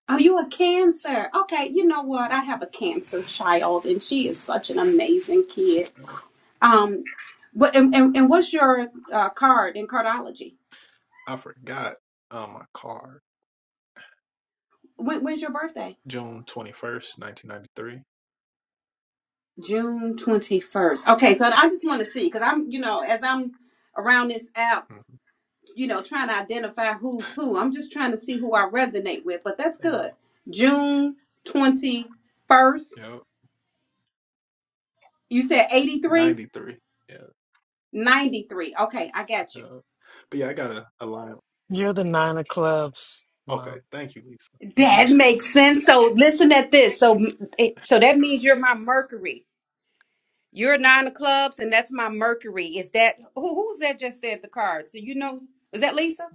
Oh, you a cancer. Okay, you know what? I have a cancer child and she is such an amazing kid. Um but and, and, and what's your uh, card in cardology? When, when's your birthday? June 21st. Okay, so I just want to see because I'm, you know, as I'm around this app, you know, trying to identify who's who, I'm just trying to see who I resonate with, but that's good. June 21st. You said 83? 93. Okay, I got you. You're the nine of clubs, Mom. Mhm. That makes sense. So listen at this. So it, so that means you're my Mercury. You're nine of clubs, and that's my Mercury. Is that who? Who that just said the card? So you know, is that Lisa?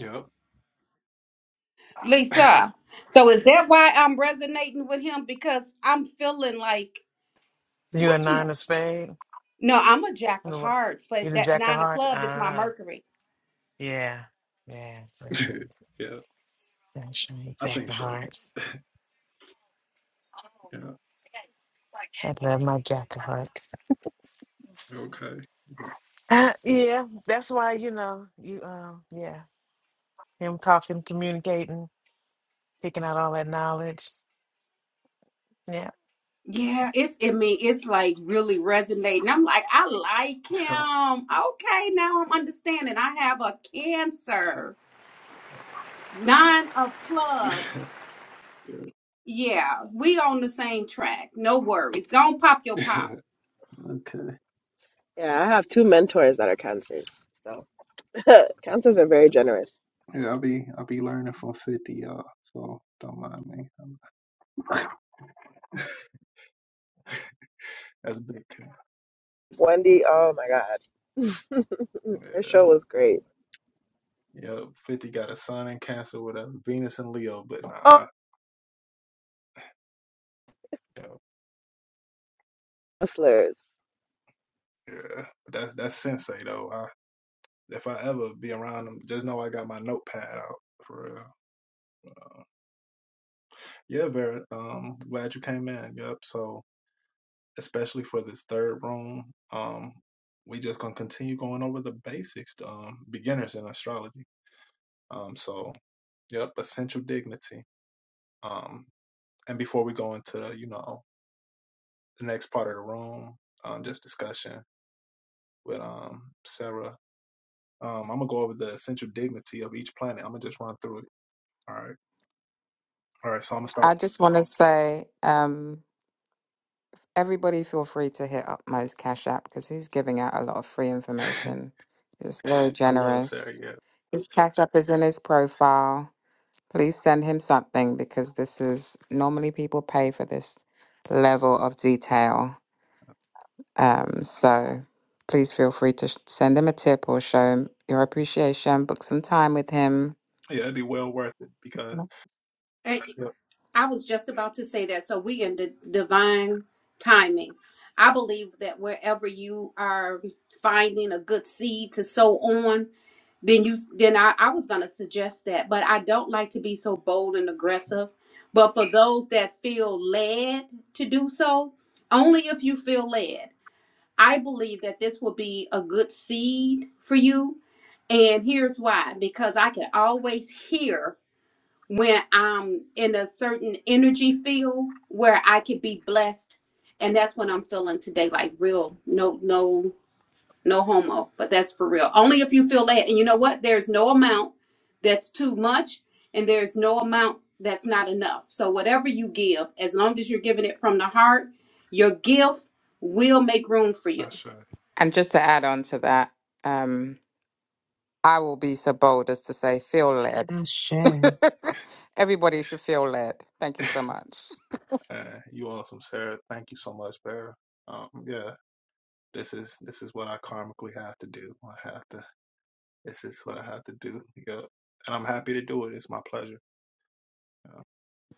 Lisa. So is that why I'm resonating with him? Because I'm feeling like You're a what you nine know. of spades. No, I'm a jack of You're hearts, but the that jack of nine of hearts. club is my Ah, Mercury. yeah, yeah, for sure. That's my Jack of hearts. I love my jack of hearts. Uh, yeah, that's why you know you. Um, yeah, him talking, communicating, picking out all that knowledge. Yeah, Yeah, it's I mean, it's like really resonating. I'm like, I like him. Okay, now I'm understanding. I have a cancer. Nine of clubs. Yeah, we on the same track. No worries. Go on, pop your pop. Yeah, I have two mentors that are cancers, so cancers are very generous. Wendy, oh my God, her show was great. Oh, hustlers. I just want to say. Um, Everybody feel free to hit up Mo's Cash App because he's giving out a lot of free information. He's very generous. His Cash App is in his profile. Please send him something because this is normally people pay for this level of detail. Um, so please feel free to sh- send him a tip or show him your appreciation, book some time with him. Mhm. Eh, I was just about to say that. So we in the divine timing. I believe that wherever you are finding a good seed to sow on, then you then I, I was gonna suggest that, but I don't like to be so bold and aggressive. But for those that feel led to do so, only if you feel led. I believe that this will be a good seed for you. And here's why because I can always hear when I'm in a certain energy field where I could be blessed. And that's what I'm feeling today like real, no, no, no homo, but that's for real. Only if you feel that. And you know what? There's no amount that's too much, and there's no amount that's not enough. So, whatever you give, as long as you're giving it from the heart, your gift will make room for you And just to add on to that, um, I will be so bold as to say, feel led. Ashe. Everybody should feel led. Thank you so much.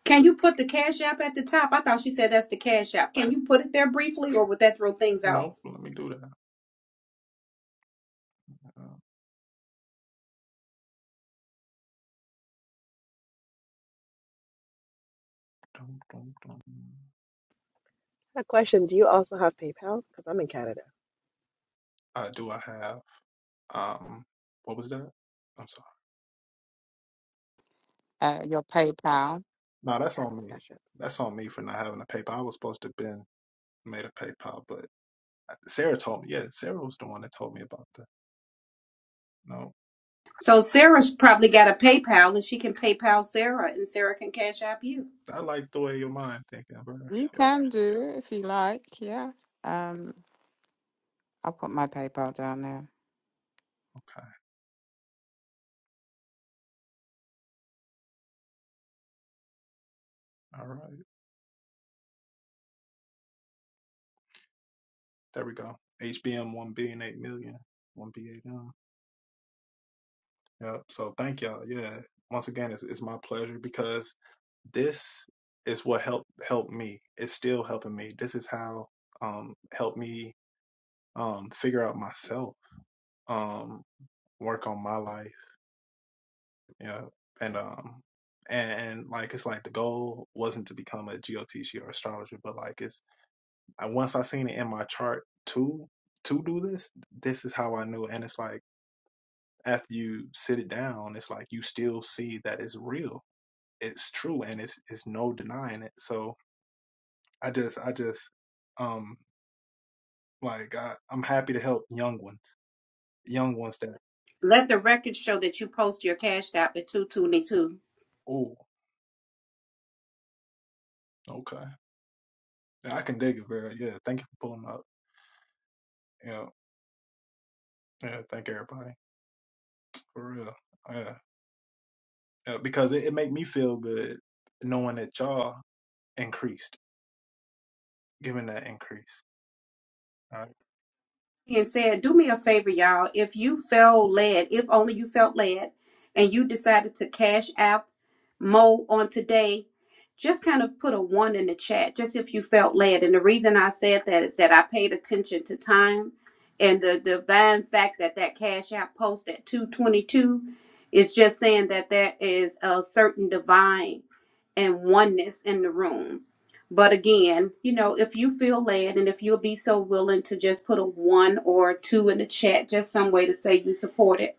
Can you put the Cash App at the top? I thought she said that's the Cash App. Can you put it there briefly or would that throw things off? a question. Do you also have PayPal? Because I'm in Canada. Uh, your PayPal. Cash App. So Sarah's probably got a PayPal and she can PayPal Sarah and Sarah can Cash App you. You can do if you like. Yeah. Um, I'll put my PayPal down there. Let the record show that you post your Cash App at 222. and said, Do me a favor, y'all. If you felt led, if only you felt led, and you decided to cash app Mo on today, just kind of put a one in the chat, just if you felt led. And the reason I said that is that I paid attention to time and the divine fact that that cash app post at 222 is just saying that there is a certain divine and oneness in the room. But again, you know, if you feel led and if you'll be so willing to just put a one or a two in the chat, just some way to say you support it.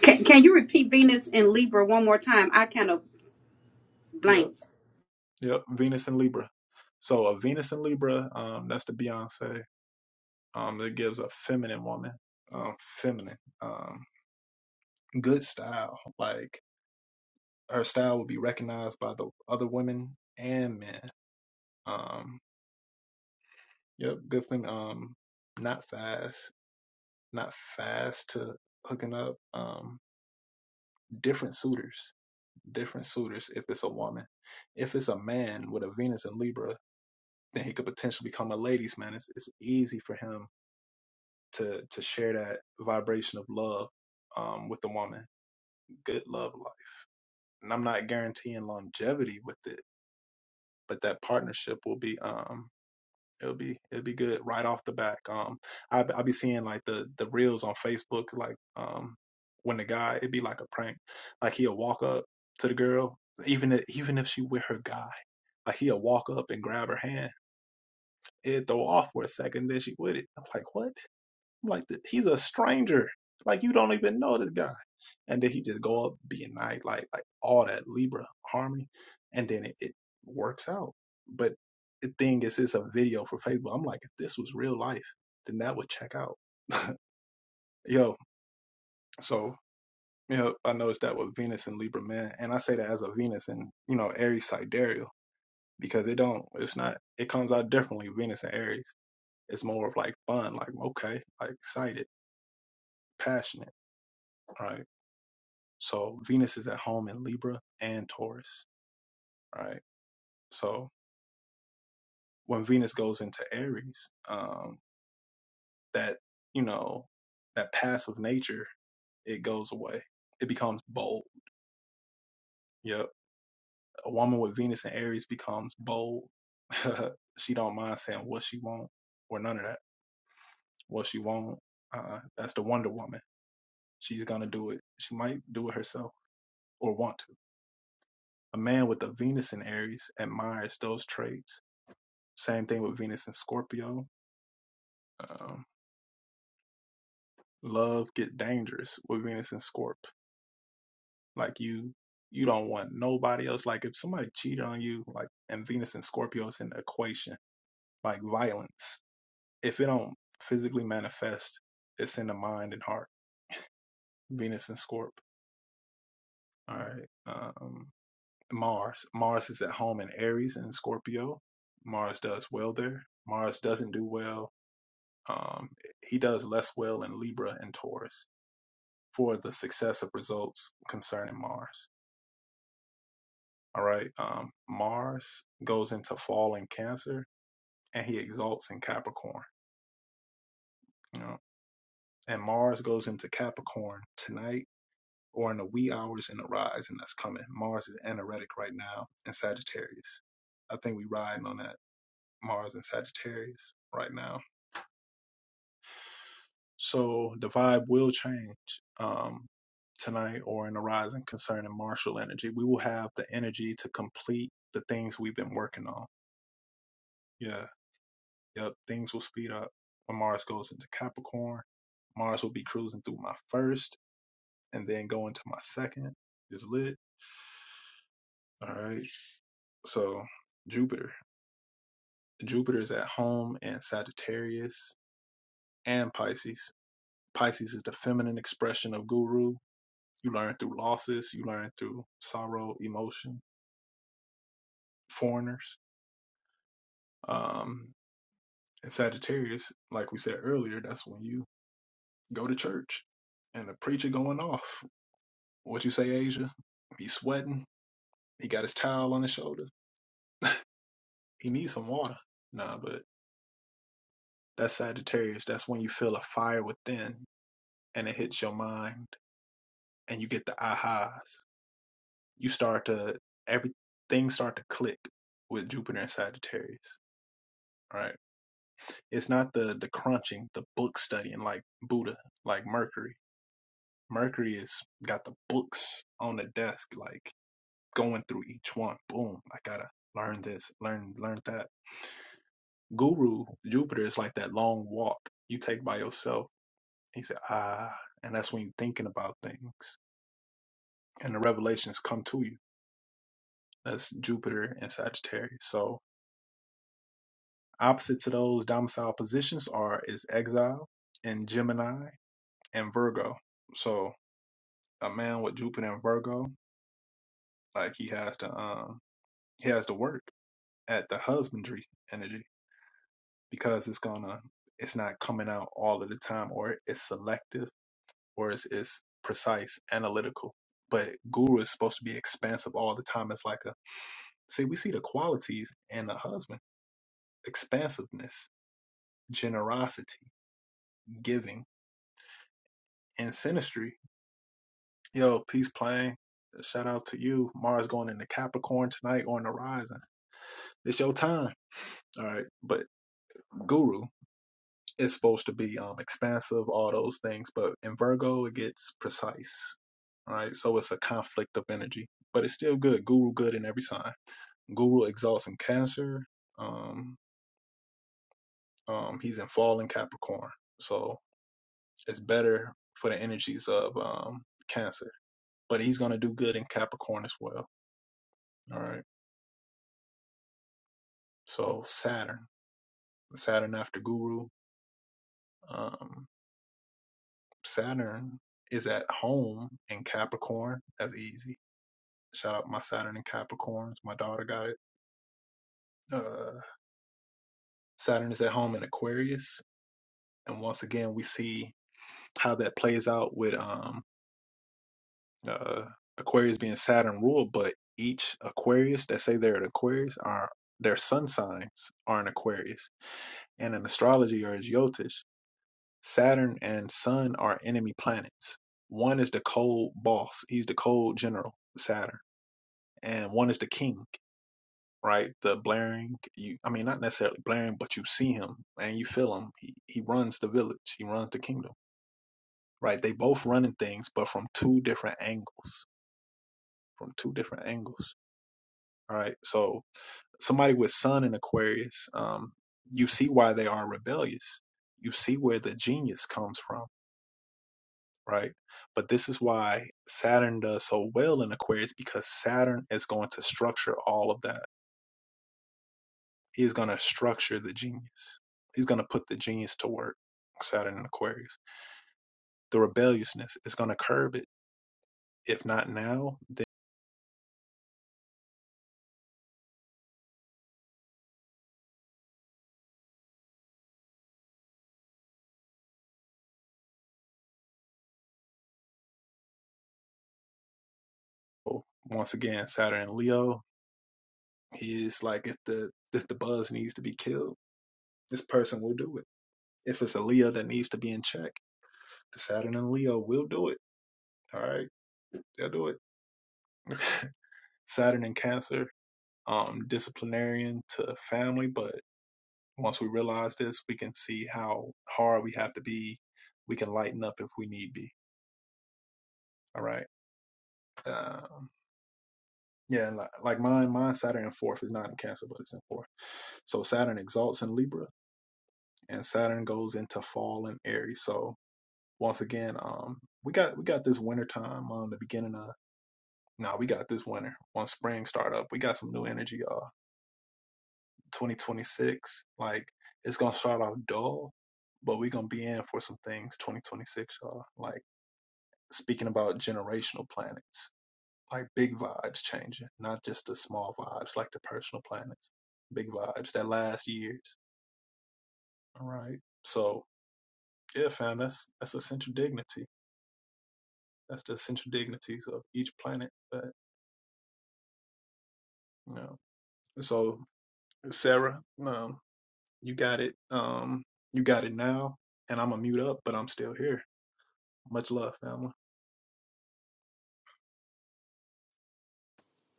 Can, can you repeat Venus and Libra one more time? I kind of blank.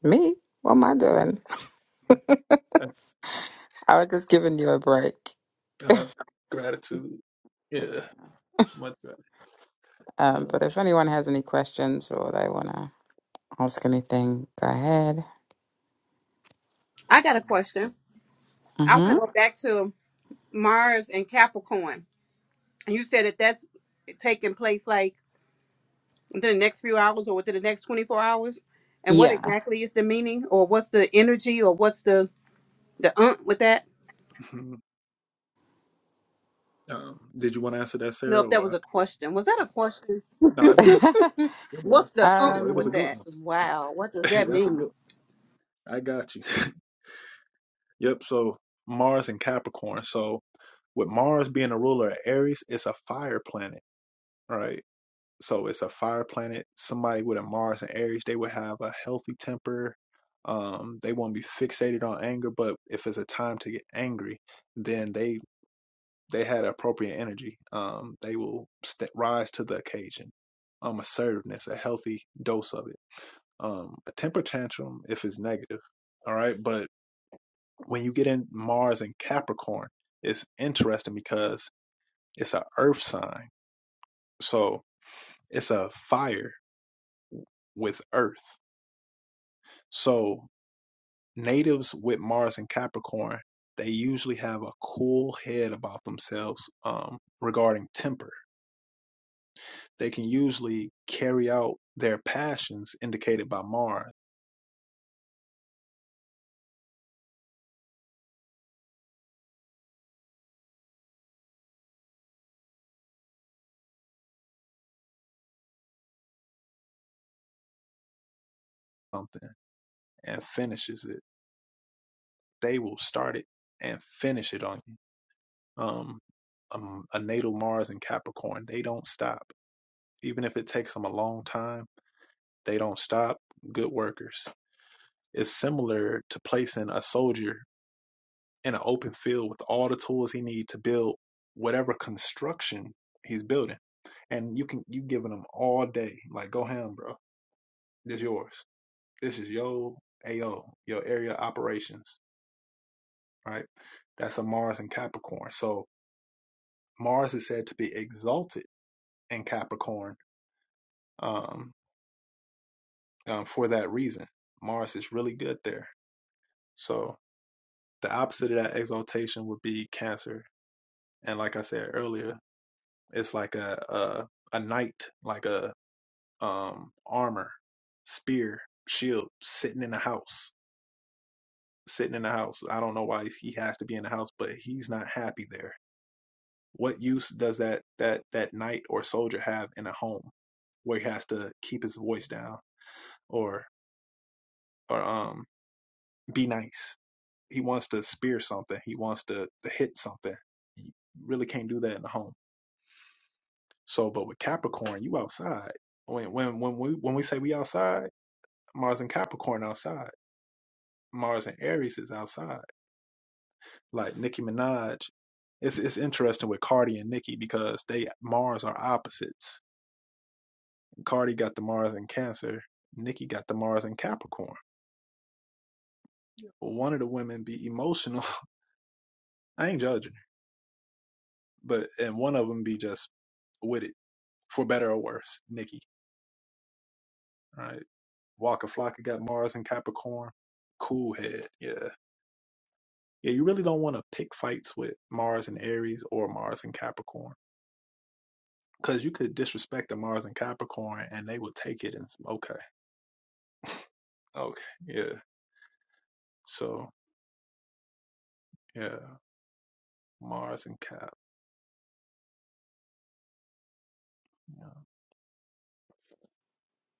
Me? What am I doing? I was just giving you a break. Yeah. Um, but if anyone has any questions or they want to ask anything, go ahead. I got a question. I want to hmm go back to Mars and Capricorn. You said that that's taking place like within the next few hours or within the next 24 hours. And what Yeah. exactly is the meaning or what's the energy or what's the the uh with that? You know, if that was a question. Was that a question? What's the unk with um, that? Wow, what does that mean?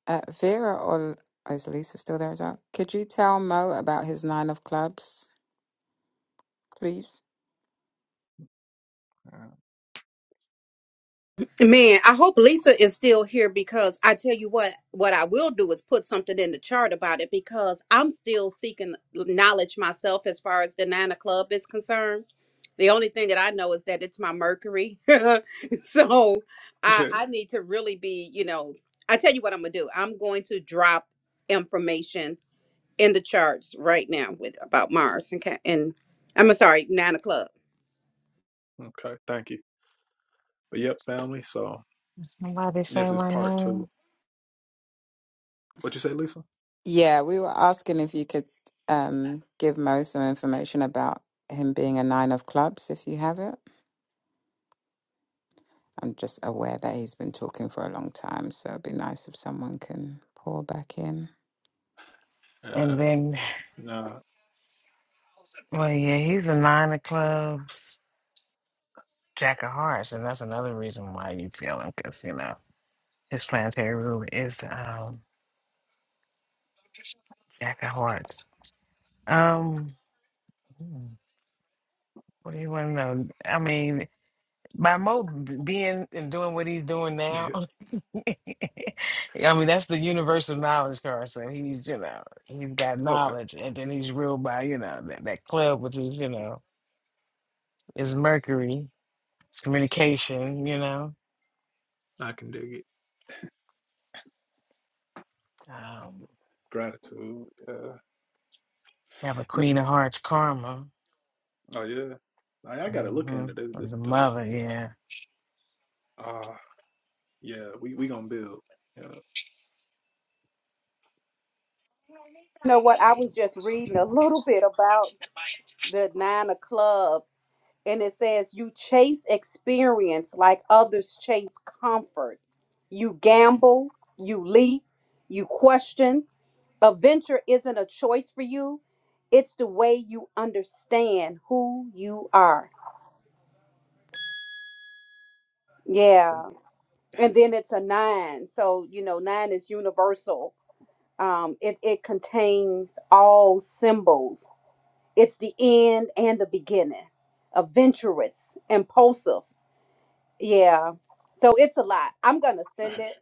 uh, Vera or oh, is Lisa still there as well? Could you tell Mo about his nine of clubs, please? Man, I hope Lisa is still here because I tell you what, what I will do is put something in the chart about it because I'm still seeking knowledge myself as far as the Nana Club is concerned. The only thing that I know is that it's my Mercury. so I, I need to really be, you know, I tell you what I'm going to do. I'm going to drop information in the charts right now with about Mars and Ca- and I'm uh, sorry, Nine of Club. And why they say my name? Yeah, we were asking if you could um, give Mo some information about him being a nine of clubs, if you have it. I'm just aware that he's been talking for a long time, so it'd be nice if someone can pour back in. And then, well, yeah, he's a nine of clubs, jack of hearts, and that's another reason why you feel him because you know his planetary ruler is um jack of hearts. Um, hmm, what do you want to know? I mean. By Mo d- being and doing what he's doing now, I mean that's the universal knowledge, Carson. He's you know he's got knowledge, and then he's ruled by you know that, that club, which is you know is Mercury, it's communication, you know. Um, have a Queen of Hearts karma, hmm the mother, yeah. You know what? I was just reading a little bit about the nine of clubs, and it says you chase experience like others chase comfort. You gamble, you leap, you question, A venture isn't a choice for you, it's the way you understand who you are. Yeah. And then it's a nine. So, you know, nine is universal. Um, it, it contains all symbols. It's the end and the beginning. Adventurous, impulsive. Yeah. So it's a lot. I'm gonna send it.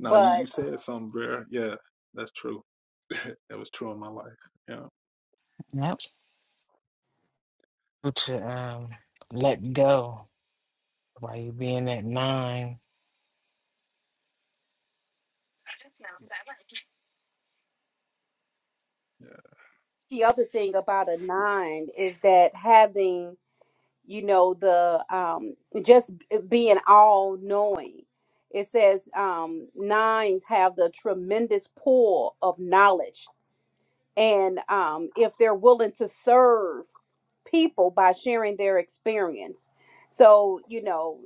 But Yep. To um, let go while you being at nine. the other thing about a nine is that having you know the um just being all knowing it says um nines have the tremendous pull of knowledge and um if they're willing to serve people by sharing their experience so you know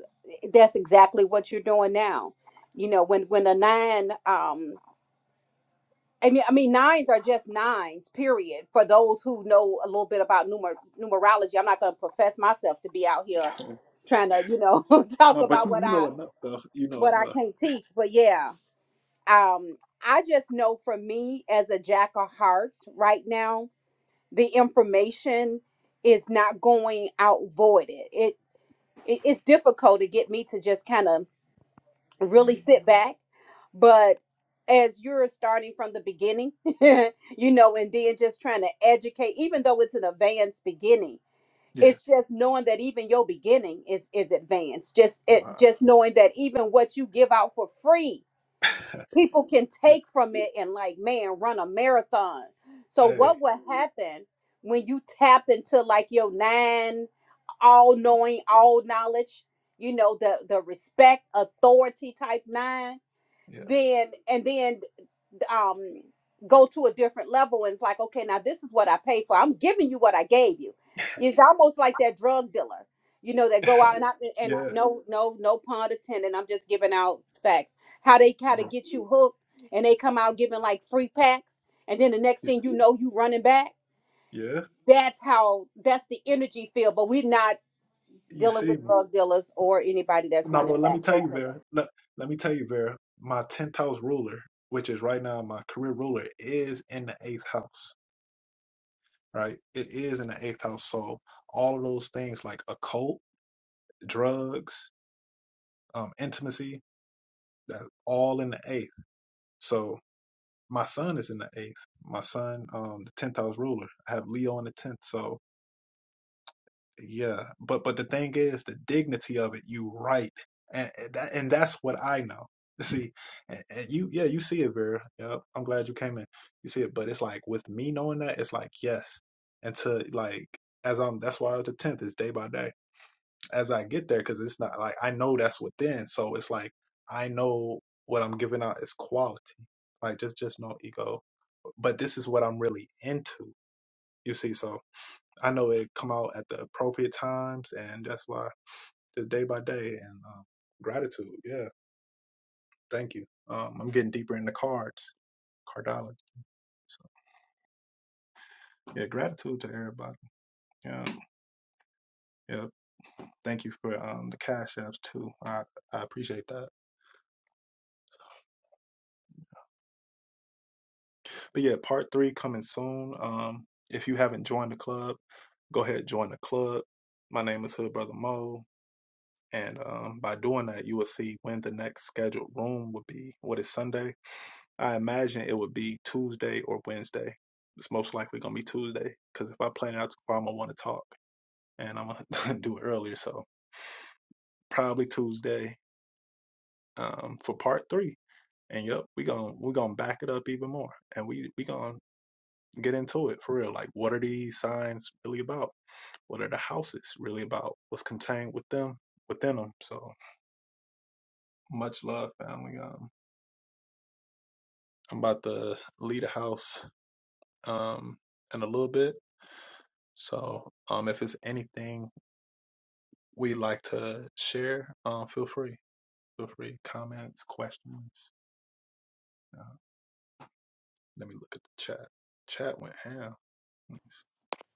that's exactly what you're doing now you know when when a nine um I mean, I mean, nines are just nines, period. For those who know a little bit about numer- numerology, I'm not going to profess myself to be out here trying to you know talk about what i what i can't teach but yeah um i just know for me as a jack of hearts right now the information is not going out voided it, it it's difficult to get me to just kind of really sit back but as you're starting from the beginning you know and then just trying to educate even though it's an advanced beginning it's just knowing that even your beginning is is advanced just it just knowing that even what you give out for free people can take from it and like man run a marathon so what will happen when you tap into like your nine all knowing all knowledge you know the the respect authority type nine then and then um go to a different level and it's like okay now this is what i paid for i'm giving you what i gave you it's almost like that drug dealer you know that go out and I, and no no no pun intended i'm just giving out facts how they kind of get you hooked and they come out giving like free packs and then the next thing you know you running back that's how that's the energy field but we're not dealing with drug dealers or anybody that's running back Just saying.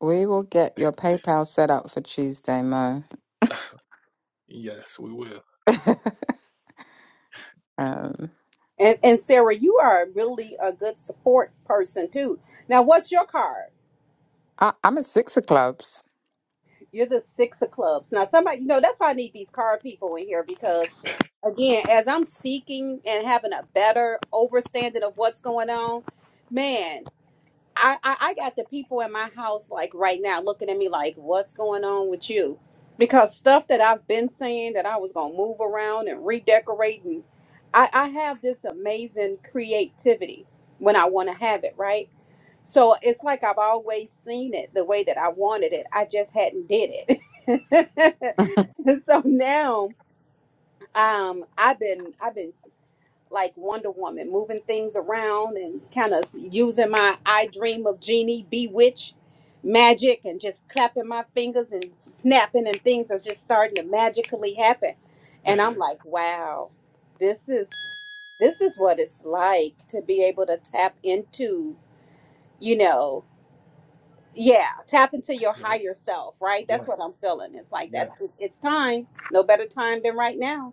We will get your PayPal set up for Tuesday, Mo. um, and, and sarah you are really a good support person too now what's your card I, I'm at six of clubs. You're the six of clubs. Now, somebody, you know, that's why I need these card people in here because, again, as I'm seeking and having a better understanding of what's going on, man. I, I I got the people in my house like right now looking at me like, what's going on with you? Because stuff that I've been saying that I was gonna move around and redecorate and I, I have this amazing creativity when I wanna have it, right? So it's like I've always seen it the way that I wanted it. I just hadn't did it. so now um I've been I've been like Wonder Woman, moving things around and kind of using my I dream of genie, bewitch magic, and just clapping my fingers and snapping, and things are just starting to magically happen. And I'm like, wow, this is this is what it's like to be able to tap into, you know, yeah, tap into your higher self, right? That's what I'm feeling. It's like that's it's time. No better time than right now.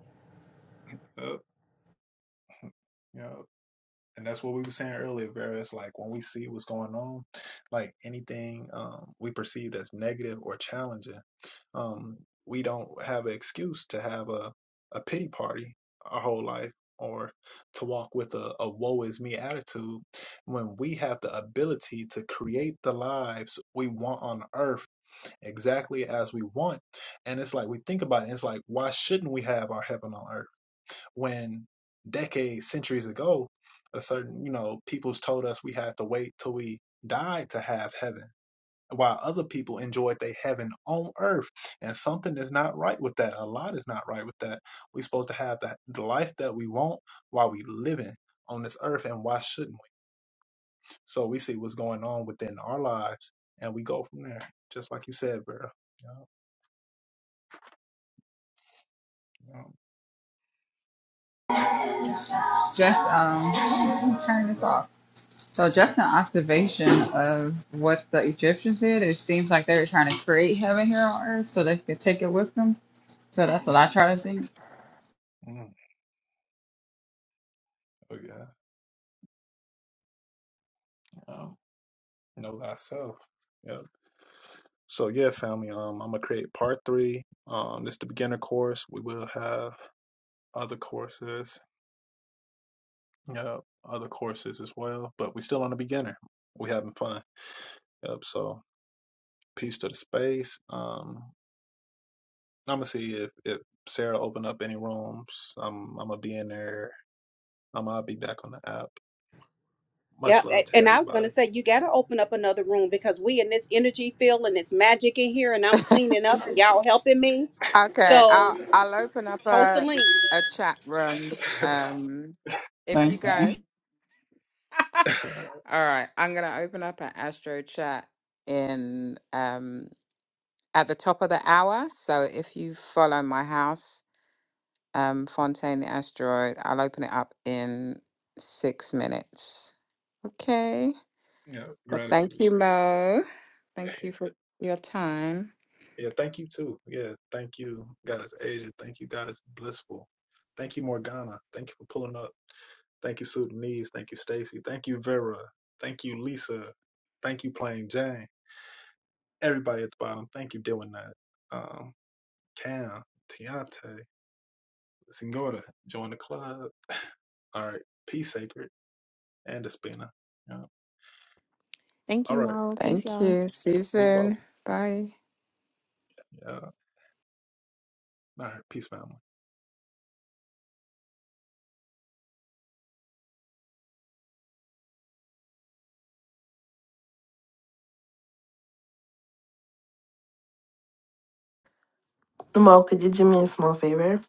Just um, turn this off. So just an observation of what the Egyptians did. It seems like they were trying to create heaven here on earth so they could take it with them. So that's what I try to think. Yeah, a- and I was gonna say you gotta open up another room because we in this energy field and it's magic in here, and I'm cleaning up and y'all helping me. Okay, So I'll I'll open up post the a link. a chat room. Um, if Same you thing. go, all right. I'm gonna open up an Astro chat in. Um, at the top of the hour. So if you follow my house, um, Fontaine the Asteroid, I'll open it up in six minutes. Okay. Well, thank you, Mo. Thank you for your time. Thank you, Mo. Peace, Thank y'all. you. See you soon. Bye. Mo, could you do me a small favor?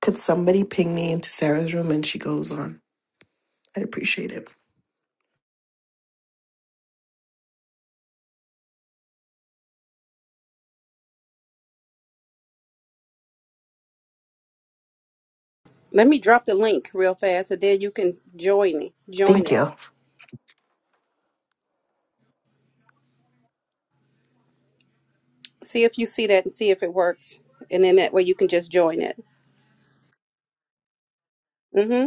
Could somebody ping me into Sarah's room and she goes on? I'd appreciate it. Let me drop the link real fast, and then you can join it. Join Thank it. you. See if you see that and see if it works, and then that way you can just join it. Mm-hmm.